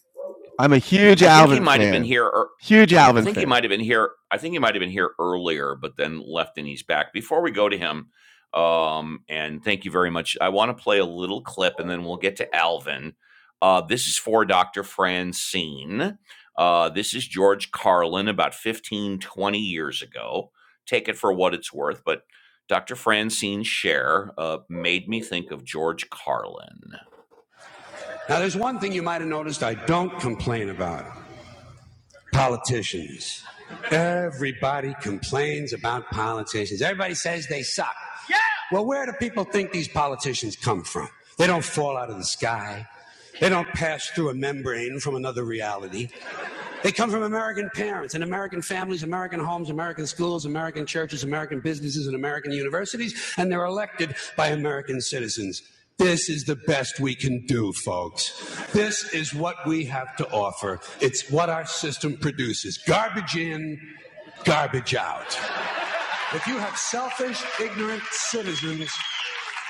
[SPEAKER 2] I'm a huge
[SPEAKER 1] I think he
[SPEAKER 2] Alvin
[SPEAKER 1] might have been
[SPEAKER 2] fan.
[SPEAKER 1] here
[SPEAKER 2] Huge
[SPEAKER 1] I
[SPEAKER 2] Alvin
[SPEAKER 1] think he
[SPEAKER 2] fan.
[SPEAKER 1] might have been here. I think he might have been here earlier, but then left and he's back. Before we go to him, um, and thank you very much. I want to play a little clip, and then we'll get to Alvin. Uh, this is for Dr. Francine. Uh, this is George Carlin about 15 20 years ago. Take it for what it's worth, but Dr. Francine Share uh, made me think of George Carlin. Now, there's one thing you might have noticed I don't complain about politicians. Everybody complains about politicians. Everybody says they suck. Well, where do people think these politicians come from? They don't fall out of the sky. They don't pass through a membrane from another reality. They come from American parents and American families, American homes, American schools, American churches, American businesses, and American universities, and they're elected by American citizens. This is the best we can do, folks. This is what we have to offer. It's what our system produces garbage in, garbage out. If you have selfish, ignorant citizens,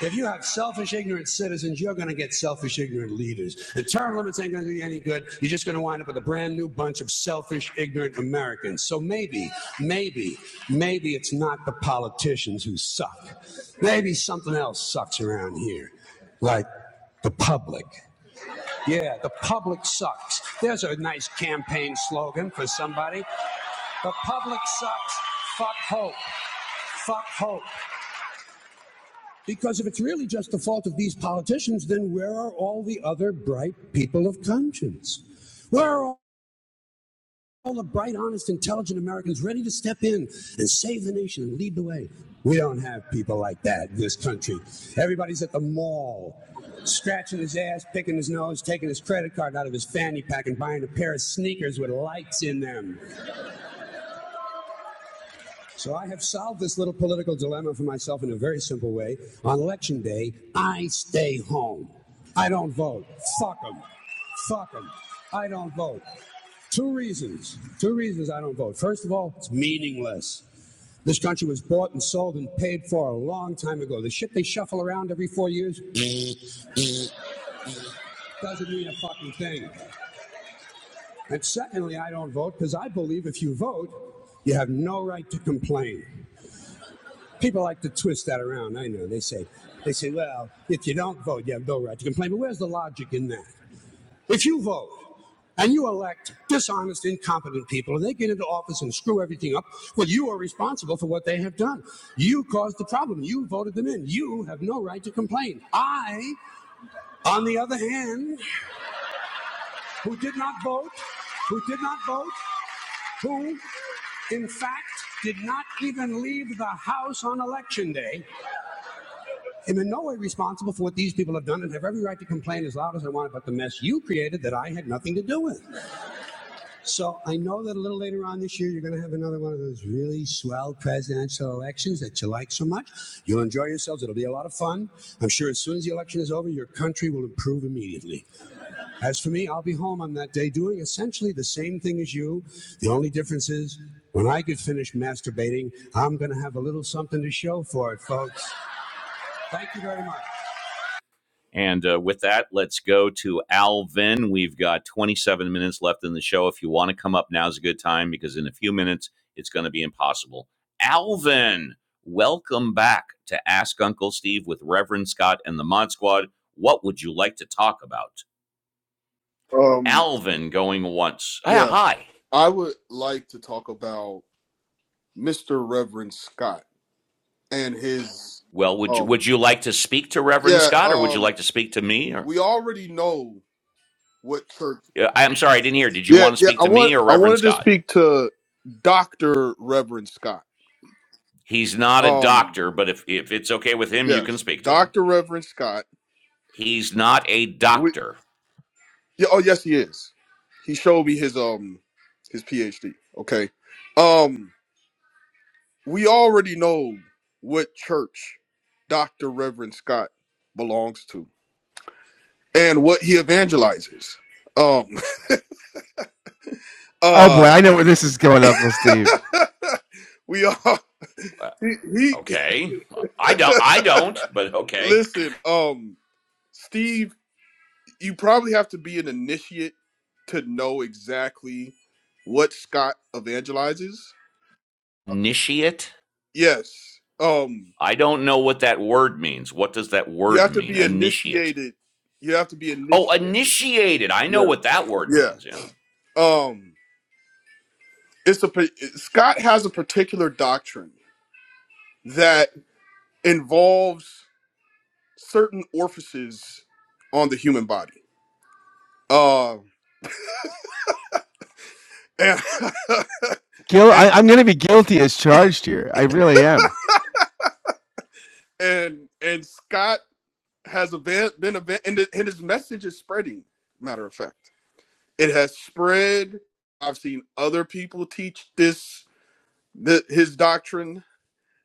[SPEAKER 1] if you have selfish, ignorant citizens, you're going to get selfish, ignorant leaders. And term limits ain't going to do any good. You're just going to wind up with a brand new bunch of selfish, ignorant Americans. So maybe, maybe, maybe it's not the politicians who suck. Maybe something else sucks around here, like the public. Yeah, the public sucks. There's a nice campaign slogan for somebody. The public sucks. Fuck hope. Fuck hope. Because if it's really just the fault of these politicians, then where are all the other bright people of conscience? Where are all all the bright, honest, intelligent Americans ready to step in and save the nation and lead the way? We don't have people like that in this country. Everybody's at the mall, scratching his ass, picking his nose, taking his credit card out of his fanny pack, and buying a pair of sneakers with lights in them. So I have solved this little political dilemma for myself in a very simple way. On election day, I stay home. I don't vote. Fuck 'em. Fuck 'em. I don't vote. Two reasons. Two reasons I don't vote. First of all, it's meaningless. This country was bought and sold and paid for a long time ago. The shit they shuffle around every four years doesn't mean a fucking thing. And secondly, I don't vote because I believe if you vote, you have no right to complain. People like to twist that around. I know. They say, they say, well, if you don't vote, you have no right to complain. But where's the logic in that? If you vote and you elect dishonest, incompetent people, and they get into office and screw everything up, well, you are responsible for what they have done. You caused the problem. You voted them in. You have no right to complain. I, on the other hand, who did not vote, who did not vote, who, in fact, did not even leave the House on election day, i am in no way responsible for what these people have done and have every right to complain as loud as I want about the mess you created that I had nothing to do with. So I know that a little later on this year, you're going to have another one of those really swell presidential elections that you like so much. You'll enjoy yourselves. It'll be a lot of fun. I'm sure as soon as the election is over, your country will improve immediately. As for me, I'll be home on that day doing essentially the same thing as you. The only difference is when I get finished masturbating, I'm going to have a little something to show for it, folks. Thank you very much. And uh, with that, let's go to Alvin. We've got 27 minutes left in the show. If you want to come up, now's a good time because in a few minutes, it's going to be impossible. Alvin, welcome back to Ask Uncle Steve with Reverend Scott and the Mod Squad. What would you like to talk about?
[SPEAKER 30] Um,
[SPEAKER 1] Alvin going once. Yeah,
[SPEAKER 30] yeah,
[SPEAKER 1] hi.
[SPEAKER 30] I would like to talk about Mr. Reverend Scott and his
[SPEAKER 1] Well, would you
[SPEAKER 30] um
[SPEAKER 1] would you like to speak to Reverend
[SPEAKER 30] yeah,
[SPEAKER 1] Scott or would you
[SPEAKER 30] um
[SPEAKER 1] like to speak to me or
[SPEAKER 30] we already know what church.
[SPEAKER 1] Yeah, I'm sorry, I didn't hear. Did you
[SPEAKER 30] Yeah,
[SPEAKER 1] want to
[SPEAKER 30] yeah,
[SPEAKER 1] speak
[SPEAKER 30] I
[SPEAKER 1] to me
[SPEAKER 30] want
[SPEAKER 1] or
[SPEAKER 30] I
[SPEAKER 1] Reverend
[SPEAKER 30] wanted to
[SPEAKER 1] Scott?
[SPEAKER 30] speak to Dr. Reverend Scott.
[SPEAKER 1] He's not a
[SPEAKER 30] Um
[SPEAKER 1] doctor, but if if it's okay with him, you can
[SPEAKER 30] yes,
[SPEAKER 1] speak to him.
[SPEAKER 30] Dr. Reverend Scott.
[SPEAKER 1] He's not a
[SPEAKER 30] We,
[SPEAKER 1] doctor.
[SPEAKER 30] yeah, oh yes he is. He showed me his um his PhD. Okay. Um we already know what church Dr. Reverend Scott belongs to and what he evangelizes. Um
[SPEAKER 2] Oh boy,
[SPEAKER 30] uh
[SPEAKER 2] I know where this is going, Uncle Steve.
[SPEAKER 30] we all
[SPEAKER 1] Uh,
[SPEAKER 30] he, he
[SPEAKER 1] okay, I don't. I don't. But okay,
[SPEAKER 30] listen, um Steve, you probably have to be an initiate to know exactly what Scott evangelizes.
[SPEAKER 1] initiate.
[SPEAKER 30] Yes. Um
[SPEAKER 1] I don't know what that word means. What does that
[SPEAKER 30] you
[SPEAKER 1] word
[SPEAKER 30] have to
[SPEAKER 1] mean?
[SPEAKER 30] be
[SPEAKER 1] Initiate.
[SPEAKER 30] initiated. You have to be
[SPEAKER 1] Oh,
[SPEAKER 30] initiated.
[SPEAKER 1] initiated. I know
[SPEAKER 30] Yes.
[SPEAKER 1] what that word
[SPEAKER 30] Yeah.
[SPEAKER 1] means. Yeah.
[SPEAKER 30] Um it's a pa- Scott has a particular doctrine that involves certain orifices on the human body. Uh, and
[SPEAKER 2] Guil- I, I'm
[SPEAKER 30] and
[SPEAKER 2] going to be guilty as charged here. I really am.
[SPEAKER 30] and and Scott has a van- been a van- and, it- and his message is spreading. Matter of fact, it has spread. I've seen other people teach this th- his doctrine,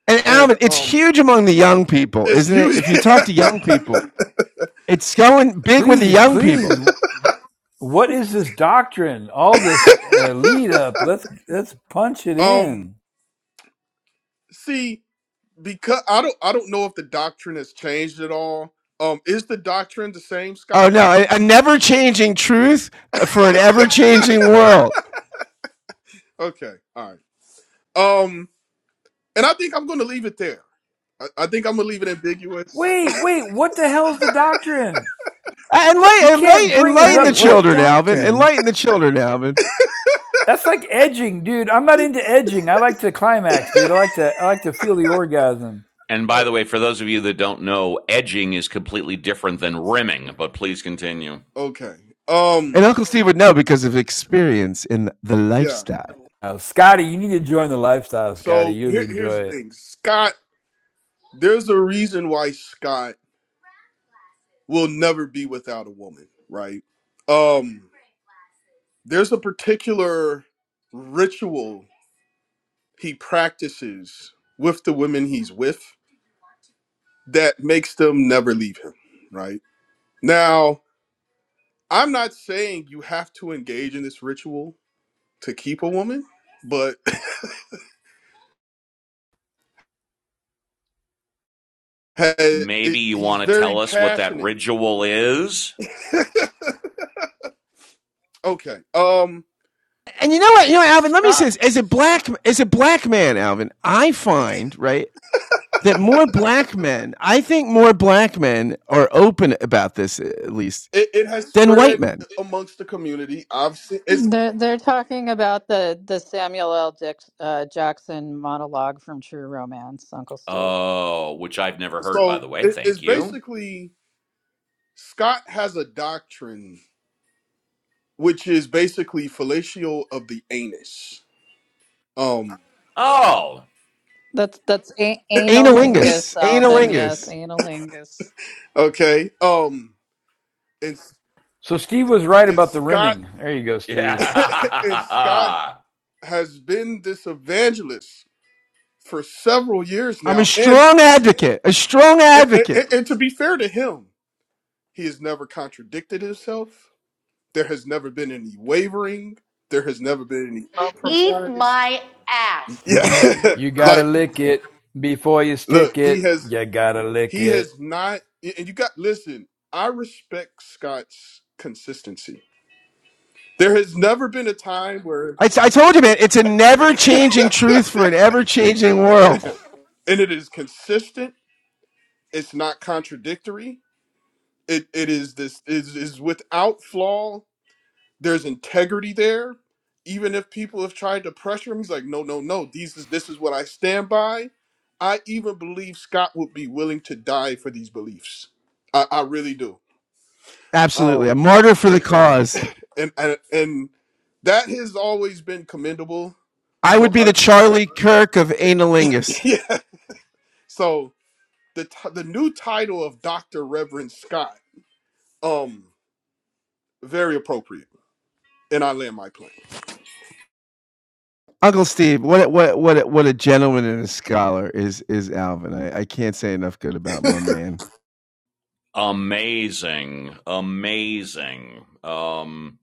[SPEAKER 2] And
[SPEAKER 30] and
[SPEAKER 2] Alvin, it's
[SPEAKER 30] um,
[SPEAKER 2] huge among the young people,
[SPEAKER 30] it's
[SPEAKER 2] isn't it?
[SPEAKER 30] huge.
[SPEAKER 2] If you talk to young people, it's going big with the
[SPEAKER 4] Please,
[SPEAKER 2] young people.
[SPEAKER 4] please. What is this doctrine? All this uh, lead up. Let's let's punch it
[SPEAKER 30] um,
[SPEAKER 4] in.
[SPEAKER 30] see. because I don't I don't know if the doctrine has changed at all. Um, is the doctrine the same,
[SPEAKER 2] Oh
[SPEAKER 30] Scott?
[SPEAKER 2] no, a, a never changing truth uh, for an ever changing world.
[SPEAKER 30] Okay, all right. Um, and I think I'm going to leave it there. I, I think I'm going to leave it ambiguous.
[SPEAKER 4] Wait, wait. What the hell's the doctrine? You
[SPEAKER 2] Enlighten,
[SPEAKER 4] can't
[SPEAKER 2] enlighten,
[SPEAKER 4] bring us
[SPEAKER 2] enlighten the
[SPEAKER 5] right?
[SPEAKER 4] up to.
[SPEAKER 5] What
[SPEAKER 2] children, Alvin.
[SPEAKER 5] doctrine?
[SPEAKER 2] Enlighten the children, Alvin.
[SPEAKER 4] That's like edging, dude. I'm not into edging. I like to climax, dude. I like to I like to feel the orgasm.
[SPEAKER 1] And by the
[SPEAKER 30] Sure.
[SPEAKER 1] way, for those of you that don't know, edging is completely different than rimming. But please continue.
[SPEAKER 30] Okay.
[SPEAKER 2] And
[SPEAKER 30] Um,
[SPEAKER 2] Uncle Steve would know because of experience in the
[SPEAKER 30] yeah.
[SPEAKER 2] lifestyle.
[SPEAKER 4] Oh, Scotty, you need to join the lifestyle, Scotty.
[SPEAKER 30] So
[SPEAKER 4] You'd
[SPEAKER 30] here, here's
[SPEAKER 4] enjoy
[SPEAKER 30] the
[SPEAKER 4] it.
[SPEAKER 30] thing, Scott. There's a reason why Scott will never be without a woman, right? Um, there's a particular ritual he practices with the women he's with that makes them never leave him, right? Now, I'm not saying you have to engage in this ritual to keep a woman, but it,
[SPEAKER 1] Maybe
[SPEAKER 30] it,
[SPEAKER 1] you
[SPEAKER 30] he's
[SPEAKER 1] want to tell
[SPEAKER 30] very
[SPEAKER 1] us what that
[SPEAKER 30] passionate.
[SPEAKER 1] ritual is.
[SPEAKER 30] okay. Um
[SPEAKER 2] And you know what? You know, Alvin. Let me say
[SPEAKER 30] Scott
[SPEAKER 2] this: as a black, as a black man, Alvin, I find right that more black men, I think more black men are open about this at least
[SPEAKER 30] it, it has
[SPEAKER 2] than white
[SPEAKER 30] spread
[SPEAKER 2] men.
[SPEAKER 30] amongst the community. I've seen it's
[SPEAKER 8] They're, they're talking about the, the Samuel L. Dick, uh, Jackson monologue from True Romance, Uncle Steve.
[SPEAKER 1] Oh, which I've never heard, by
[SPEAKER 30] so
[SPEAKER 1] the way.
[SPEAKER 30] it, it's
[SPEAKER 1] Thank you.
[SPEAKER 30] basically Scott has a doctrine which is basically fellatio of the anus. Um
[SPEAKER 1] Oh,
[SPEAKER 8] That's that's a- analingus,
[SPEAKER 2] Analingus,
[SPEAKER 8] Alvin. Yes,
[SPEAKER 2] analingus.
[SPEAKER 8] analingus.
[SPEAKER 30] okay. Um it's
[SPEAKER 4] So Steve was right
[SPEAKER 30] it's
[SPEAKER 4] about the
[SPEAKER 30] Scott
[SPEAKER 4] rimming. There you go, Steve.
[SPEAKER 30] and Scott
[SPEAKER 1] yeah.
[SPEAKER 30] has been this evangelist for several years
[SPEAKER 2] I'm a
[SPEAKER 30] now. And,
[SPEAKER 2] strong advocate, a strong advocate.
[SPEAKER 30] and and to be fair to him, he has never contradicted himself. There has never been any wavering. There has never been any compromise. Yeah,
[SPEAKER 4] You gotta
[SPEAKER 30] like
[SPEAKER 4] lick it before you
[SPEAKER 30] look,
[SPEAKER 4] stick
[SPEAKER 30] he
[SPEAKER 4] it.
[SPEAKER 30] has
[SPEAKER 4] You gotta lick
[SPEAKER 30] he
[SPEAKER 4] it.
[SPEAKER 30] has not. And you got listen. I respect Scott's consistency. There has never been a time where,
[SPEAKER 2] I, I told you, man, it's a never changing truth for an ever changing world.
[SPEAKER 30] and it is consistent. It's not contradictory it it is this is is without flaw. There's integrity there. Even if people have tried to pressure him, he's like, no, no, no. These is this is what I stand by. I even believe Scott would be willing to die for these beliefs. I, I really do.
[SPEAKER 2] Absolutely.
[SPEAKER 30] Um,
[SPEAKER 2] A martyr for the cause.
[SPEAKER 30] and and and that has always been commendable.
[SPEAKER 2] I
[SPEAKER 30] So
[SPEAKER 2] would be the
[SPEAKER 30] I,
[SPEAKER 2] Charlie Kirk of analingus.
[SPEAKER 30] yeah. So the t- the new title of Doctor Reverend Scott, um, very appropriate. And I land my plane.
[SPEAKER 2] Uncle Steve, what what what what a gentleman and a scholar is is Alvin. I, I can't say enough good about my man.
[SPEAKER 1] amazing. Amazing. Um,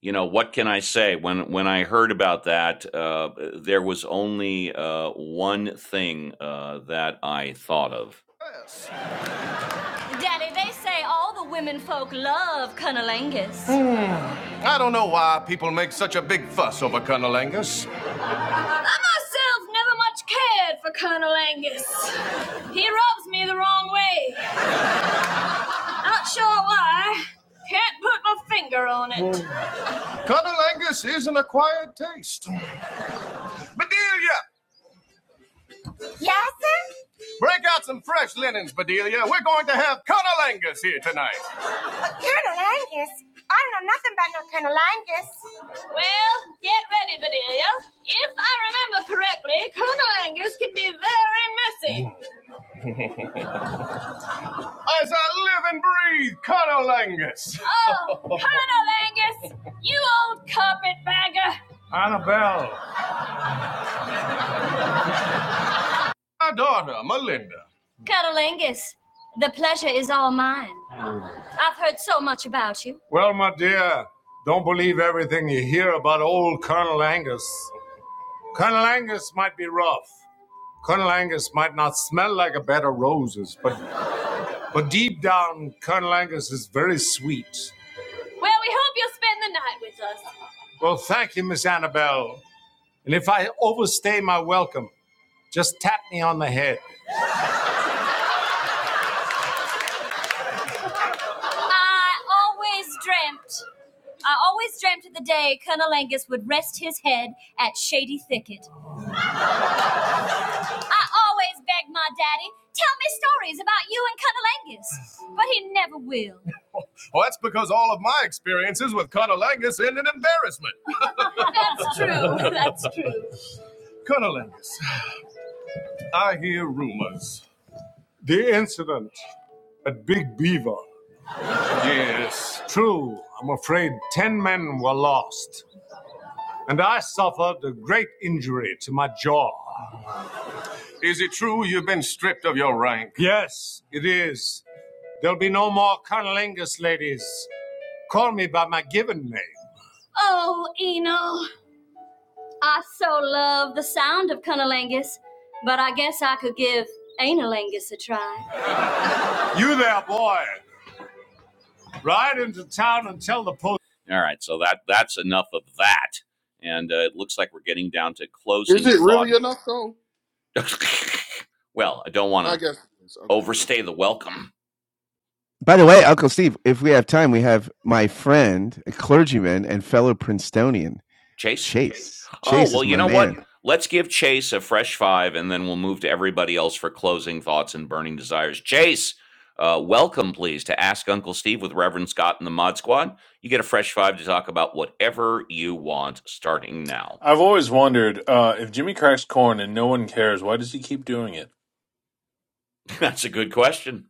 [SPEAKER 1] you know, what can I say? When when I heard about that, uh, there was only uh, one thing uh, that I thought of. Yes. Daddy, they say all the women folk love cunnilingus. I don't know why people make such a big fuss over cunnilingus. I myself never much cared for Colonel Angus. He rubs me the wrong way. Not sure why. Can't put my finger on it. Cunnilingus is an acquired taste. Bedelia, Yes, sir? break out some fresh linens, Bedelia. We're going to have cunnilingus here tonight. Colonel Angus? I don't know nothing about no Colonel Angus. Well, get ready, Bedelia. If I remember correctly, Colonel Angus can be very messy. As I live and breathe, cunnilingus. Oh, Colonel Angus, you old carpetbagger. Annabelle. My daughter, Melinda. Colonel Angus, the pleasure is all mine. I've heard so much about you. Well, my dear, don't believe everything you hear about old Colonel Angus. Colonel Ang- might be Angus might not smell like a bed of roses. It's very sweet. Well, we hope you'll spend the night with us. Well, thank you, Miss Annabelle. And if I overstay my welcome, just tap me on the head. I always dreamt. I always dreamt of the day Colonel Angus would rest his head at Shady Thicket. I always begged my daddy, tell me stories about you and Colonel Angus, but he never will. Well, that's because all of my experiences with Colonel Angus are embarrassment. That's true. That's true. Colonel Angus, I hear rumors. The incident, Big Beaver. Yes. True, I'm afraid ten men were lost, and I suffered a great injury to my jaw. Is it true you've been stripped of your rank? Yes, it is. There'll be no more cunnilingus, ladies. Call me by my given name. Oh, Eno, I so love the sound of cunnilingus, but I guess I could give analingus a try. You there, boy. Ride into town and tell the police. All right, so that that's enough of that, and uh, it looks like we're getting down to
[SPEAKER 30] Is
[SPEAKER 1] closing
[SPEAKER 30] it
[SPEAKER 1] thought.
[SPEAKER 30] really enough though?
[SPEAKER 1] well, I don't want
[SPEAKER 30] I
[SPEAKER 1] to
[SPEAKER 30] guess it is. Okay.
[SPEAKER 1] overstay the welcome,
[SPEAKER 2] By the way, Uncle Steve, if we have time, we have my friend, a clergyman and fellow Princetonian,
[SPEAKER 1] Chase.
[SPEAKER 2] Chase.
[SPEAKER 1] Oh,
[SPEAKER 2] Chase
[SPEAKER 1] well,
[SPEAKER 2] is
[SPEAKER 1] you
[SPEAKER 2] my
[SPEAKER 1] know
[SPEAKER 2] man.
[SPEAKER 1] what? Let's give Chase a fresh five and then we'll move to everybody else for closing thoughts and burning desires. Chase, uh, welcome, please, to Ask Uncle Steve with Reverend Scott and the Mod Squad. You get a fresh five to talk about whatever you want starting now.
[SPEAKER 31] I've always wondered uh, if Jimmy cracks corn and no one cares, why does he keep doing it?
[SPEAKER 1] That's a good question.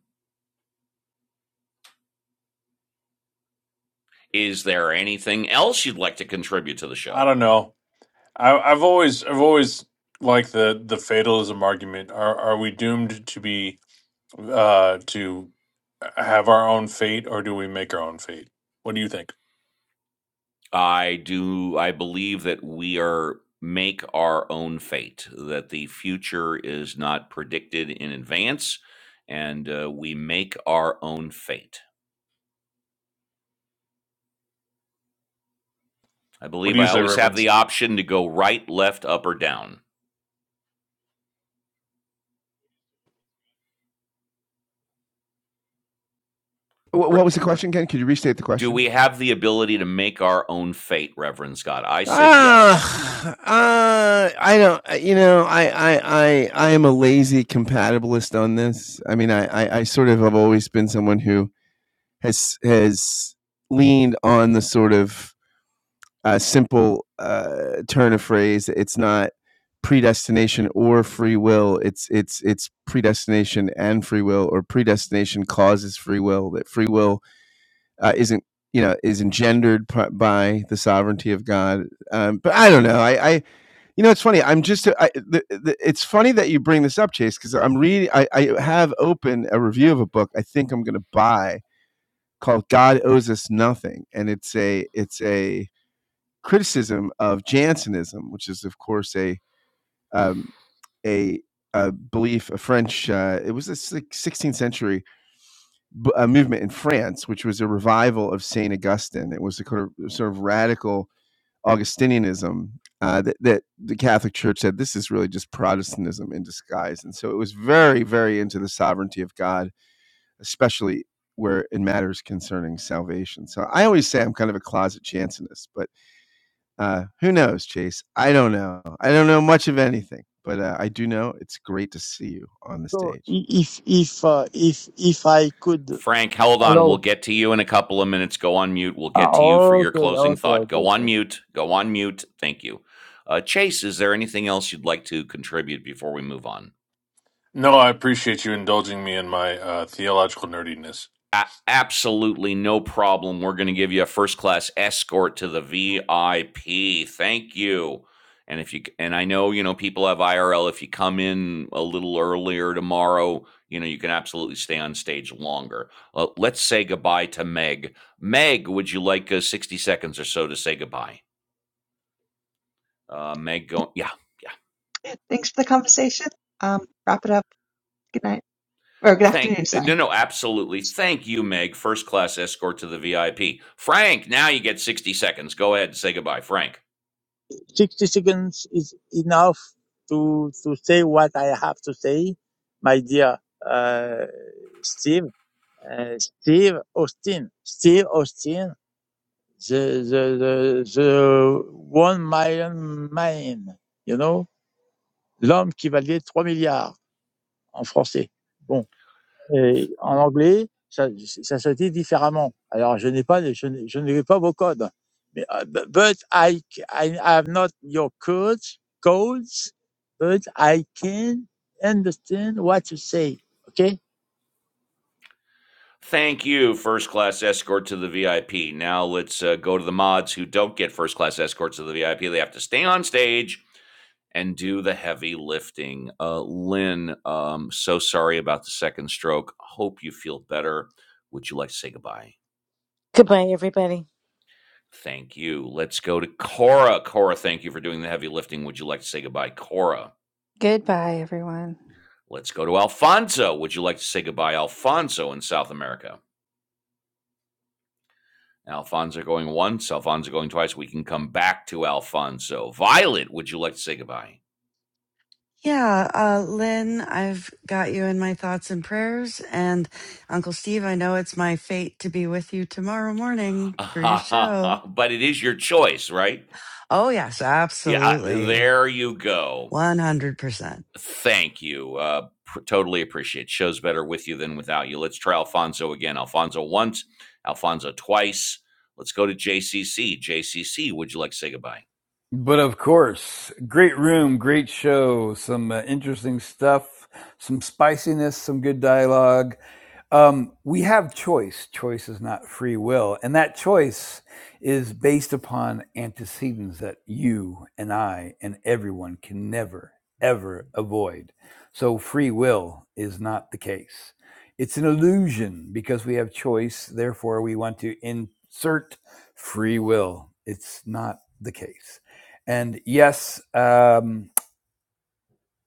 [SPEAKER 1] Is there anything else you'd like to contribute to the show?
[SPEAKER 31] I don't know. I, I've always, I've always liked the the fatalism argument. Are are we doomed to be uh, to have our own fate, or do we make our own fate? What do you think?
[SPEAKER 1] I do. I believe that we are make our own fate. That the future is not predicted in advance, and uh, we make our own fate. I
[SPEAKER 31] What do
[SPEAKER 1] believe
[SPEAKER 31] you
[SPEAKER 1] I
[SPEAKER 31] say,
[SPEAKER 1] always have
[SPEAKER 31] Reverend?
[SPEAKER 1] the option to go right, left, up, or down. Re-
[SPEAKER 2] What was the question, Ken? Could you restate the
[SPEAKER 1] do
[SPEAKER 2] question?
[SPEAKER 1] we have the ability to make our own fate, Reverend Scott? I said yes.
[SPEAKER 2] Ah, uh, uh, I don't. uh, You know, I, I, I, I am a lazy compatibilist on this. I mean, I, I, I sort of have always been someone who has has leaned on the sort of uh, simple uh, turn of phrase. It's not predestination or free will. It's it's it's predestination and free will, or predestination causes free will. That free will uh, isn't you know is engendered by the sovereignty of God um, but I don't know. I, I, you know, it's funny. I'm just. I, the, the, it's funny that you bring this up, Chase, because I'm reading. I, I have open a review of a book. I think I'm going to buy called "God Owes Us Nothing," and it's a it's a criticism of Jansenism, which is, of course, a um, a, a belief, a French. Uh, it was a 16th century b- a movement in France, which was a revival of Saint Augustine. It was a kind of, sort of radical Augustinianism uh, that, that the Catholic Church said this is really just Protestantism in disguise. And so it was very, very into the sovereignty of God, especially where it matters concerning salvation. So I always say I'm kind of a closet Jansenist, but uh, who knows, Chase? I don't know. I don't know much of anything, but uh, I do know it's great to see you on the
[SPEAKER 15] So
[SPEAKER 2] stage.
[SPEAKER 15] i- if if uh, if if I could
[SPEAKER 1] Frank, hold on. We'll
[SPEAKER 15] allow,
[SPEAKER 1] get to you in a couple of minutes. Go on mute. We'll
[SPEAKER 15] ah,
[SPEAKER 1] get to you for your
[SPEAKER 15] okay,
[SPEAKER 1] closing
[SPEAKER 15] okay,
[SPEAKER 1] thought.
[SPEAKER 15] okay,
[SPEAKER 1] Go on
[SPEAKER 15] okay.
[SPEAKER 1] mute. Go on mute. Thank you. Uh, Chase, is there anything else you'd like to contribute before we move on?
[SPEAKER 31] No, I appreciate you indulging me in my uh, theological nerdiness.
[SPEAKER 1] a- absolutely no problem. We're going to give you a first class escort to the VIP. Thank you. And if you and I know you know people have IRL. If you come in a little earlier tomorrow, you know you can absolutely stay on stage longer. Uh, let's say goodbye to Meg. Meg, would you like uh, sixty seconds or so to say goodbye? Uh, Meg, go yeah.
[SPEAKER 26] Thanks for the conversation. Um, wrap it up. Good night. Or good
[SPEAKER 1] Thank
[SPEAKER 26] afternoon, sorry.
[SPEAKER 1] no no absolutely. Thank you, Meg. First class escort to the VIP. Frank, now you get sixty seconds. Go ahead and say goodbye, Frank.
[SPEAKER 15] Sixty seconds is enough to to say what I have to say, my dear uh, Steve, uh, Steve Austin, Steve Austin, the the the, the one million man, you know, l'homme qui valait trois milliards en français. Bon. et en anglais, ça, ça se dit différemment. Alors, je n'ai pas, les- je, n'ai- je n'ai pas vos codes. Mais, euh, bu- but I, c- I have not your codes, codes, but I can understand what you say. OK?
[SPEAKER 1] Thank you, first class escort to the VIP. Now let's uh, go to the mods who don't get first class escorts to the VIP. They have to stay on stage and do the heavy lifting. Uh, Lynn, um, so sorry about the second stroke. Hope you feel better. Would you like to say goodbye?
[SPEAKER 29] Goodbye, everybody.
[SPEAKER 1] Thank you. Let's go to Cora. Cora, thank you for doing the heavy lifting. Would you like to say goodbye, Cora?
[SPEAKER 8] Goodbye, everyone.
[SPEAKER 1] Let's go to Alfonso. Would you like to say goodbye, Alfonso, in South America? Alfonso going once, Alfonso going twice. We can come back to Alfonso. Violet, would you like to say goodbye?
[SPEAKER 5] Yeah, uh, Lynn, I've got you in my thoughts and prayers, and Uncle Steve, I know it's my fate to be with you tomorrow morning for your show.
[SPEAKER 1] but it is your choice, right?
[SPEAKER 5] Oh yes,
[SPEAKER 1] Yeah, uh,
[SPEAKER 5] absolutely.
[SPEAKER 1] there you go.
[SPEAKER 5] 100%.
[SPEAKER 1] Thank you. Uh, pr- totally appreciate. it. Shows better with you than without you. Let's try Alfonso again. Alfonso once, Alfonso twice. Let's go to JCC. JCC, would you like to say goodbye?
[SPEAKER 4] But of course, great room, great show, some uh, interesting stuff, some spiciness, some good dialogue. Um, we have choice. Choice is not free will. And that choice is based upon antecedents that you and I and everyone can never, ever avoid. So free will is not the case. It's an illusion because we have choice. Therefore, we want to insert free will. It's not the case. And yes, um,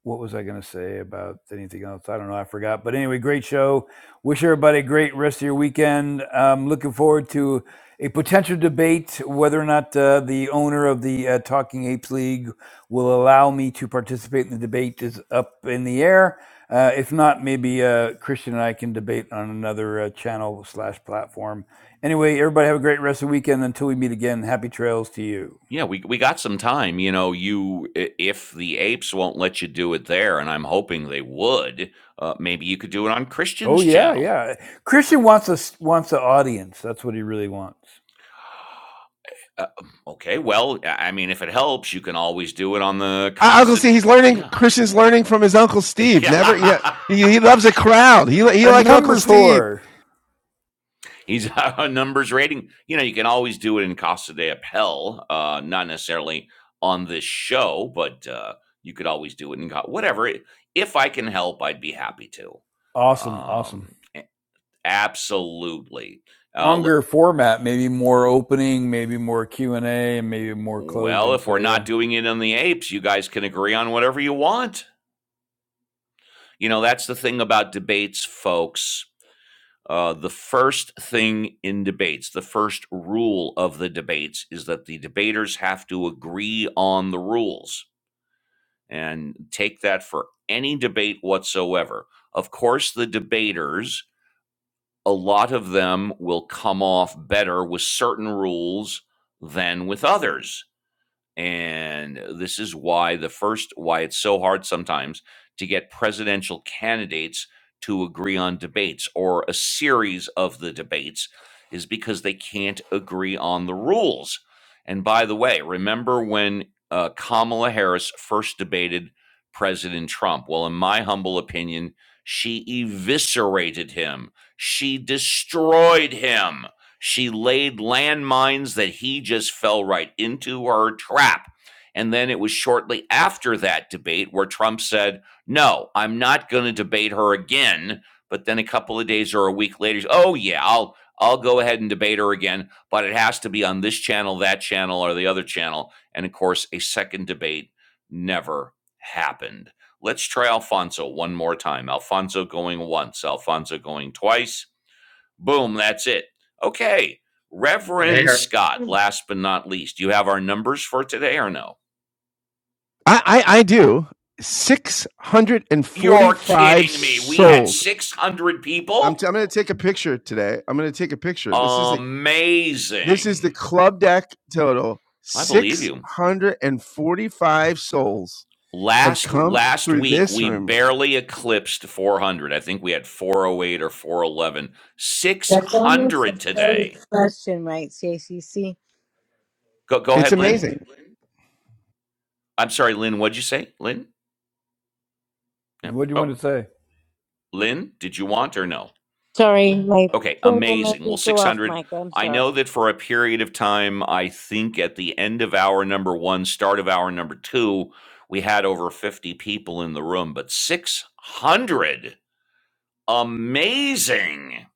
[SPEAKER 4] what was I going to say about anything else? I don't know. I forgot. But anyway, great show. Wish everybody a great rest of your weekend. Um, looking forward to a potential debate whether or not uh, the owner of the uh, Talking Apes League will allow me to participate in the debate is up in the air. Uh, if not, maybe uh, Christian and I can debate on another uh, channel slash platform. Anyway, everybody have a great rest of the weekend. Until we meet again, happy trails to you.
[SPEAKER 1] Yeah, we we got some time. You know, you i- if the apes won't let you do it there, and I'm hoping they would, uh, maybe you could do it on
[SPEAKER 4] Oh
[SPEAKER 1] Christian's
[SPEAKER 4] yeah,
[SPEAKER 1] channel.
[SPEAKER 4] yeah. Christian wants us wants an audience. That's what he really wants.
[SPEAKER 1] Uh, um, okay, well, I I mean, if it helps, you can always do it on the
[SPEAKER 2] Uh, Uncle
[SPEAKER 1] Cosset.
[SPEAKER 2] Steve, he's learning.
[SPEAKER 1] Yeah,
[SPEAKER 2] Christian's learning from his Uncle Steve. Never, you know,
[SPEAKER 1] yeah.
[SPEAKER 2] he, he loves a crowd. He li- he
[SPEAKER 4] A
[SPEAKER 2] like Uncle
[SPEAKER 4] numbers
[SPEAKER 2] Steve.
[SPEAKER 4] whore.
[SPEAKER 1] He's a numbers rating. You know, you can always do it in Casa de Appel, uh, not necessarily on this show, but uh, you could always do it in Co- whatever. If I can help, I'd be happy to.
[SPEAKER 4] Awesome, awesome.
[SPEAKER 1] Um, Absolutely. Uh, l-
[SPEAKER 4] Longer format, maybe more opening, maybe more Q and A, and maybe more
[SPEAKER 1] well,
[SPEAKER 4] closing.
[SPEAKER 1] if
[SPEAKER 4] So
[SPEAKER 1] we're not
[SPEAKER 4] yeah.
[SPEAKER 1] doing it in the apes, you guys can agree on whatever you want. You know, that's the thing about debates, folks. Uh, the first thing in debates, the first rule of the debates is that the debaters have to agree on the rules. And take that for any debate whatsoever. Of course, the debaters, a lot of them will come off better with certain rules than with others And this is why the first, why it's so hard sometimes to get presidential candidates to agree on debates or a series of the debates is because they can't agree on the rules. And by the way, remember when uh, Kamala Harris first debated President Trump? Well, in my humble opinion, she eviscerated him, she destroyed him she laid landmines that he just fell right into her trap. And then it was shortly after that debate where Trump said, No, I'm not going to debate her again. But then a couple of days or a week later, oh, yeah, I'll. I'll go ahead and debate her again, but it has to be on this channel, that channel, or the other channel. And of course, a second debate never happened. Let's try Alfonso one more time. Alfonso going once, Alfonso going twice. Boom, that's it. Okay. Reverend
[SPEAKER 7] Here.
[SPEAKER 1] Scott, last but not least, you have our numbers for today or no?
[SPEAKER 2] I I, I do. Six hundred and
[SPEAKER 1] You're
[SPEAKER 2] forty-five
[SPEAKER 1] kidding me. We had
[SPEAKER 2] souls
[SPEAKER 1] 600
[SPEAKER 2] I'm t-
[SPEAKER 1] people?
[SPEAKER 2] I'm going to take a picture today. I'm going to take a picture. This is a this is the
[SPEAKER 1] Amazing.
[SPEAKER 2] club deck total.
[SPEAKER 1] I believe you.
[SPEAKER 2] 645 souls have
[SPEAKER 1] Last
[SPEAKER 2] come
[SPEAKER 1] last
[SPEAKER 2] through
[SPEAKER 1] week
[SPEAKER 2] this
[SPEAKER 1] we
[SPEAKER 2] room.
[SPEAKER 1] barely eclipsed 400. I think we had 408 or 411.
[SPEAKER 29] That's almost a
[SPEAKER 1] 600
[SPEAKER 29] loaded
[SPEAKER 1] today.
[SPEAKER 29] question, right, CACC?
[SPEAKER 1] Go go
[SPEAKER 2] It's
[SPEAKER 1] ahead, Lynn.
[SPEAKER 2] amazing.
[SPEAKER 1] I'm sorry, Lynn, what'd you say? Lynn? Yeah.
[SPEAKER 4] And what do you
[SPEAKER 1] Oh,
[SPEAKER 4] want to say?
[SPEAKER 1] Lynn, did you want or no?
[SPEAKER 29] Sorry, my
[SPEAKER 1] Okay,
[SPEAKER 29] finger made
[SPEAKER 1] amazing.
[SPEAKER 29] me
[SPEAKER 1] Well,
[SPEAKER 29] go off
[SPEAKER 1] 600.
[SPEAKER 29] mic. I'm
[SPEAKER 1] I
[SPEAKER 29] sorry.
[SPEAKER 1] know that for a period of time, I think at the end of hour number one, start of hour number two, we had over 50 people in the room, but 600. Amazing.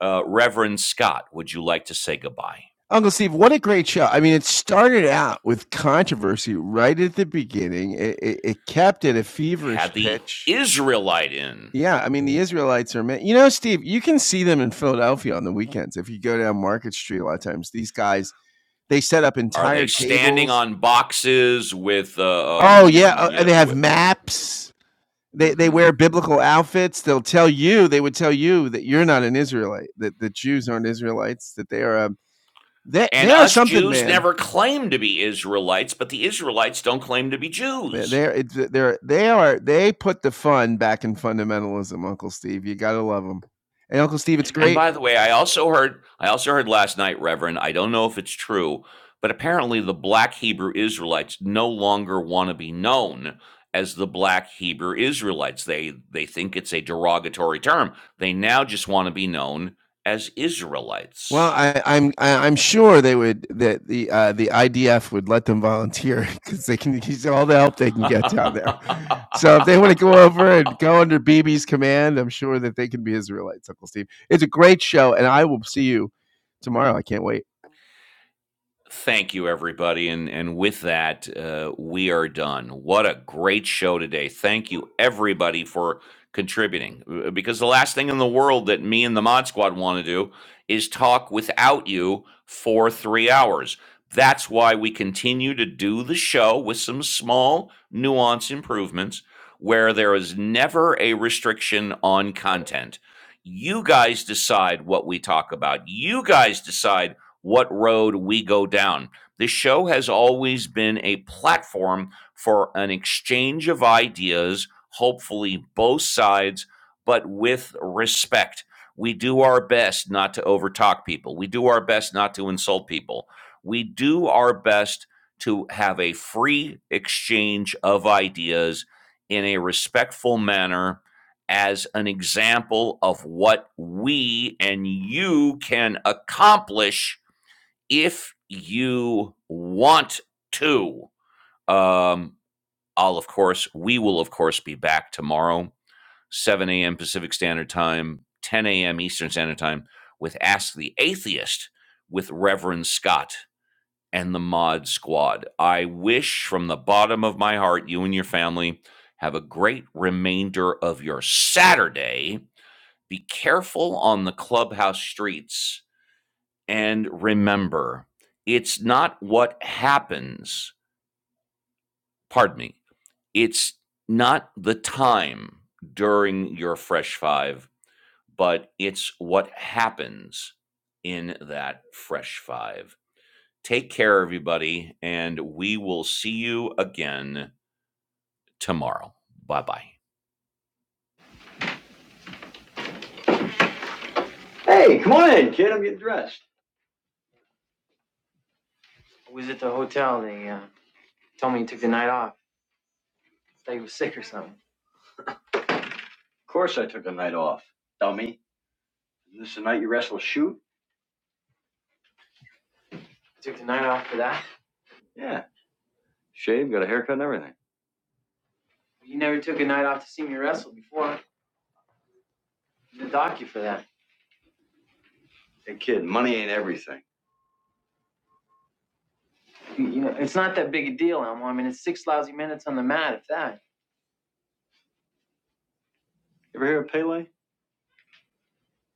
[SPEAKER 1] Uh, Reverend Scott, would you like to say goodbye?
[SPEAKER 2] Uncle Steve, what a great show. I mean, it started out with controversy right at the beginning. It, it, it kept at a
[SPEAKER 1] Had
[SPEAKER 2] feverish
[SPEAKER 1] the
[SPEAKER 2] pitch.
[SPEAKER 1] Israelite in.
[SPEAKER 2] Yeah, I mean, the Israelites are, you know, Steve, you can see them in Philadelphia on the weekends. If you go down Market Street a lot of times, these guys, they set up
[SPEAKER 1] Are they
[SPEAKER 2] entire
[SPEAKER 1] standing
[SPEAKER 2] tables
[SPEAKER 1] on boxes with, uh,
[SPEAKER 2] Oh yeah,
[SPEAKER 1] um, you
[SPEAKER 2] uh, they
[SPEAKER 1] know,
[SPEAKER 2] have
[SPEAKER 1] with,
[SPEAKER 2] maps. They they
[SPEAKER 1] mhm.
[SPEAKER 2] wear biblical outfits. They'll tell you. They would tell you that you're not an Israelite. That the Jews aren't Israelites. That they are um they they
[SPEAKER 1] And
[SPEAKER 2] are
[SPEAKER 1] us
[SPEAKER 2] something,
[SPEAKER 1] Jews
[SPEAKER 2] man.
[SPEAKER 1] never claim to be Israelites, but the Israelites don't claim to be
[SPEAKER 2] They're
[SPEAKER 1] Jews.
[SPEAKER 2] they're it's- they're- they are they put the fun back in fundamentalism, Uncle Steve. You gotta love them. And Uncle Steve, it's
[SPEAKER 1] And
[SPEAKER 2] great
[SPEAKER 1] by the way, I also heard I also heard last night, Reverend, I don't know if it's true, but apparently the black Hebrew Israelites no longer want to be known as the black Hebrew Israelites. They they think it's a derogatory term. They now just want to be known as
[SPEAKER 2] Well,
[SPEAKER 1] Israelites.
[SPEAKER 2] I, I'm I- am i am sure they would that the uh, the IDF would let them volunteer because they can use all the help they can get down there. So if they want to go over and go under BB's command, I'm sure that they can be Israelites, Uncle Steve. It's a great show, and I will see you tomorrow. I can't wait.
[SPEAKER 1] Thank you, everybody. And, and with that, uh, we are done. What a great show today. Thank you, everybody, for contributing. Uh, Because the last thing in the world that me and the Mod Squad want to do is talk without you for three hours. That's why we continue to do the show with some small nuance improvements where there is never a restriction on content. You guys decide what we talk about. You guys decide what road we go down. This show has always been a platform for an exchange of ideas, hopefully, both sides, but with respect. We do our best not to overtalk people. We do our best not to insult people. We do our best to have a free exchange of ideas in a respectful manner as an example of what we and you can accomplish if you want to. Um, I'll, of course, we will, of course, be back tomorrow, 7 a.m. Pacific Standard Time, 10 a.m. Eastern Standard Time, with Ask the Atheist with Reverend Scott and the Mod Squad. I wish from the bottom of my heart you and your family have a great remainder of your Saturday. Be careful on the clubhouse streets and remember, it's not what happens, pardon me, it's not the time during your fresh five, but it's what happens in that fresh five. Take care, everybody, and we will see you again tomorrow. Bye bye. I was at the hotel. They uh, told me you took the night off. Thought you was sick or something. Of course, off, dummy. This is the night you wrestle a shoot? I took the night off for that. Yeah. You never took a night off to see me wrestle before. They dock you for that. Hey, kid, money ain't a thing. You, you know, it's not that big a deal, Elmo. I mean, it's six lousy minutes on the mat, if that.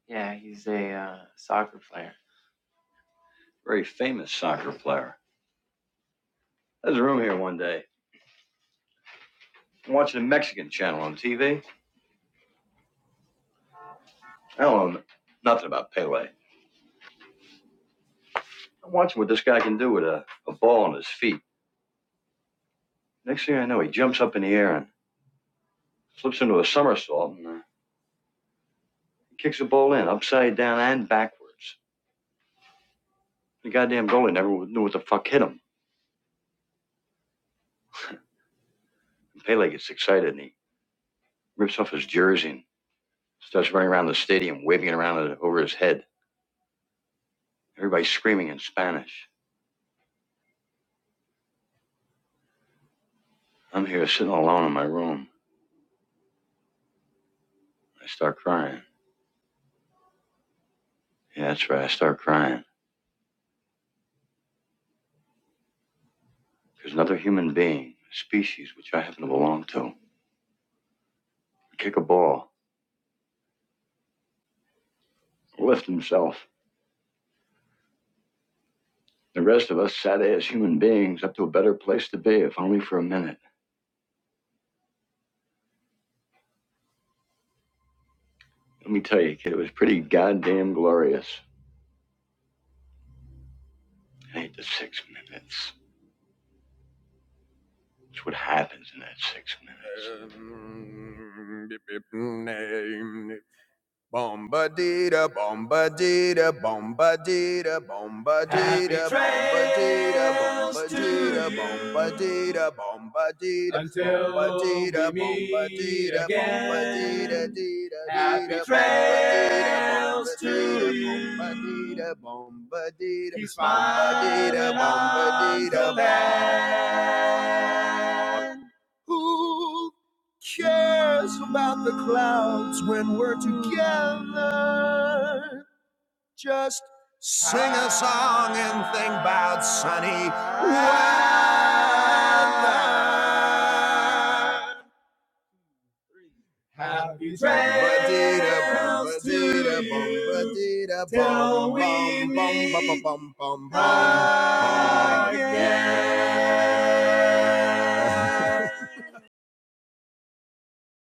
[SPEAKER 1] Yeah, he's a uh, soccer player. I'm watching what this guy can do with a, a ball on his feet. Next thing I know, he jumps up and he flips into a somersault, kicks the ball in, upside down and backward, rips off his jersey and kick a ball, lift himself. The rest of us sat as human beings up to a better place to be, if only for a minute. Let me tell you, kid, it was pretty goddamn glorious. Need the six minutes. Bombadita, bombadita, bombadita, bombadita, bombadita, bombadita, bombadita, until bombadita, bombadita, bombadita, Happy trails to you. bombadita, bombadita, bombadita, bombadita, Who cares about the clouds when we're together? Just sing a song and think about sunny weather. Happy trails to you till we meet